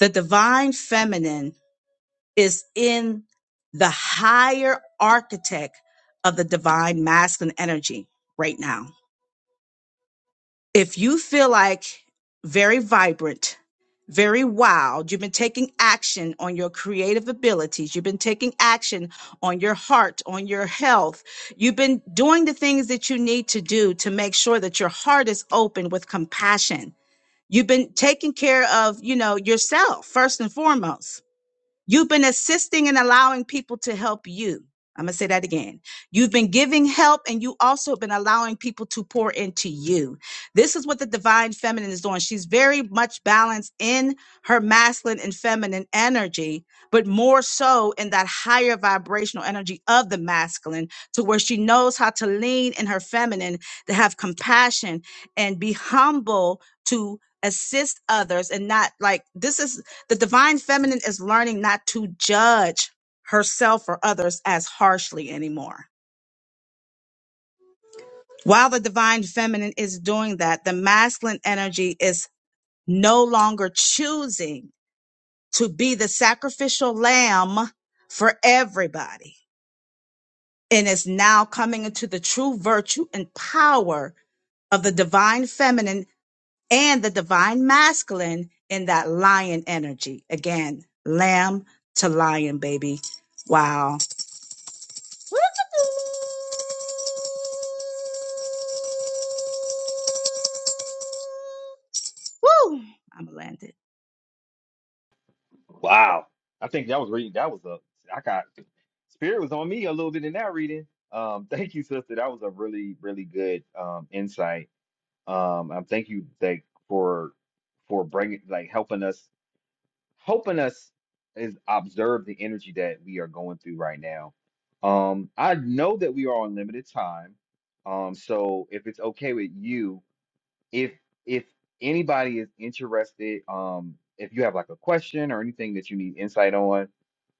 Speaker 2: The divine feminine is in the higher architect of the divine masculine energy right now. if you feel like very vibrant, very wild, you've been taking action on your creative abilities, you've been taking action on your heart, on your health, you've been doing the things that you need to do to make sure that your heart is open with compassion. You've been taking care of, you know, yourself first and foremost You've been assisting and allowing people to help you. I'm going to say that again. You've been giving help and you also have been allowing people to pour into you. This is what the divine feminine is doing. She's very much balanced in her masculine and feminine energy, but more so in that higher vibrational energy of the masculine to where she knows how to lean in her feminine to have compassion and be humble to assist others and not like this is the divine feminine is learning not to judge herself or others as harshly anymore. While the divine feminine is doing that, the masculine energy is no longer choosing to be the sacrificial lamb for everybody and is now coming into the true virtue and power of the divine feminine and the divine masculine in that lion energy. Again, lamb to lion, baby. Wow. Woo! I'm landed.
Speaker 1: Wow. I think that was reading. That was a. I got spirit was on me a little bit in that reading. Um, thank you, sister. That was a really, really good um insight. Um, um, thank you, like for for bringing, like helping us. helping us is observe the energy that we are going through right now. Um, I know that we are on limited time. Um, so if it's okay with you, if if anybody is interested, um, if you have like a question or anything that you need insight on,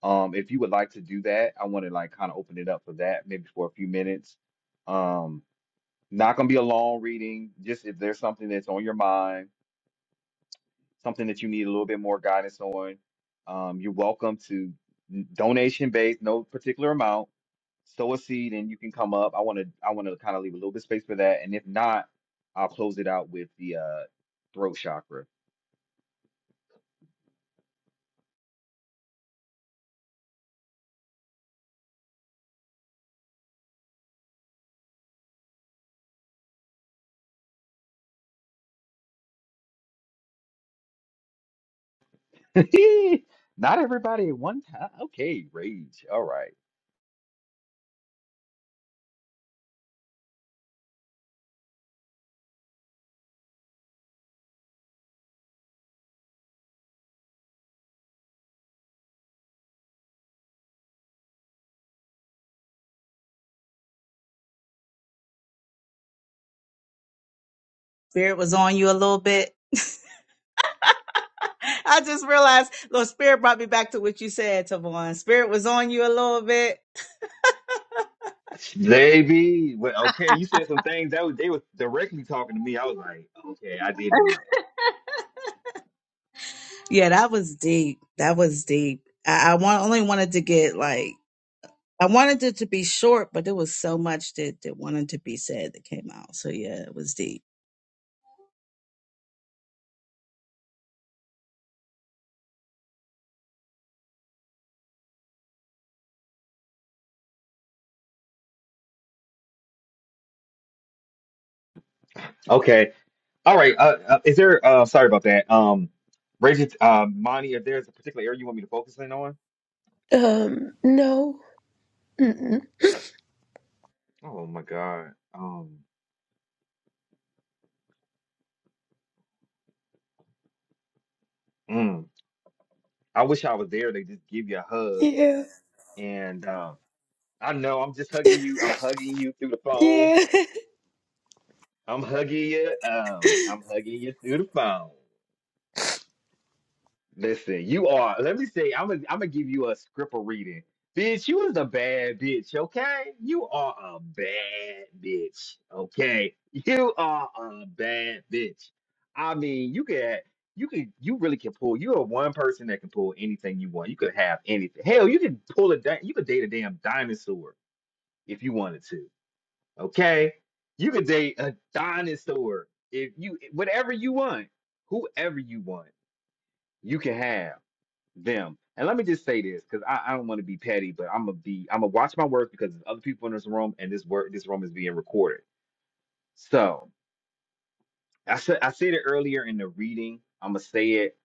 Speaker 1: um, if you would like to do that, I want to like kind of open it up for that, maybe for a few minutes. Um, not gonna be a long reading, just if there's something that's on your mind something that you need a little bit more guidance on, um, you're welcome to donation based, no particular amount. Sow a seed, and you can come up. I want to I want to kind of leave a little bit of space for that, and if not, I'll close it out with the uh, throat chakra. not everybody at one time. Okay, rage. All right,
Speaker 2: Spirit was on you a little bit. I just realized, Lord, Spirit brought me back to what you said, Tavon. Spirit was on you a little bit.
Speaker 1: Baby, well, okay, you said some things that was, they were directly talking to me. I was like, okay, I did do that.
Speaker 2: Yeah, that was deep. That was deep. I, I want, only wanted to get like, I wanted it to be short, but there was so much that, that wanted to be said that came out. So yeah, it was deep.
Speaker 1: Okay. All right. Uh, uh, is there? Uh, sorry about that. Um, Reggie, uh, Monty, if there's a particular area you want me to focus in on?
Speaker 3: Um, no. Mm-mm.
Speaker 1: Oh my God. Um, mm, I wish I was there. They just give you a hug,
Speaker 3: Yeah.
Speaker 1: and um, I know I'm just hugging you. I'm hugging you through the phone.
Speaker 3: Yeah.
Speaker 1: I'm hugging you. Um, I'm hugging you through the phone. Listen, you are. Let me say, I'm gonna, I'm gonna give you a script of reading. Bitch, you is a bad bitch, okay? You are a bad bitch, okay? You are a bad bitch. I mean, you can, you can, you really can pull. You are one person that can pull anything you want. You could have anything. Hell, you could pull a, di- you could date a damn dinosaur if you wanted to, okay? You could date a dinosaur if you, whatever you want, whoever you want, you can have them. And let me just say this, because I, I don't want to be petty, but I'm gonna be I'm gonna watch my words because there's other people in this room and this work this room is being recorded. So I said I said it earlier in the reading. I'm gonna say it.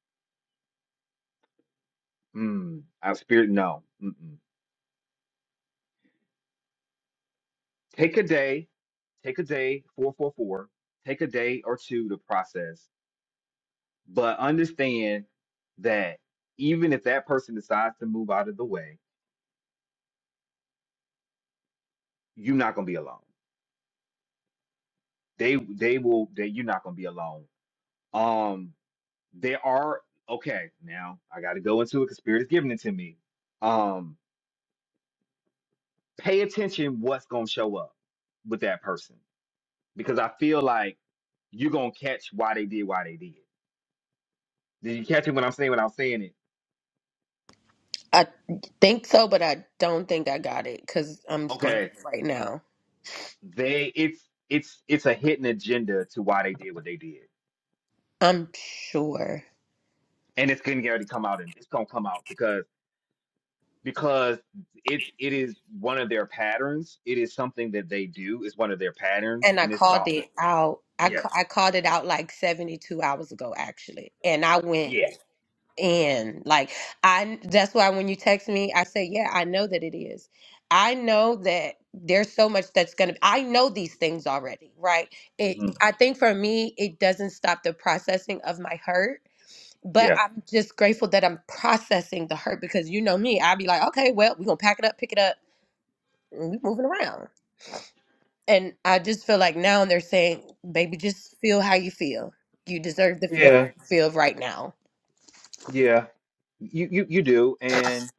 Speaker 1: Mm, our spirit, no. Mm-mm. Take a day, take a day, four four four. Take a day or two to process, but understand that even if that person decides to move out of the way, you're not gonna be alone. They they will. They you're not gonna be alone. Um, there are okay now i gotta go into it because spirit is giving it to me um pay attention what's gonna show up with that person because i feel like you're gonna catch why they did why they did did you catch it when i'm saying when i'm saying it
Speaker 3: I think so, but I don't think I got it because I'm scrambling
Speaker 1: okay
Speaker 3: right now.
Speaker 1: they it's it's it's a hidden agenda to why they did what they did
Speaker 3: I'm sure.
Speaker 1: and it's gonna already come out and it's gonna come out because because it's it is one of their patterns it is something that they do it's one of their patterns
Speaker 3: And I
Speaker 1: and it's
Speaker 3: called
Speaker 1: about the
Speaker 3: it out. I,
Speaker 1: yeah
Speaker 3: ca- I called it out like 72 hours ago, actually. And I went
Speaker 1: yeah
Speaker 3: in. Like, I, that's why when you text me, I say, yeah, I know that it is. I know that there's so much that's going to, I know these things already, right? It,
Speaker 1: Mm-hmm.
Speaker 3: I think for me, it doesn't stop the processing of my hurt but
Speaker 1: Yeah.
Speaker 3: I'm just grateful that I'm processing the hurt because you know me, I'd be like, okay, well, we're gonna pack it up, pick it up, and we moving around. And I just feel like now they're saying, baby, just feel how you feel. You deserve to feel how
Speaker 1: Yeah.
Speaker 3: you feel right now.
Speaker 1: Yeah. You you you do. And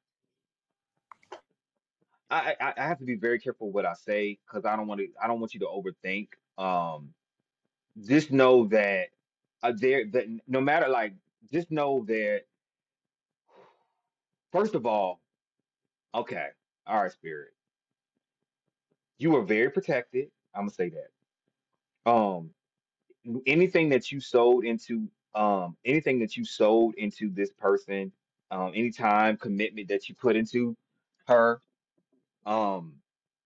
Speaker 1: I I, I have to be very careful what I say because I don't want to I don't want you to overthink. Um just know that uh, there that n- no matter like just know that first of all, okay, all right, spirit, you are very protected. I'm gonna say that. Um n- anything that you sold into um anything that you sold into this person, um, any time commitment that you put into her. Um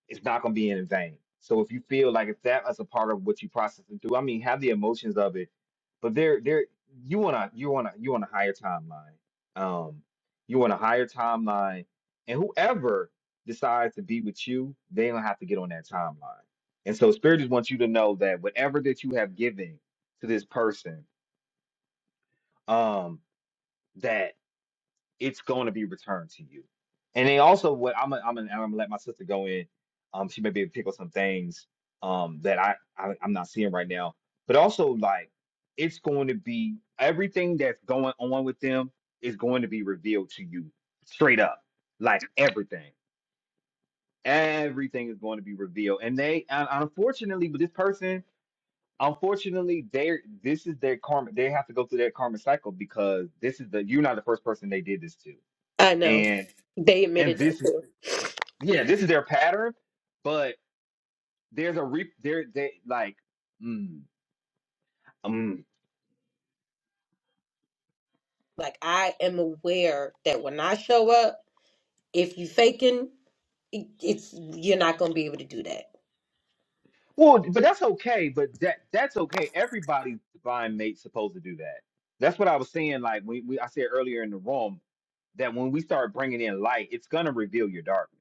Speaker 1: it's not going to be in vain. So if you feel like if that is a part of what you process and do, I mean, have the emotions of it, but there, there, you want to, you want to, you want a higher timeline. Um, you want a higher timeline, and whoever decides to be with you, they don't have to get on that timeline. And so, spirit just wants you to know that whatever that you have given to this person, um, that it's going to be returned to you. And they also what I'm i I'm i am i i am gonna, I'm gonna let my sister go in. Um, she may be able to pick up some things um that I, I I'm not seeing right now. But also like it's going to be everything that's going on with them is going to be revealed to you straight up. Like everything, everything is going to be revealed. And they and unfortunately, with this person, unfortunately, they're this is their karma. They have to go through their karma cycle because this is the you're not the first person they did this to.
Speaker 3: I know.
Speaker 1: And
Speaker 3: They admitted
Speaker 1: and
Speaker 3: that
Speaker 1: this is
Speaker 3: too.
Speaker 1: yeah this is their pattern but there's a re there they like mm, mm.
Speaker 3: Like I am aware that when I show up, if you faking, it- it's you're not gonna be able to do that.
Speaker 1: well but that's okay but that that's okay everybody's divine mate's supposed to do that that's what i was saying like we, we i said earlier in the room that when we start bringing in light, it's gonna reveal your darkness.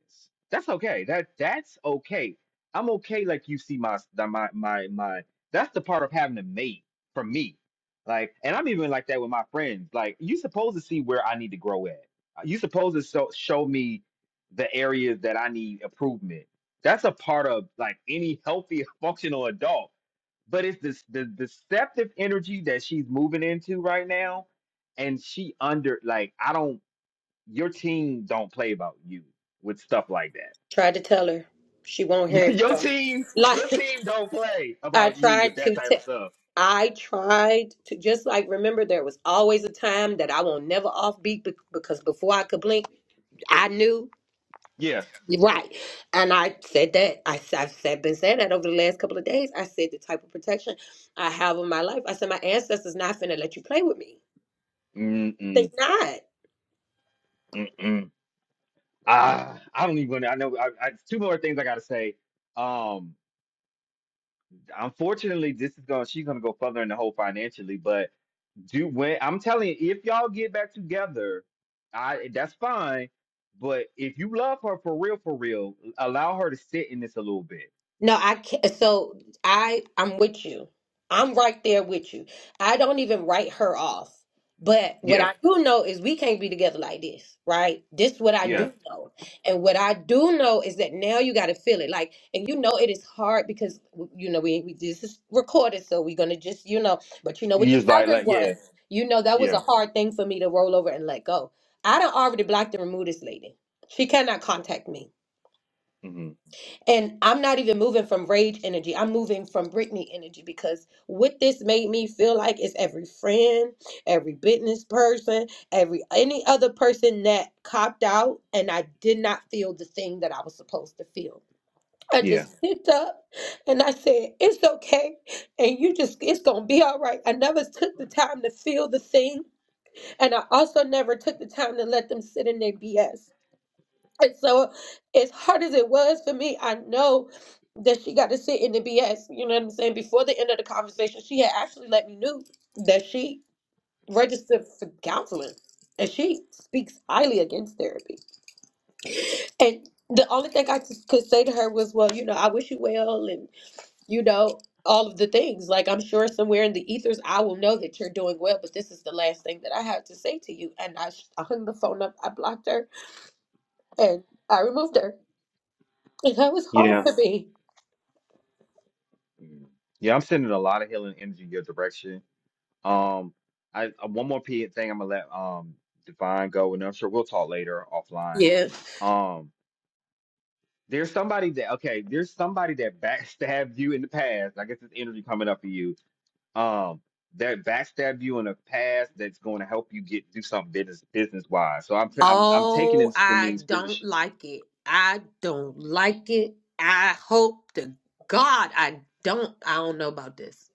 Speaker 1: That's okay. That that's okay. I'm okay. Like you see my the- my my my. That's the part of having a mate for me. Like, and I'm even like that with my friends. Like, you supposed to see where I need to grow at. You supposed to so, show me the areas that I need improvement. That's a part of like any healthy functional adult. But it's this the deceptive energy that she's moving into right now and she under like I don't your team don't play about you with stuff like that.
Speaker 3: Tried to tell her. She won't hear it
Speaker 1: your
Speaker 3: though.
Speaker 1: team,
Speaker 3: Like.
Speaker 1: your team don't play
Speaker 3: I
Speaker 1: about you with
Speaker 3: tried
Speaker 1: that
Speaker 3: to
Speaker 1: type
Speaker 3: t-
Speaker 1: of stuff.
Speaker 3: I tried to just like remember there was always a time that I won't never offbeat be- because before I could blink, I knew
Speaker 1: Yeah.
Speaker 3: right. And I said that I, s- I've said, been saying that over the last couple of days. I said the type of protection I have in my life. I said my ancestors not finna let you play with me. They
Speaker 1: Mm-mm,
Speaker 3: not.
Speaker 1: mm-mm. Ah, I don't even. I know. I, I, two more things I gotta say. Um, unfortunately, this is going. to She's gonna go further in the hole financially, but do when I'm telling you, if y'all get back together, I that's fine. But if you love her for real, for real, allow her to sit in this a little bit.
Speaker 3: No, I can't. So I, I'm with you. I'm right there with you. I don't even write her off. But what
Speaker 1: Yeah.
Speaker 3: I do know is we can't be together like this, right? This is what I
Speaker 1: Yeah.
Speaker 3: do know. And what I do know is that now you got to feel it. Like, and you know it is hard because, you know, we, we this is recorded. So we're going to just, you know, but you know, with
Speaker 1: You
Speaker 3: the
Speaker 1: just like,
Speaker 3: other
Speaker 1: like,
Speaker 3: one,
Speaker 1: yeah.
Speaker 3: you know, that was a
Speaker 1: Yeah.
Speaker 3: hard thing for me to roll over and let go. I done already blocked and removed this lady. She cannot contact me.
Speaker 1: hmm
Speaker 3: And I'm not even moving from rage energy. I'm moving from Britney energy because what this made me feel like is every friend, every business person, every any other person that copped out and I did not feel the thing that I was supposed to feel. I
Speaker 1: Yeah.
Speaker 3: just picked up and I said, It's okay. And you just, it's going to be all right. I never took the time to feel the thing. And I also never took the time to let them sit in their BS. And so, as hard as it was for me, I know that she got to sit in the BS. You know what I'm saying? Before the end of the conversation, she had actually let me know that she registered for counseling and she speaks highly against therapy. And the only thing I just could say to her was, well, you know, I wish you well and, you know, all of the things. Like, I'm sure somewhere in the ethers, I will know that you're doing well, but this is the last thing that I have to say to you. And I, sh- I hung the phone up, I blocked her, and I removed her. And That was hard
Speaker 1: Yeah.
Speaker 3: for me.
Speaker 1: Mhm. Yeah. I'm sending a lot of healing energy your direction. Um, I uh, one more p thing I'm gonna let um Divine go, and I'm sure we'll talk later offline.
Speaker 3: Yeah.
Speaker 1: Um, there's somebody that okay, there's somebody that backstabbed you in the past. I guess this energy coming up for you. Um, that backstabbed you in the past. That's going to help you get do something business business wise. So I'm I'm I'm taking
Speaker 3: Oh,
Speaker 1: this to
Speaker 3: I
Speaker 1: mean spirit. of
Speaker 3: don't
Speaker 1: sh-
Speaker 3: like it. I don't like it. I hope to God I don't. I don't know about this.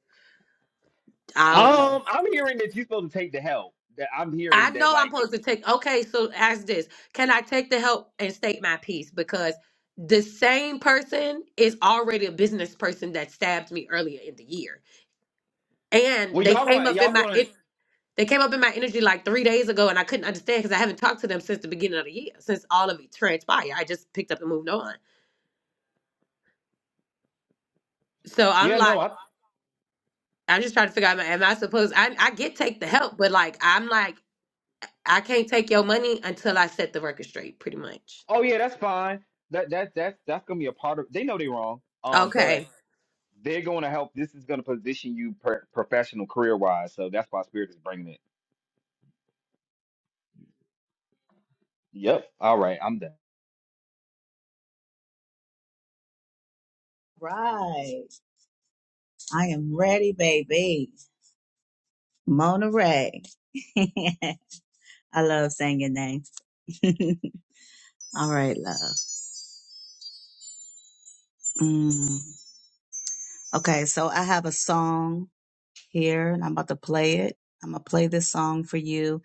Speaker 3: I don't know.
Speaker 1: Um, I'm hearing that you're supposed to take the help. That I'm
Speaker 3: I
Speaker 1: hearing that
Speaker 3: know I'm
Speaker 1: like.
Speaker 3: supposed to take. Okay, so ask this. Can I take the help and state my piece? Because the same person is already a business person that stabbed me earlier in the year.
Speaker 1: Well,
Speaker 3: And they
Speaker 1: y'all
Speaker 3: came
Speaker 1: going,
Speaker 3: up in
Speaker 1: y'all
Speaker 3: my.
Speaker 1: going.
Speaker 3: It, They came up in my energy like three days ago, and I couldn't understand because I haven't talked to them since the beginning of the year, since all of it transpired. I just picked up and moved on. So I'm
Speaker 1: Yeah, no.
Speaker 3: like,
Speaker 1: I,
Speaker 3: I'm just trying to figure out, am I am I supposed? I I get take the help, but like, I'm like, I can't take your money until I set the record straight, pretty much.
Speaker 1: oh, yeah, that's fine. That that that's that's gonna be a part of. They know they're wrong. Um, but
Speaker 3: Okay.
Speaker 1: they're going to help. This is going to position you per, professional career wise. So that's why Spirit is bringing it. Yep. All right, I'm done.
Speaker 2: Right. I am ready, baby. Mona Ray. I love singing names. All right, love. Mm. Okay, so I have a song here and I'm about to play it. I'm going to play this song for you.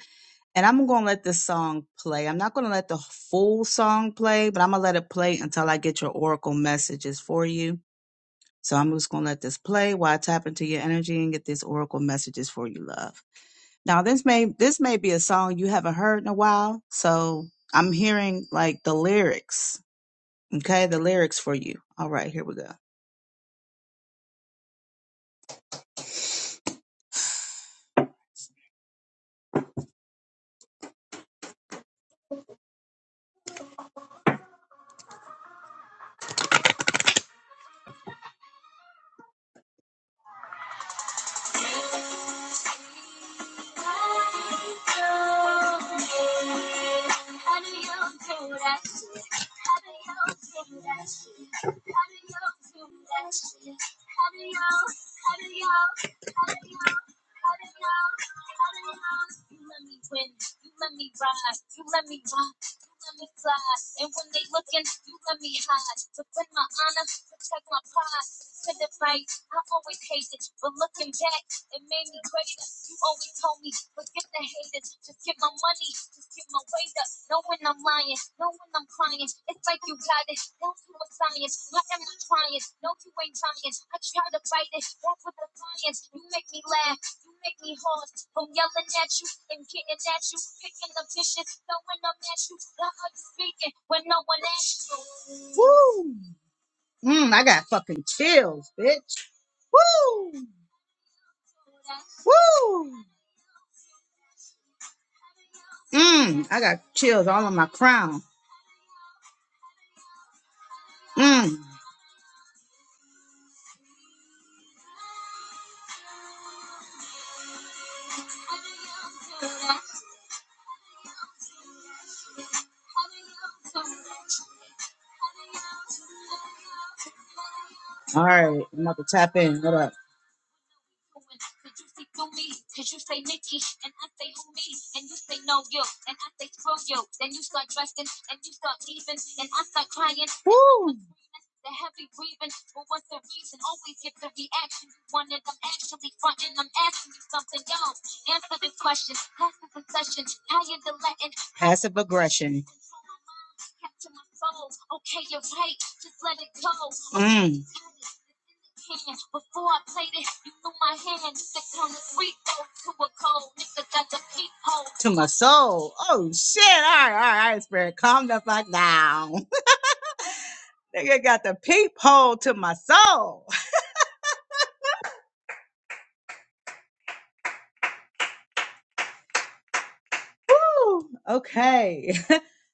Speaker 2: And I'm going to let this song play. I'm not going to let the full song play, but I'm going to let it play until I get your oracle messages for you. So I'm just going to let this play while I tap into your energy and get these oracle messages for you, love. Now this may this may be a song you haven't heard in a while, so I'm hearing like the lyrics. Okay, the lyrics for you. All right, here we go. Woo! Mm, I got fucking chills, bitch. Woo! Woo! Mm, I got chills all on my crown. Mm. All right, I'm about to tap in. What up? Woo! Passive aggression. Mm, to my soul. Oh shit! All right, all right, all right, spirit, calm the fuck down. Nigga got the peephole to my soul. Woo! Okay.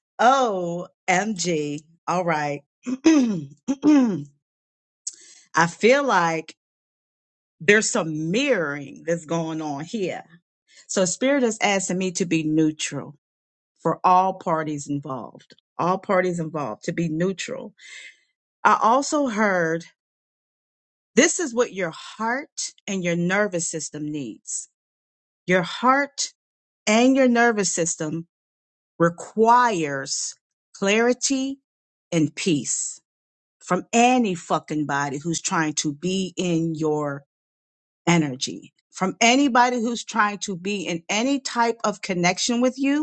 Speaker 2: OMG. All right. I feel like there's some mirroring that's going on here. So Spirit is asking me to be neutral for all parties involved. All parties involved to be neutral. I also heard this is what your heart and your nervous system needs. Your heart and your nervous system requires clarity and peace from any fucking body who's trying to be in your energy, from anybody who's trying to be in any type of connection with you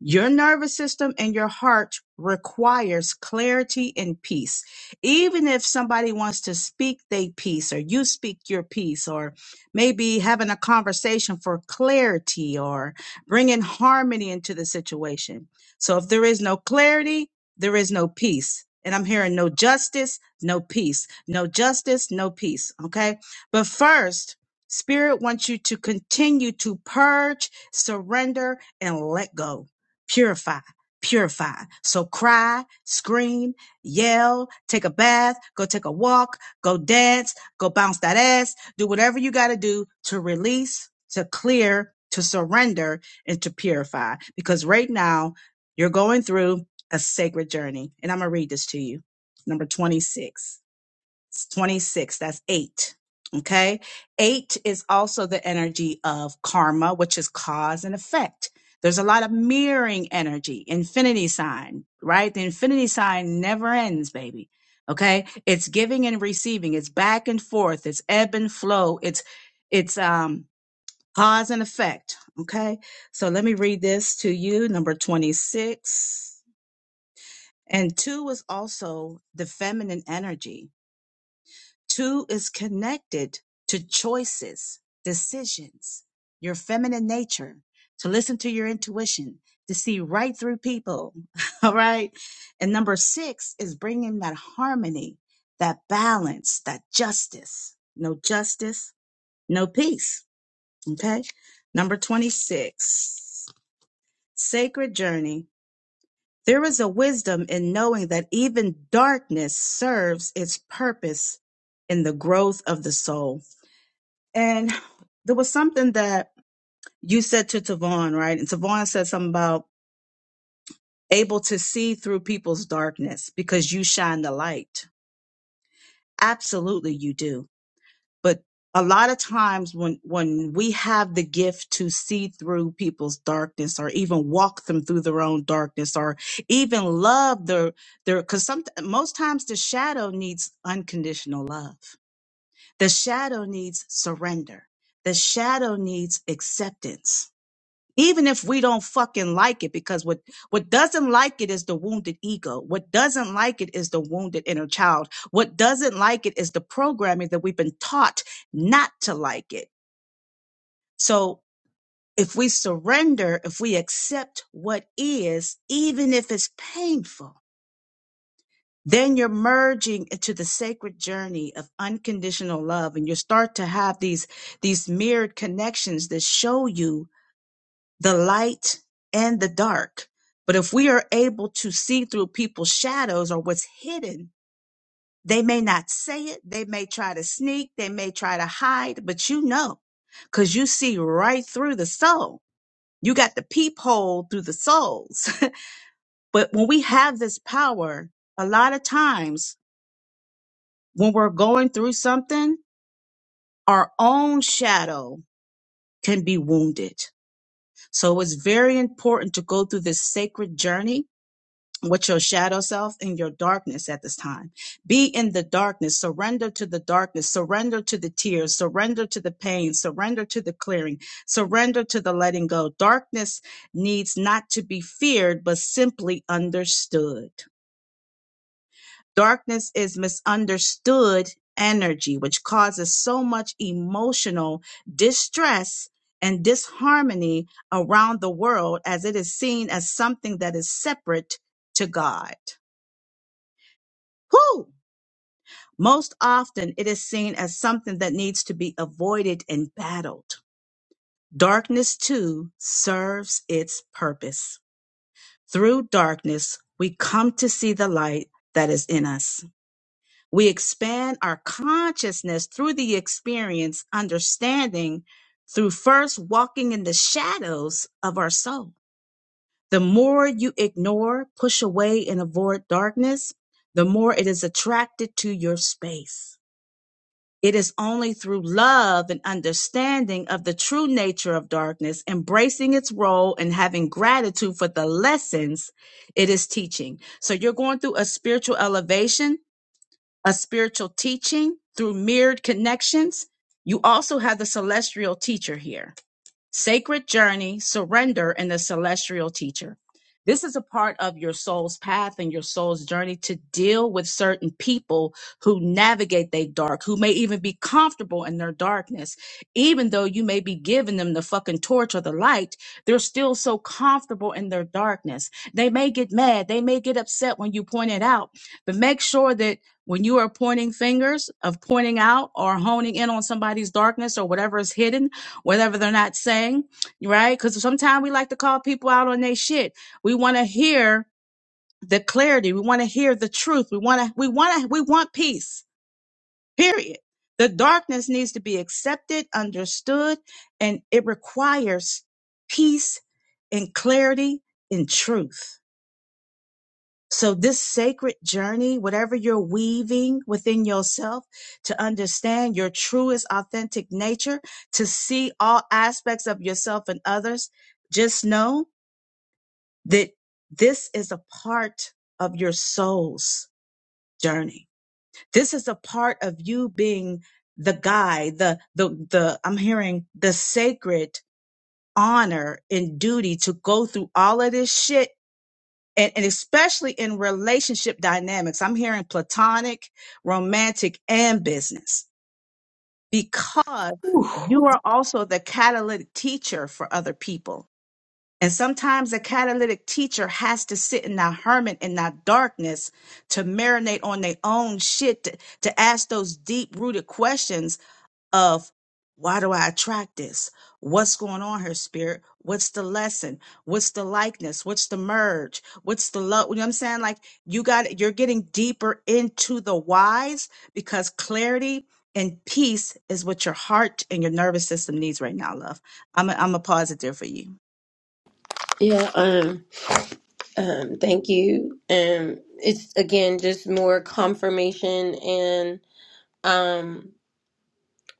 Speaker 2: your nervous system and your heart requires clarity and peace. Even if somebody wants to speak their peace or you speak your peace or maybe having a conversation for clarity or bringing harmony into the situation. So if there is no clarity, there is no peace. And I'm hearing no justice, no peace, no justice, no peace. Okay. But first, Spirit wants you to continue to purge, surrender, and let go purify, purify. So cry, scream, yell, take a bath, go take a walk, go dance, go bounce that ass, do whatever you got to do to release, to clear, to surrender, and to purify. Because right now, you're going through a sacred journey. And I'm going to read this to you. Number 26. It's 26. That's eight. Okay. Eight is also the energy of karma, which is cause and effect. There's a lot of mirroring energy, infinity sign, right? The infinity sign never ends, baby. Okay. It's giving and receiving. It's back and forth. It's ebb and flow. It's, it's, um, cause and effect. Okay. So let me read this to you. Number 26. And two is also the feminine energy Two is connected to choices, decisions, your feminine nature, to listen to your intuition, to see right through people. All right. And number six is bringing that harmony, that balance, that justice. No justice, no peace. Okay. Number 26, sacred journey. There is a wisdom in knowing that even darkness serves its purpose in the growth of the soul. And there was something that you said to Tavon, right? And Tavon said something about able to see through people's darkness because you shine the light. Absolutely, you do. But a lot of times when when we have the gift to see through people's darkness or even walk them through their own darkness or even love their their because some most times the shadow needs unconditional love the shadow needs surrender the shadow needs acceptance even if we don't fucking like it because what what doesn't like it is the wounded ego what doesn't like it is the wounded inner child what doesn't like it is the programming that we've been taught not to like it so if we surrender if we accept what is even if it's painful then you're merging into the sacred journey of unconditional love and you start to have these these mirrored connections that show you the light and the dark. But if we are able to see through people's shadows or what's hidden, they may not say it. They may try to sneak. They may try to hide, but you know, because you see right through the soul. You got the peephole through the souls. but when we have this power, a lot of times when we're going through something, our own shadow can be wounded. So it's very important to go through this sacred journey with your shadow self and your darkness at this time. Be in the darkness, surrender to the darkness, surrender to the tears, surrender to the pain, surrender to the clearing, surrender to the letting go. Darkness needs not to be feared, but simply understood. Darkness is misunderstood energy, which causes so much emotional distress and disharmony around the world as it is seen as something that is separate to God Whew! Most often, it is seen as something that needs to be avoided and battled. Darkness, too, serves its purpose. Through darkness, we come to see the light that is in us. We expand our consciousness through the experience, understanding through first walking in the shadows of our soul. The more you ignore, push away, and avoid darkness, the more it is attracted to your space. It is only through love and understanding of the true nature of darkness, embracing its role and having gratitude for the lessons it is teaching. So you're going through a spiritual elevation, a spiritual teaching through mirrored connections. You also have the celestial teacher here Sacred Journey, Surrender, and the Celestial Teacher. This is a part of your soul's path and your soul's journey to deal with certain people who navigate their dark, who may even be comfortable in their darkness. Even though you may be giving them the fucking torch or the light, they're still so comfortable in their darkness. They may get mad. They may get upset when you point it out, but make sure that when you are pointing fingers of pointing out or honing in on somebody's darkness or whatever is hidden, whatever they're not saying, right? Because sometimes we like to call people out on their shit. We want to hear the clarity. We want to hear the truth. We want to, we want to, we want peace, period. The darkness needs to be accepted, understood, and it requires peace and clarity and truth. So, this sacred journey, whatever you're weaving within yourself to understand your truest, authentic nature, to see all aspects of yourself and others, just know that this is a part of your soul's journey. This is a part of you being the guide. the, the, the, I'm hearing the sacred honor and duty to go through all of this shit and, and especially in relationship dynamics. I'm hearing platonic, romantic, and business because
Speaker 3: Whew.
Speaker 2: you are also the catalytic teacher for other people. And sometimes the catalytic teacher has to sit in that hermit in that darkness to marinate on their own shit, to, to ask those deep rooted questions of why do I attract this? What's going on here, spirit? What's the lesson? What's the likeness? What's the merge? What's the love? You know what I'm saying? Like you got you're getting deeper into the whys because clarity and peace is what your heart and your nervous system needs right now, love. I'm a, I'm a pause it there for you.
Speaker 3: Yeah. Um. Um. Thank you. Um. It's again just more confirmation and um.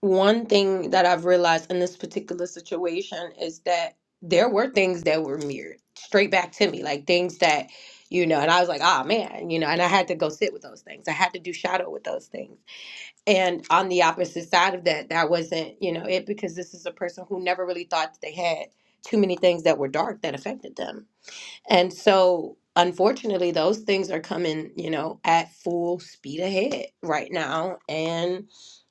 Speaker 3: one thing that I've realized in this particular situation is that there were things that were mirrored straight back to me, like things that, you know, and I was like, "Ah, man, you know, and I had to go sit with those things. I had to do shadow with those things. And on the opposite side of that, that wasn't, you know, it because this is a person who never really thought that they had too many things that were dark that affected them and so, unfortunately, those things are coming, you know, at full speed ahead right now. And,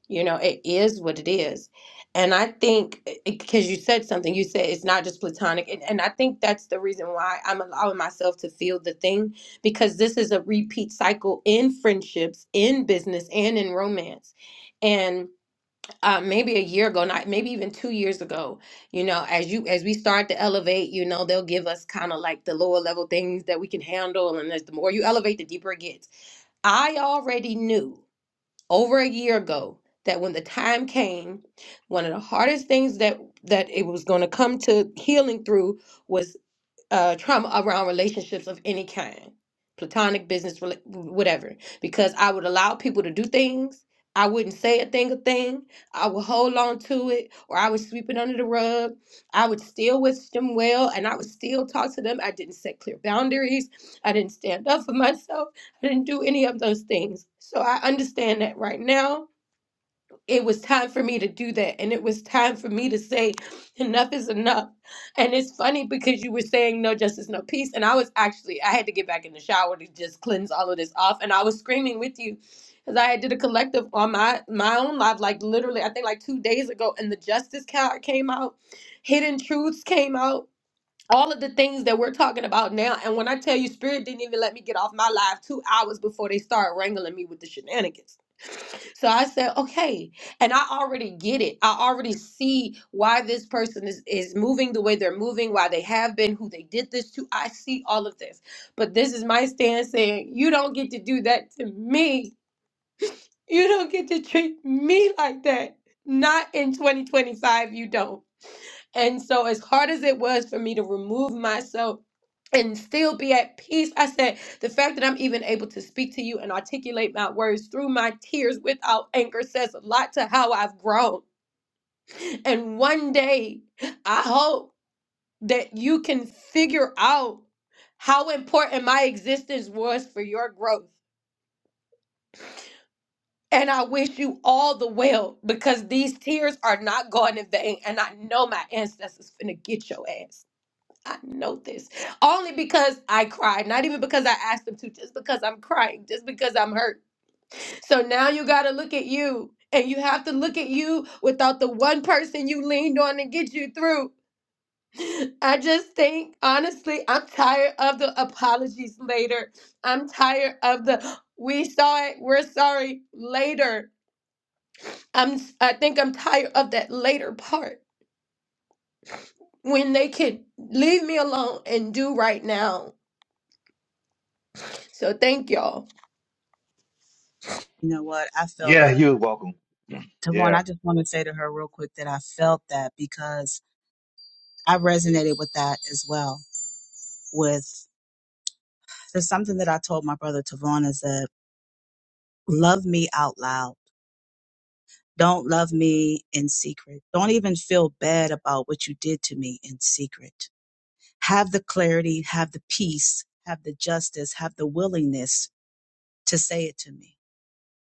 Speaker 3: you know, it is what it is. And I think, because you said something, you said it's not just platonic. And, and I think that's the reason why I'm allowing myself to feel the thing, because this is a repeat cycle in friendships, in business, and in romance. And uh, maybe a year ago, not maybe even two years ago, you know, as you as we start to elevate, you know, they'll give us kind of like the lower level things that we can handle, and as the more you elevate, the deeper it gets. I already knew over a year ago that when the time came, one of the hardest things that that it was going to come to healing through was uh, trauma around relationships of any kind, platonic, business, rela- whatever, because I would allow people to do things. I wouldn't say a thing, a thing. I would hold on to it, or I would sweep it under the rug. I would still wish them well, and I would still talk to them. I didn't set clear boundaries. I didn't stand up for myself. I didn't do any of those things. So I understand that right now it was time for me to do that and it was time for me to say enough is enough and it's funny because you were saying no justice no peace and i was actually i had to get back in the shower to just cleanse all of this off and i was screaming with you because i had did a collective on my my own live like literally i think like two days ago and the justice card came out hidden truths came out all of the things that we're talking about now and when i tell you spirit didn't even let me get off my live two hours before they started wrangling me with the shenanigans so I said, okay. And I already get it. I already see why this person is, is moving the way they're moving, why they have been, who they did this to. I see all of this. But this is my stance saying, you don't get to do that to me. You don't get to treat me like that. Not in 2025, you don't. And so, as hard as it was for me to remove myself and still be at peace, I said, the fact that I'm even able to speak to you and articulate my words through my tears without anger says a lot to how I've grown. And one day, I hope that you can figure out how important my existence was for your growth. And I wish you all the well because these tears are not going in vain. And I know my ancestors finna get your ass. I know this only because I cried, not even because I asked them to, just because I'm crying, just because I'm hurt. So now you got to look at you, and you have to look at you without the one person you leaned on to get you through. I just think, honestly, I'm tired of the apologies later. I'm tired of the we saw it, we're sorry later. I'm I think I'm tired of that later part when they can leave me alone and do right now. So thank y'all.
Speaker 2: You know what? I felt
Speaker 1: Yeah,
Speaker 2: that.
Speaker 1: you're welcome.
Speaker 2: Tavon,
Speaker 1: Yeah.
Speaker 2: I just want to say to her real quick that I felt that because I resonated with that as well. With there's something that I told my brother Tavon is that. love me out loud. Don't love me in secret. Don't even feel bad about what you did to me in secret. Have the clarity, have the peace, have the justice, have the willingness to say it to me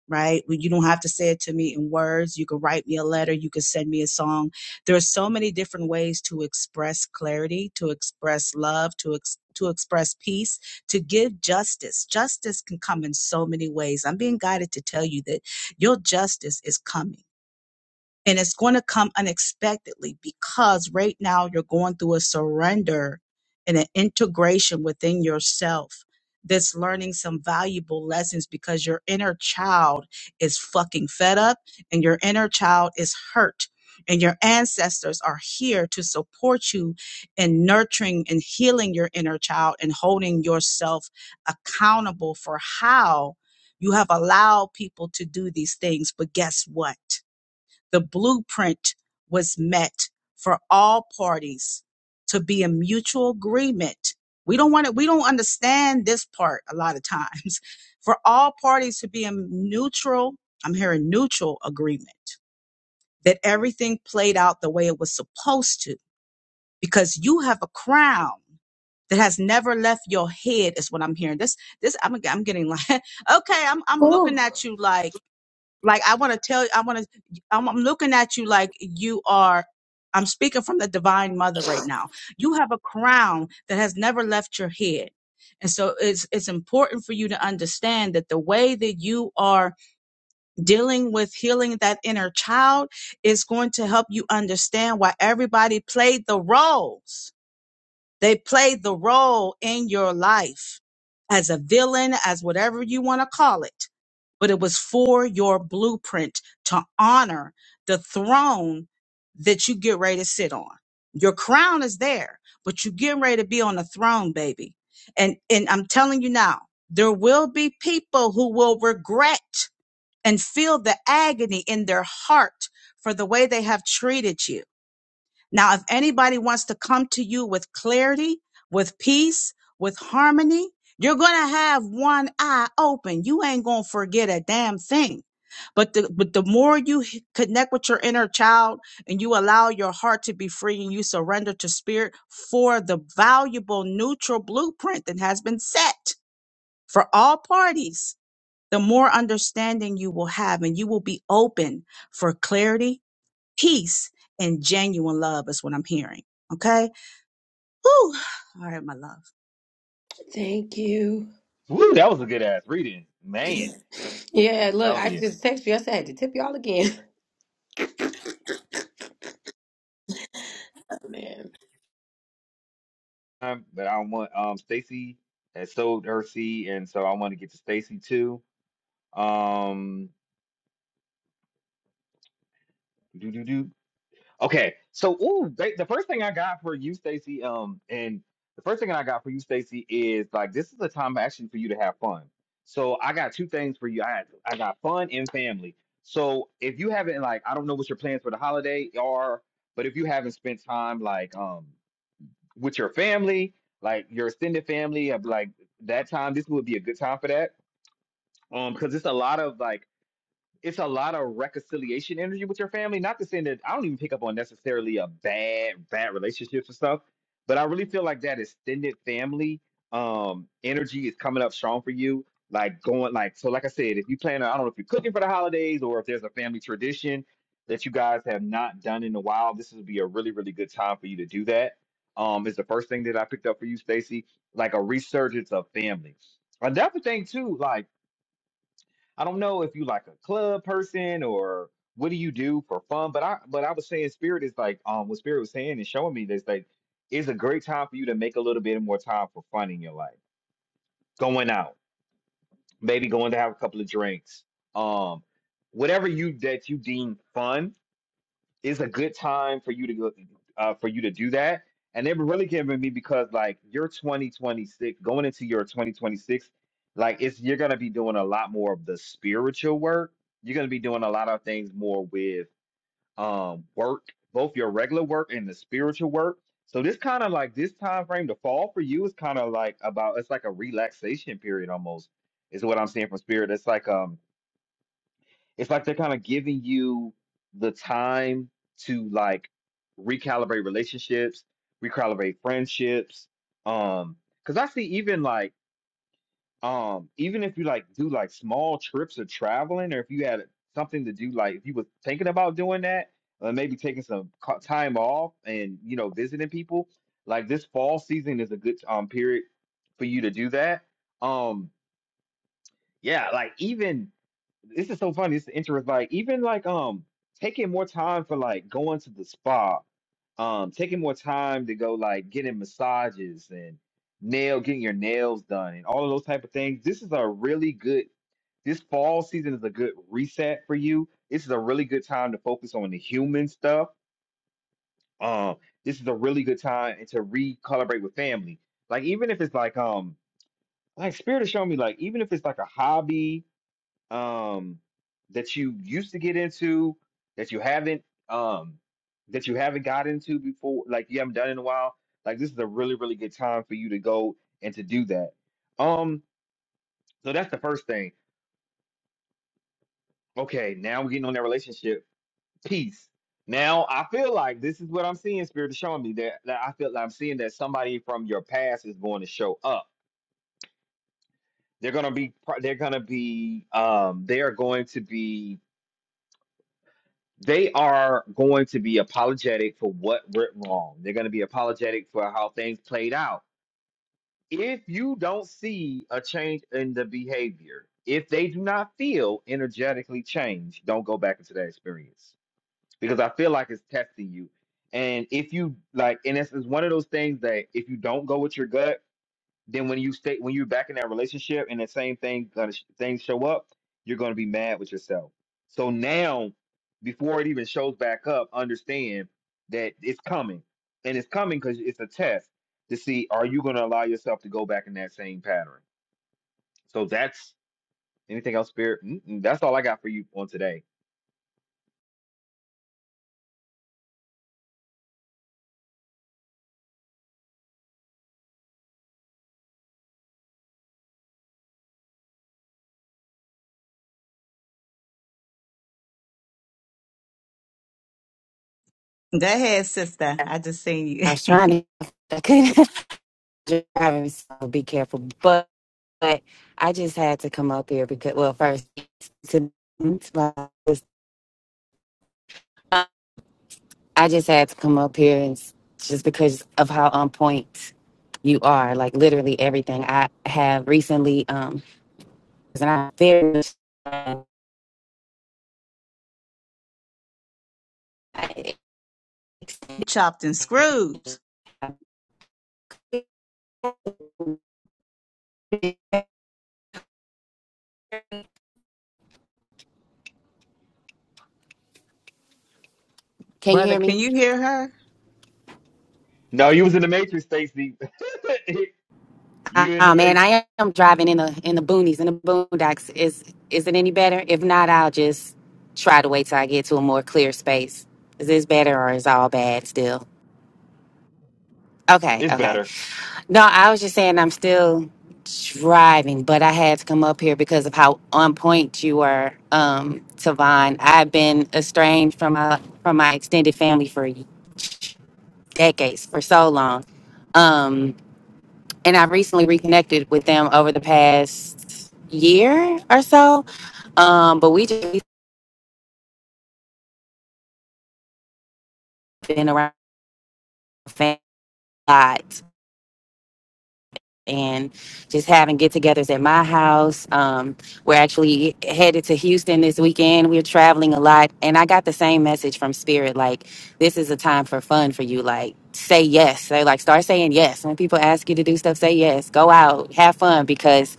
Speaker 2: right? Well, You don't have to say it to me in words. You can write me a letter. You can send me a song. There are so many different ways to express clarity, to express love, to ex- to express peace, to give justice. Justice can come in so many ways. I'm being guided to tell you that your justice is coming. And it's going to come unexpectedly because right now you're going through a surrender and an integration within yourself that's learning some valuable lessons because your inner child is fucking fed up and your inner child is hurt. And your ancestors are here to support you in nurturing and healing your inner child and holding yourself accountable for how you have allowed people to do these things. But guess what? The blueprint was met for all parties to be in mutual agreement. We don't want to, we don't understand this part a lot of times. For all parties to be in neutral, I'm hearing neutral agreement that everything played out the way it was supposed to because you have a crown that has never left your head is what I'm hearing. This, this, I'm, I'm getting like, okay, I'm, I'm looking
Speaker 3: Oh,
Speaker 2: at you like, like I want to tell you, I want to. I'm, I'm looking at you like you are. I'm speaking from the divine mother right now. You have a crown that has never left your head. And so it's it's important for you to understand that the way that you are dealing with healing that inner child is going to help you understand why everybody played the roles they play the role in your life as a villain, as whatever you want to call it. But it was for your blueprint to honor the throne that you get ready to sit on. Your crown is there, but you getting ready to be on the throne, baby. And and I'm telling you now, there will be people who will regret and feel the agony in their heart for the way they have treated you now, if anybody wants to come to you with clarity, with peace, with harmony, you're going to have one eye open. You ain't going to forget a damn thing. But the, but the more you h- connect with your inner child and you allow your heart to be free and you surrender to spirit for the valuable neutral blueprint that has been set for all parties, the more understanding you will have and you will be open for clarity peace and genuine love is what I'm hearing. Okay. Whew. All right, my love.
Speaker 3: thank you.
Speaker 1: Woo, that was a good ass reading, man.
Speaker 3: Yeah,
Speaker 1: I'm
Speaker 3: look, I
Speaker 1: telling you.
Speaker 3: just texted you. I said I had to tip y'all again. Man.
Speaker 1: Um, but I want um Stacy has sold her seed, and so I want to get to Stacy too. Um, Okay, so ooh, they, the first thing I got for you, Stacy, um, and the first thing I got for you, Stacy, is like this is a time actually for you to have fun. So I got two things for you. I I got fun and family. So if you haven't like, I don't know what your plans for the holiday are, but if you haven't spent time like um with your family, like your extended family, of like that time, this would be a good time for that. Um, because it's a lot of like it's a lot of reconciliation energy with your family. Not to say that I don't even pick up on necessarily a bad bad relationships and stuff, but I really feel like that extended family um energy is coming up strong for you. Like going like so, like I said, if you plan, on- I don't know if you're cooking for the holidays or if there's a family tradition that you guys have not done in a while, this would be a really really good time for you to do that. Um, is the first thing that I picked up for you, Stacy, like a resurgence of family. Another thing too, like I don't know if you like a club person or what do you do for fun, but I but I was saying spirit is like um what spirit was saying and showing me this like it's a great time for you to make a little bit more time for fun in your life. Going out, maybe going to have a couple of drinks, um, whatever you that you deem fun is a good time for you to go uh, for you to do that. And it really came to me because like your 2026 going into your 2026, like it's you're gonna be doing a lot more of the spiritual work. You're gonna be doing a lot of things more with um work, both your regular work and the spiritual work. So this kind of like this time frame, the fall for you is kind of like about it's like a relaxation period almost, is what I'm seeing from spirit. It's like um it's like they're kind of giving you the time to like recalibrate relationships, recalibrate friendships. Um, because I see even like um even if you like do like small trips or traveling, or if you had something to do, like if you were thinking about doing that, uh, maybe taking some co- time off and you know visiting people, like this fall season is a good um period for you to do that. Um, yeah, like even this is so funny. This is interesting. Like even like um taking more time for like going to the spa, um taking more time to go like getting massages and nail getting your nails done and all of those type of things. This is a really good this fall season is a good reset for you. This is a really good time to focus on the human stuff. Um, this is a really good time to recalibrate with family. Like even if it's like um like Spirit is showing me like even if it's like a hobby um that you used to get into that you haven't um that you haven't got into before like you haven't done in a while like this is a really really good time for you to go and to do that um so that's the first thing okay now we're getting on that relationship piece. now i feel like this is what i'm seeing spirit is showing me that, that i feel like i'm seeing that somebody from your past is going to show up they're going to be they're going to be um they are going to be they are going to be apologetic for what went wrong. They're going to be apologetic for how things played out. If you don't see a change in the behavior, if they do not feel energetically changed, don't go back into that experience because I feel like it's testing you. And if you like, and it's, it's one of those things that if you don't go with your gut, then when you stay when you're back in that relationship and the same thing gonna sh- things show up, you're gonna be mad with yourself. So now, before it even shows back up, understand that it's coming, and it's coming because it's a test to see are you gonna allow yourself to go back in that same pattern. So that's anything else, Spirit. Mm-mm, that's all I got for you on today.
Speaker 2: Go ahead, sister. I just seen you.
Speaker 4: I was trying to, I couldn't driving, so be careful. But, but I just had to come up here because, well, first, to, I just had to come up here and s- just because of how on point you are, like literally everything I have recently. Um, and I am very
Speaker 2: You chopped and screwed.
Speaker 4: can you
Speaker 2: Brother,
Speaker 4: hear me?
Speaker 2: can you hear her?
Speaker 1: No, you was in the Matrix, Stacy. you in
Speaker 4: Oh
Speaker 1: the
Speaker 4: man,
Speaker 1: Matrix.
Speaker 4: I am driving in the in the boonies in the boondocks. Is is it any better? If not, I'll just try to wait till I get to a more clear space. Is this better or is all bad still? Okay,
Speaker 1: It's
Speaker 4: okay.
Speaker 1: better.
Speaker 4: No, I was just saying I'm still driving, but I had to come up here because of how on point you were, um, Tavon. I've been estranged from my from my extended family for decades, for so long. Um, and I've recently reconnected with them over the past year or so. Um, but we just we've been around the family a lot and just having get-togethers at my house. Um, we're actually headed to Houston this weekend. We're traveling a lot, and I got the same message from Spirit, like this is a time for fun for you. Like say yes. They like start saying yes when people ask you to do stuff. Say yes. Go out, have fun because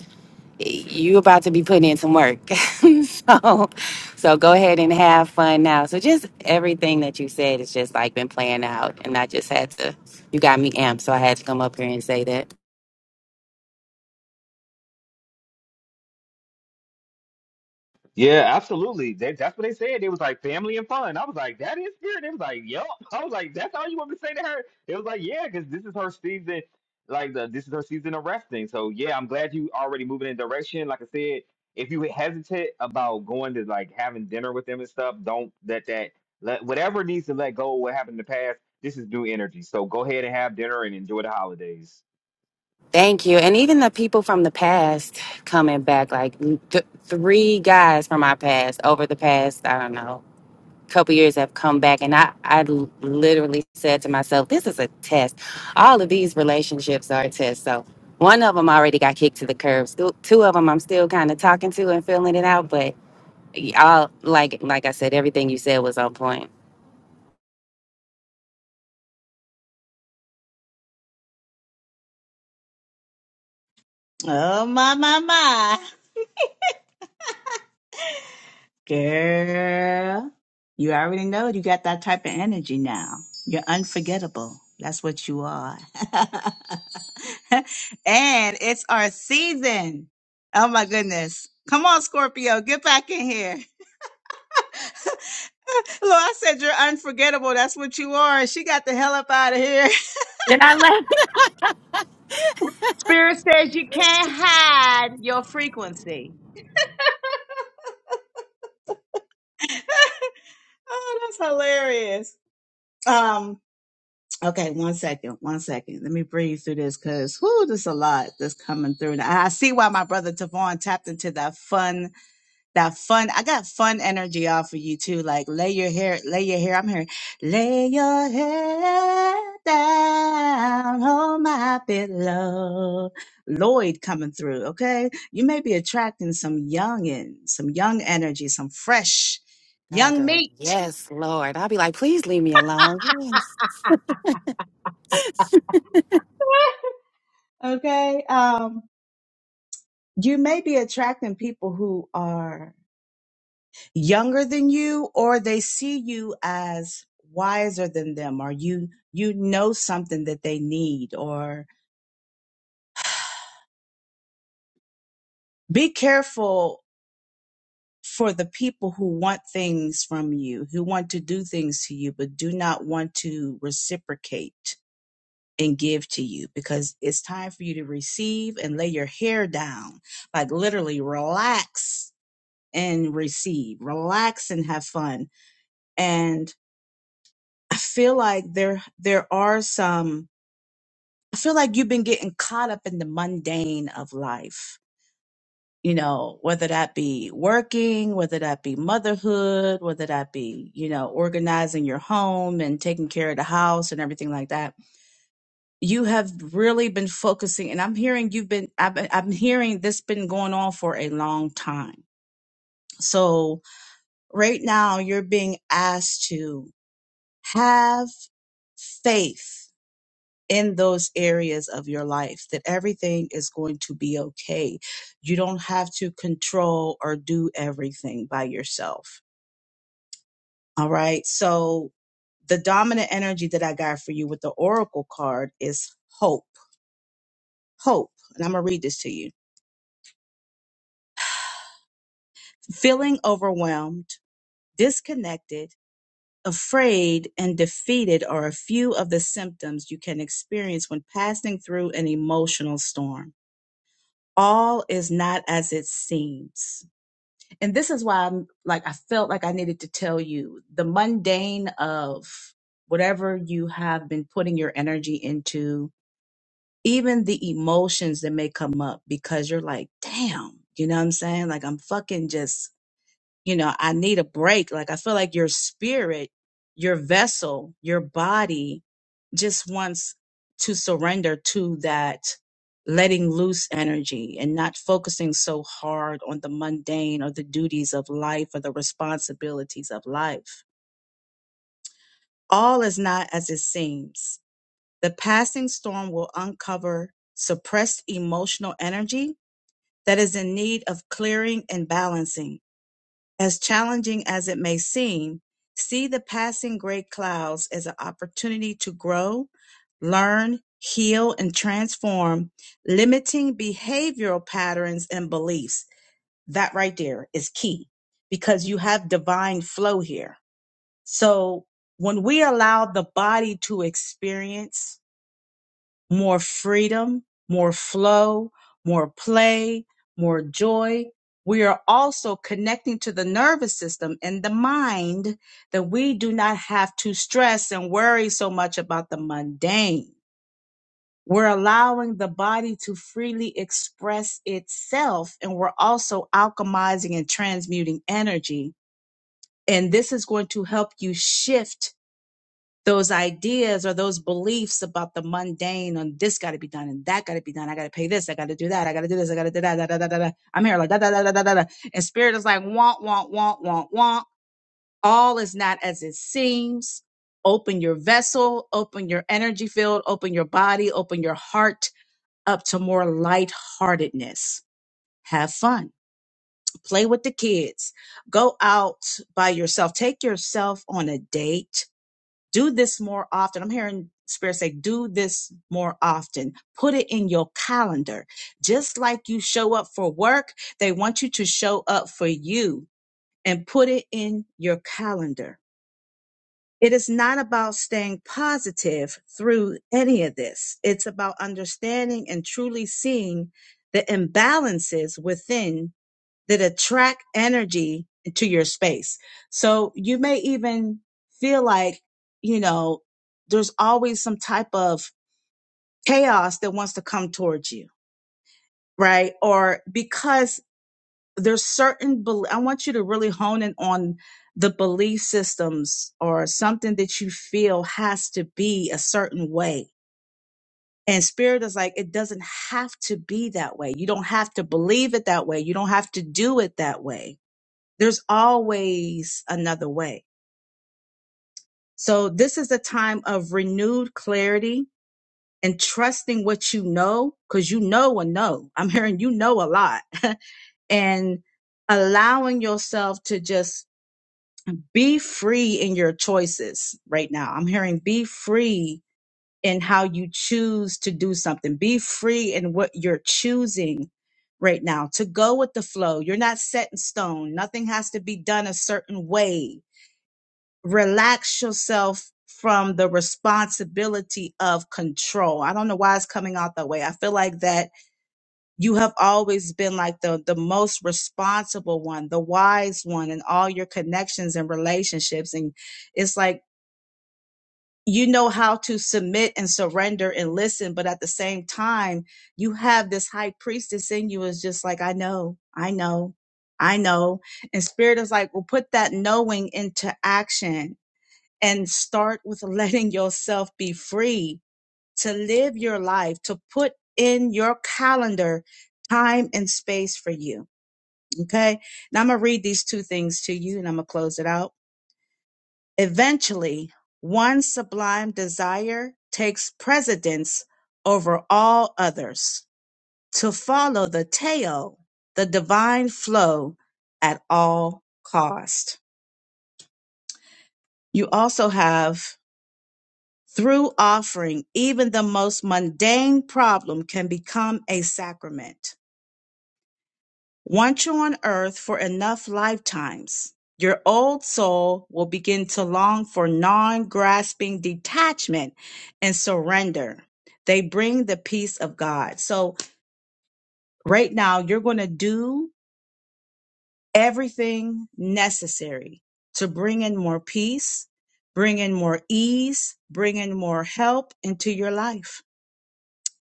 Speaker 4: you about to be putting in some work. so so go ahead and have fun now. So just everything that you said is just like been playing out and I just had to you got me amped, so I had to come up here and say that.
Speaker 1: Yeah, absolutely. They, that's what they said. It was like family and fun. I was like, that is spirit. They was like, yep. I was like, that's all you want me to say to her. It was like, yeah, because this is her season. Like the this is her season of resting. So yeah, I'm glad you already moving in direction. Like I said, if you hesitate about going to like having dinner with them and stuff, don't let that let whatever needs to let go of what happened in the past. This is new energy. So go ahead and have dinner and enjoy the holidays.
Speaker 4: Thank you. And even the people from the past coming back, like th- three guys from my past over the past, I don't know, couple years have come back and I, I l- literally said to myself, this is a test. All of these relationships are a test. So one of them already got kicked to the curb. Still, two of them I'm still kind of talking to and feeling it out. But all like like I said, everything you said was on point.
Speaker 2: Oh my my my. Girl. You already know it. you got that type of energy now. You're unforgettable. That's what you are. and it's our season. Oh my goodness. Come on, Scorpio, get back in here. Lord, I said you're unforgettable. That's what you are. And she got the hell up out of here.
Speaker 4: Did I left?
Speaker 2: Spirit says you can't hide your frequency. oh, that's hilarious. Um, okay, one second, one second. Let me breathe through this because whoo, there's a lot that's coming through. And I see why my brother Tavon tapped into that fun that fun. I got fun energy off of you too. Like lay your hair, lay your hair. I'm hearing lay your head down on my pillow. Lloyd coming through. Okay, you may be attracting some youngin, some young energy, some fresh,
Speaker 4: God,
Speaker 2: young
Speaker 4: girl,
Speaker 2: meat.
Speaker 4: yes, Lord. I'll be like, please leave me alone. Yes.
Speaker 2: Okay, um, you may be attracting people who are younger than you or they see you as wiser than them or you you know something that they need or be careful for the people who want things from you who want to do things to you but do not want to reciprocate and give to you because it's time for you to receive and lay your hair down like literally relax and receive relax and have fun and i feel like there there are some I feel like you've been getting caught up in the mundane of life, you know, whether that be working, whether that be motherhood, whether that be, you know, organizing your home and taking care of the house and everything like that. You have really been focusing, and I'm hearing you've been, I've been, I'm hearing this been going on for a long time. So right now you're being asked to have faith in those areas of your life that everything is going to be okay. You don't have to control or do everything by yourself. All right. So the dominant energy that I got for you with the oracle card is hope. Hope. And I'm going to read this to you. Feeling overwhelmed, disconnected, afraid, and defeated are a few of the symptoms you can experience when passing through an emotional storm. All is not as it seems and this is why I'm like I felt like I needed to tell you the mundane of whatever you have been putting your energy into, even the emotions that may come up because you're like, damn, you know what I'm saying? Like I'm fucking just you know, I need a break. Like I feel like your spirit, your vessel, your body just wants to surrender to that letting loose energy and not focusing so hard on the mundane or the duties of life or the responsibilities of life. All is not as it seems. The passing storm will uncover suppressed emotional energy that is in need of clearing and balancing. As challenging as it may seem, see the passing gray clouds as an opportunity to grow, learn, heal, and transform limiting behavioral patterns and beliefs. That right there is key because you have divine flow here. So when we allow the body to experience more freedom, more flow, more play, more joy. We are also connecting to the nervous system and the mind that we do not have to stress and worry so much about the mundane. We're allowing the body to freely express itself, and we're also alchemizing and transmuting energy. And this is going to help you shift those ideas or those beliefs about the mundane and this got to be done and that got to be done. I got to pay this. I got to do that. I got to do this. I got to do that. Da, da, da, da, da. I'm here like da, da, da, da, da, da. da. And spirit is like, want, want, want, want, want. All is not as it seems. Open your vessel, open your energy field, open your body, open your heart up to more lightheartedness. Have fun. Play with the kids. Go out by yourself. Take yourself on a date do this more often. I'm hearing Spirit say, do this more often. Put it in your calendar. Just like you show up for work, they want you to show up for you and put it in your calendar. It is not about staying positive through any of this. It's about understanding and truly seeing the imbalances within that attract energy into your space. So you may even feel like, you know, there's always some type of chaos that wants to come towards you, right? Or because there's certain, bel- I want you to really hone in on the belief systems or something that you feel has to be a certain way. And spirit is like, it doesn't have to be that way. You don't have to believe it that way. You don't have to do it that way There's always another way. So this is a time of renewed clarity and trusting what you know, because you know a no. I'm hearing you know a lot. and allowing yourself to just be free in your choices right now. I'm hearing be free in how you choose to do something. Be free in what you're choosing right now to go with the flow. You're not set in stone. Nothing has to be done a certain way relax yourself from the responsibility of control. I don't know why it's coming out that way. I feel like that you have always been like the the most responsible one, the wise one in all your connections and relationships and it's like you know how to submit and surrender and listen, but at the same time, you have this high priestess in you is just like I know, I know, I know. And spirit is like, well, put that knowing into action and start with letting yourself be free to live your life, to put in your calendar time and space for you. Okay. Now I'm going to read these two things to you and I'm going to close it out. Eventually, one sublime desire takes precedence over all others to follow the tail, the divine flow at all cost. You also have Through offering, even the most mundane problem can become a sacrament. Once you're on earth for enough lifetimes, your old soul will begin to long for non grasping detachment and surrender. They bring the peace of God. So, right now, you're going to do everything necessary to bring in more peace, bring in more ease, bring in more help into your life.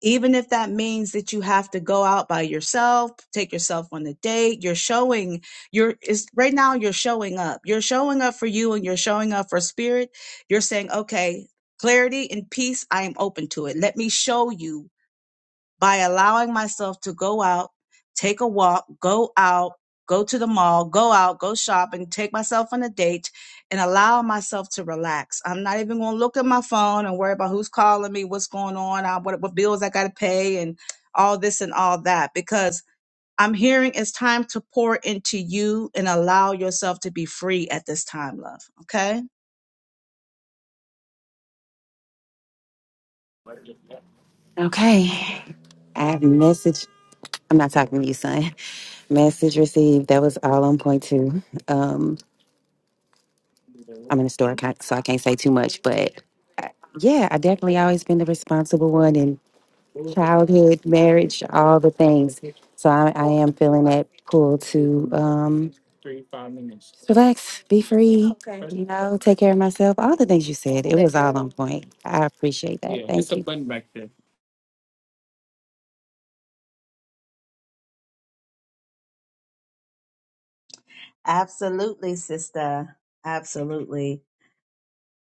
Speaker 2: even if that means that you have to go out by yourself take yourself on a date you're showing you're is right now you're showing up you're showing up for you and you're showing up for spirit you're saying okay clarity and peace i am open to it let me show you by allowing myself to go out, take a walk, go out, go to the mall, go out, go shopping, take myself on a date, and allow myself to relax. I'm not even going to look at my phone and worry about who's calling me, what's going on, uh, what, what bills I got to pay, and all this and all that, because I'm hearing it's time to pour into you and allow yourself to be free at this time, love. Okay?
Speaker 4: Okay. I have message. I'm not talking to you, son. Message received. That was all on point two. Um, I'm in the store, I can't- so I can't say too much, but Yeah, I definitely always been the responsible one in childhood, marriage, all the things. So I, I am feeling that pull to um, relax, be free, you know, take care of myself. All the things you said, it was all on point. I appreciate that. Thank you.
Speaker 2: Absolutely, sister. Absolutely.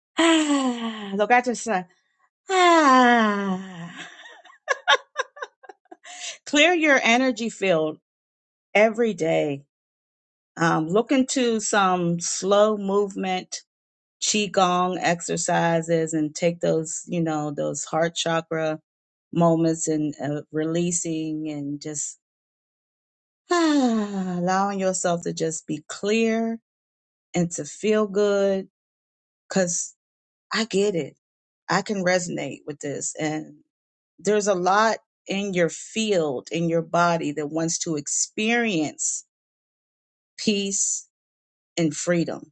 Speaker 2: Look at yourself. Ah, clear your energy field every day. Um, look into some slow movement qigong exercises and take those, you know, those heart chakra moments and uh, releasing and just ah, allowing yourself to just be clear and to feel good. Cause I get it. I can resonate with this. and. there's a lot in your field, in your body that wants to experience peace and freedom.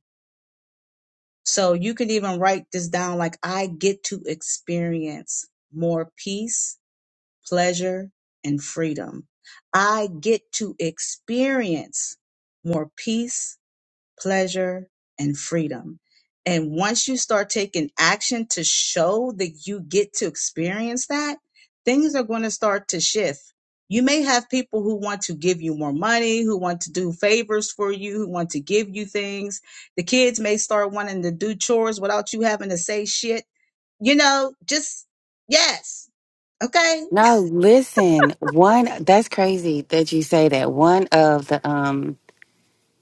Speaker 2: So you can even write this down like, I get to experience more peace, pleasure, and freedom. I get to experience more peace, pleasure, and freedom. And once you start taking action to show that you get to experience that, things are going to start to shift. You may have people who want to give you more money, who want to do favors for you, who want to give you things. The kids may start wanting to do chores without you having to say shit. You know, just yes. Okay.
Speaker 4: No, listen, one that's crazy that you say that. One of the um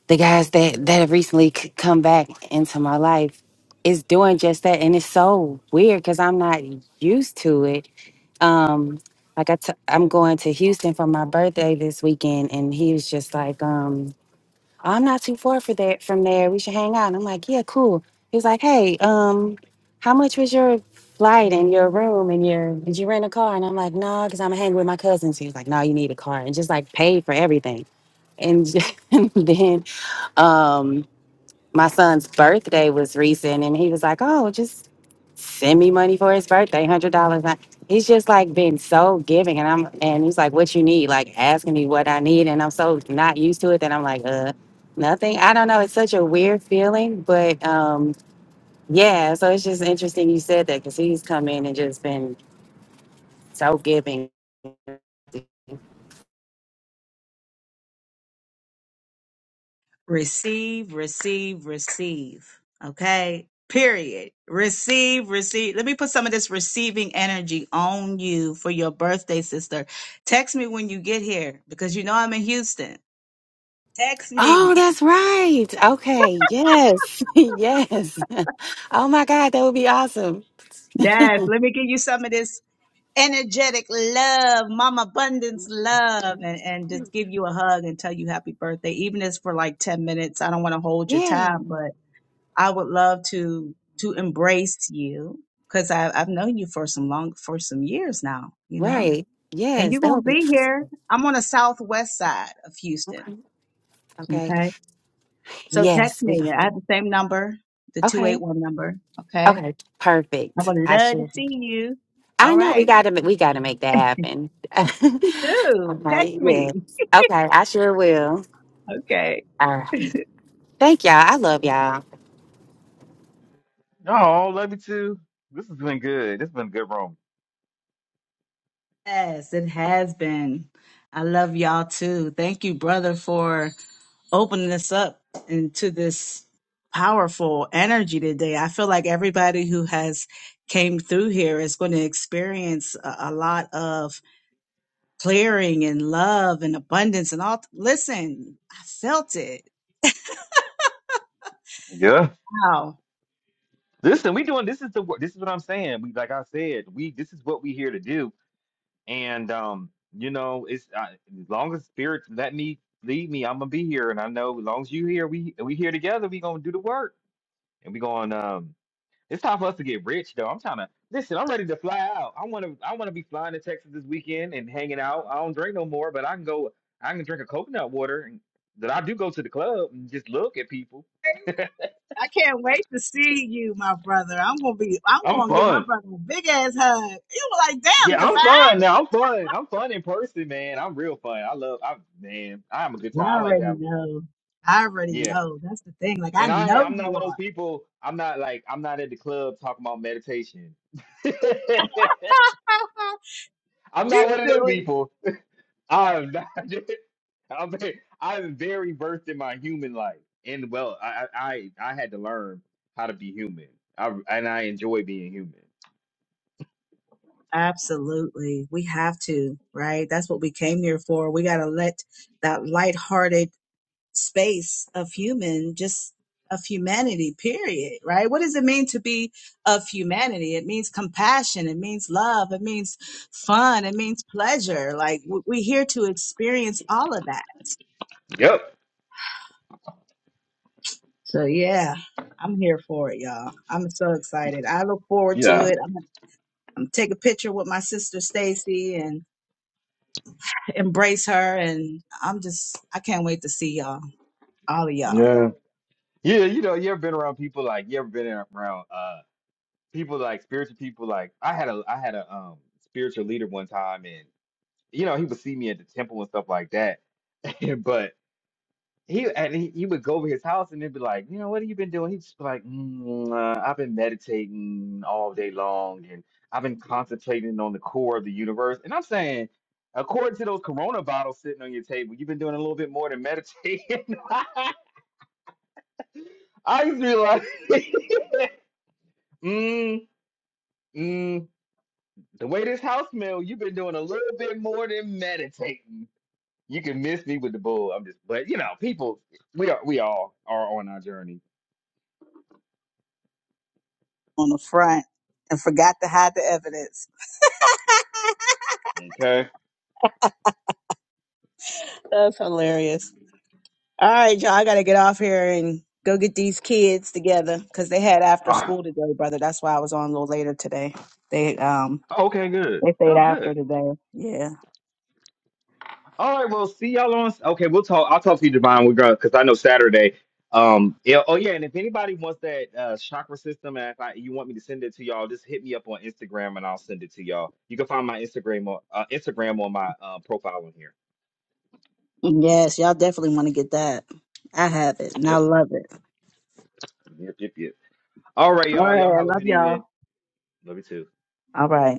Speaker 4: the guys that that have recently c- come back into my life is doing just that and it's so weird because i'm not used to it um like i t- i'm going to houston for my birthday this weekend and he was just like um "Oh, i'm not too far for that from there we should hang out and i'm like yeah cool he was like hey um how much was your flight and your room and your did you rent a car and i'm like no because i'm hanging with my cousins he was like no you need a car and just like paid for everything and then um my son's birthday was recent and he was like oh just send me money for his birthday hundred dollars he's just like been so giving and i'm and he's like what you need like asking me what i need and i'm so not used to it that i'm like uh nothing i don't know it's such a weird feeling but um yeah so it's just interesting you said that because he's come in and just been so giving
Speaker 2: receive, receive, receive. Okay. Period. Receive, receive. Let me put some of this receiving energy on you for your birthday, sister. Text me when you get here because you know I'm in Houston. Text me.
Speaker 4: Oh, that's right. Okay. Yes. yes. Oh my God, that would be awesome.
Speaker 2: Yes. Let me give you some of this energetic love, mom abundance love, and, and just give you a hug and tell you happy birthday, even if it's for like 10 minutes. I don't want to hold your
Speaker 4: Yeah,
Speaker 2: time, but. I would love to to embrace you because I've known you for some long for some years now, you know.
Speaker 4: right.
Speaker 2: And
Speaker 4: Yes,
Speaker 2: you're
Speaker 4: that
Speaker 2: gonna
Speaker 4: would be
Speaker 2: be
Speaker 4: awesome.
Speaker 2: here. I'm on the southwest side of
Speaker 4: okay.
Speaker 2: Houston.
Speaker 4: Okay.
Speaker 2: Okay. So text
Speaker 4: Yes, we gon-
Speaker 2: me. I have the same number, the two
Speaker 4: Okay.
Speaker 2: eight one number. Okay.
Speaker 4: Okay.
Speaker 2: I'm
Speaker 4: Perfect.
Speaker 2: gonna
Speaker 4: I
Speaker 2: love to
Speaker 4: should.
Speaker 2: see you.
Speaker 4: I
Speaker 2: All
Speaker 4: know we
Speaker 2: right.
Speaker 4: gotta. ma- We gotta make that happen.
Speaker 2: You do.
Speaker 4: okay.
Speaker 2: Text me.
Speaker 4: Yes. Okay. I sure will.
Speaker 2: Okay.
Speaker 4: All right. Thank y'all. I love y'all.
Speaker 1: No, love you too. This has been good. This has been a good room.
Speaker 2: Yes, it has been. I love y'all too. Thank you, brother, for opening us up into this powerful energy today. I feel like everybody who has came through here is going to experience a, a lot of clearing and love and abundance and all. Listen, I felt it.
Speaker 1: Yeah.
Speaker 2: Wow.
Speaker 1: Listen, we doing this is the wor- this is what I'm saying. We like I said, we this is what we here to do, and um, you know, it's I, as long as spirit let me lead me, I'm gonna be here, and I know as long as you here, we we here together, we gonna do the work, and we going um, it's time for us to get rich though. I'm trying to listen. I'm ready to fly out. I wanna I wanna be flying to Texas this weekend and hanging out. I don't drink no more, but I can go. I can drink a coconut water, and that I do go to the club and just look at people.
Speaker 2: I can't wait to see you, my brother. I'm gonna be. I'm
Speaker 1: I'm
Speaker 2: gonna give my
Speaker 1: fun.
Speaker 2: brother a big ass hug. You were like, "Damn,
Speaker 1: Yeah, I'm
Speaker 2: Divine."
Speaker 1: fun now. I'm fun. I'm fun in person, man. I'm real fun. I love. I man, I have a good
Speaker 2: I
Speaker 1: time. I like to
Speaker 2: already
Speaker 1: have. A good,
Speaker 2: know. I already
Speaker 1: yeah,
Speaker 2: know. That's the thing. Like I
Speaker 1: and I
Speaker 2: know
Speaker 1: I'm not
Speaker 2: you
Speaker 1: one of those
Speaker 2: are.
Speaker 1: people. I'm not like I'm not at the club talking about meditation. I'm
Speaker 2: You
Speaker 1: not one of them
Speaker 2: silly.
Speaker 1: people. I'm not. I'm ve- I'm very versed in my human life, and well, I I I I had to learn how to be human. I and I enjoy being human.
Speaker 2: Absolutely. We have to, right? That's what we came here for. We got to let that lighthearted space of human, just of humanity, period, right? What does it mean to be of humanity? It means compassion. It means love. It means fun. It means pleasure. Like w- we're here to experience all of that.
Speaker 1: Yep.
Speaker 2: So yeah, I'm here for it, y'all. I'm so excited. I look forward to
Speaker 1: Yeah.
Speaker 2: it. I'm going to take a picture with my sister Stacy and. embrace her. And I'm just, I can't wait to see y'all, all of y'all
Speaker 1: Yeah. Yeah, you know, you ever been around people like you ever been around? uh? people like spiritual people like I had a I had a um spiritual leader one time and you know he would see me at the temple and stuff like that but he and he, he would go over his house and he'd be like you know what have you been doing he'd just be like mm, uh, I've been meditating all day long and I've been concentrating on the core of the universe and I'm saying according to those Corona bottles sitting on your table you've been doing a little bit more than meditating I used to be like mm, mm. The way this house mail, you've been doing a little bit more than meditating. You can miss me with the bull. I'm just, but you know, people, we are, we all are on our journey.
Speaker 2: on the front and forgot to hide the evidence.
Speaker 1: Okay.
Speaker 2: That's hilarious. All right, y'all, I got to get off here and go get these kids together because they had after
Speaker 1: Ah,
Speaker 2: school today, brother. That's why I was on a little later today. They, um,
Speaker 1: okay. Good.
Speaker 2: they stayed
Speaker 1: Oh,
Speaker 2: after
Speaker 1: good.
Speaker 2: today. Yeah.
Speaker 1: All right. Well, see y'all on. Okay, we'll talk. I'll talk to you, Divine. We're gonna because I know Saturday. Um. Yeah, oh yeah. And if anybody wants that uh chakra system, and if I, you want me to send it to y'all, just hit me up on Instagram and I'll send it to y'all. You can find my Instagram on uh, Instagram on my uh, profile on here.
Speaker 2: Yes, y'all definitely want to get that. I have it and I
Speaker 1: Yep.
Speaker 2: love it.
Speaker 1: Yep. Yep. Yep. All right,
Speaker 2: All
Speaker 1: y'all.
Speaker 2: right.
Speaker 1: Y'all
Speaker 2: I
Speaker 1: have a
Speaker 2: love
Speaker 1: good
Speaker 2: y'all.
Speaker 1: evening. Love you too.
Speaker 2: All right.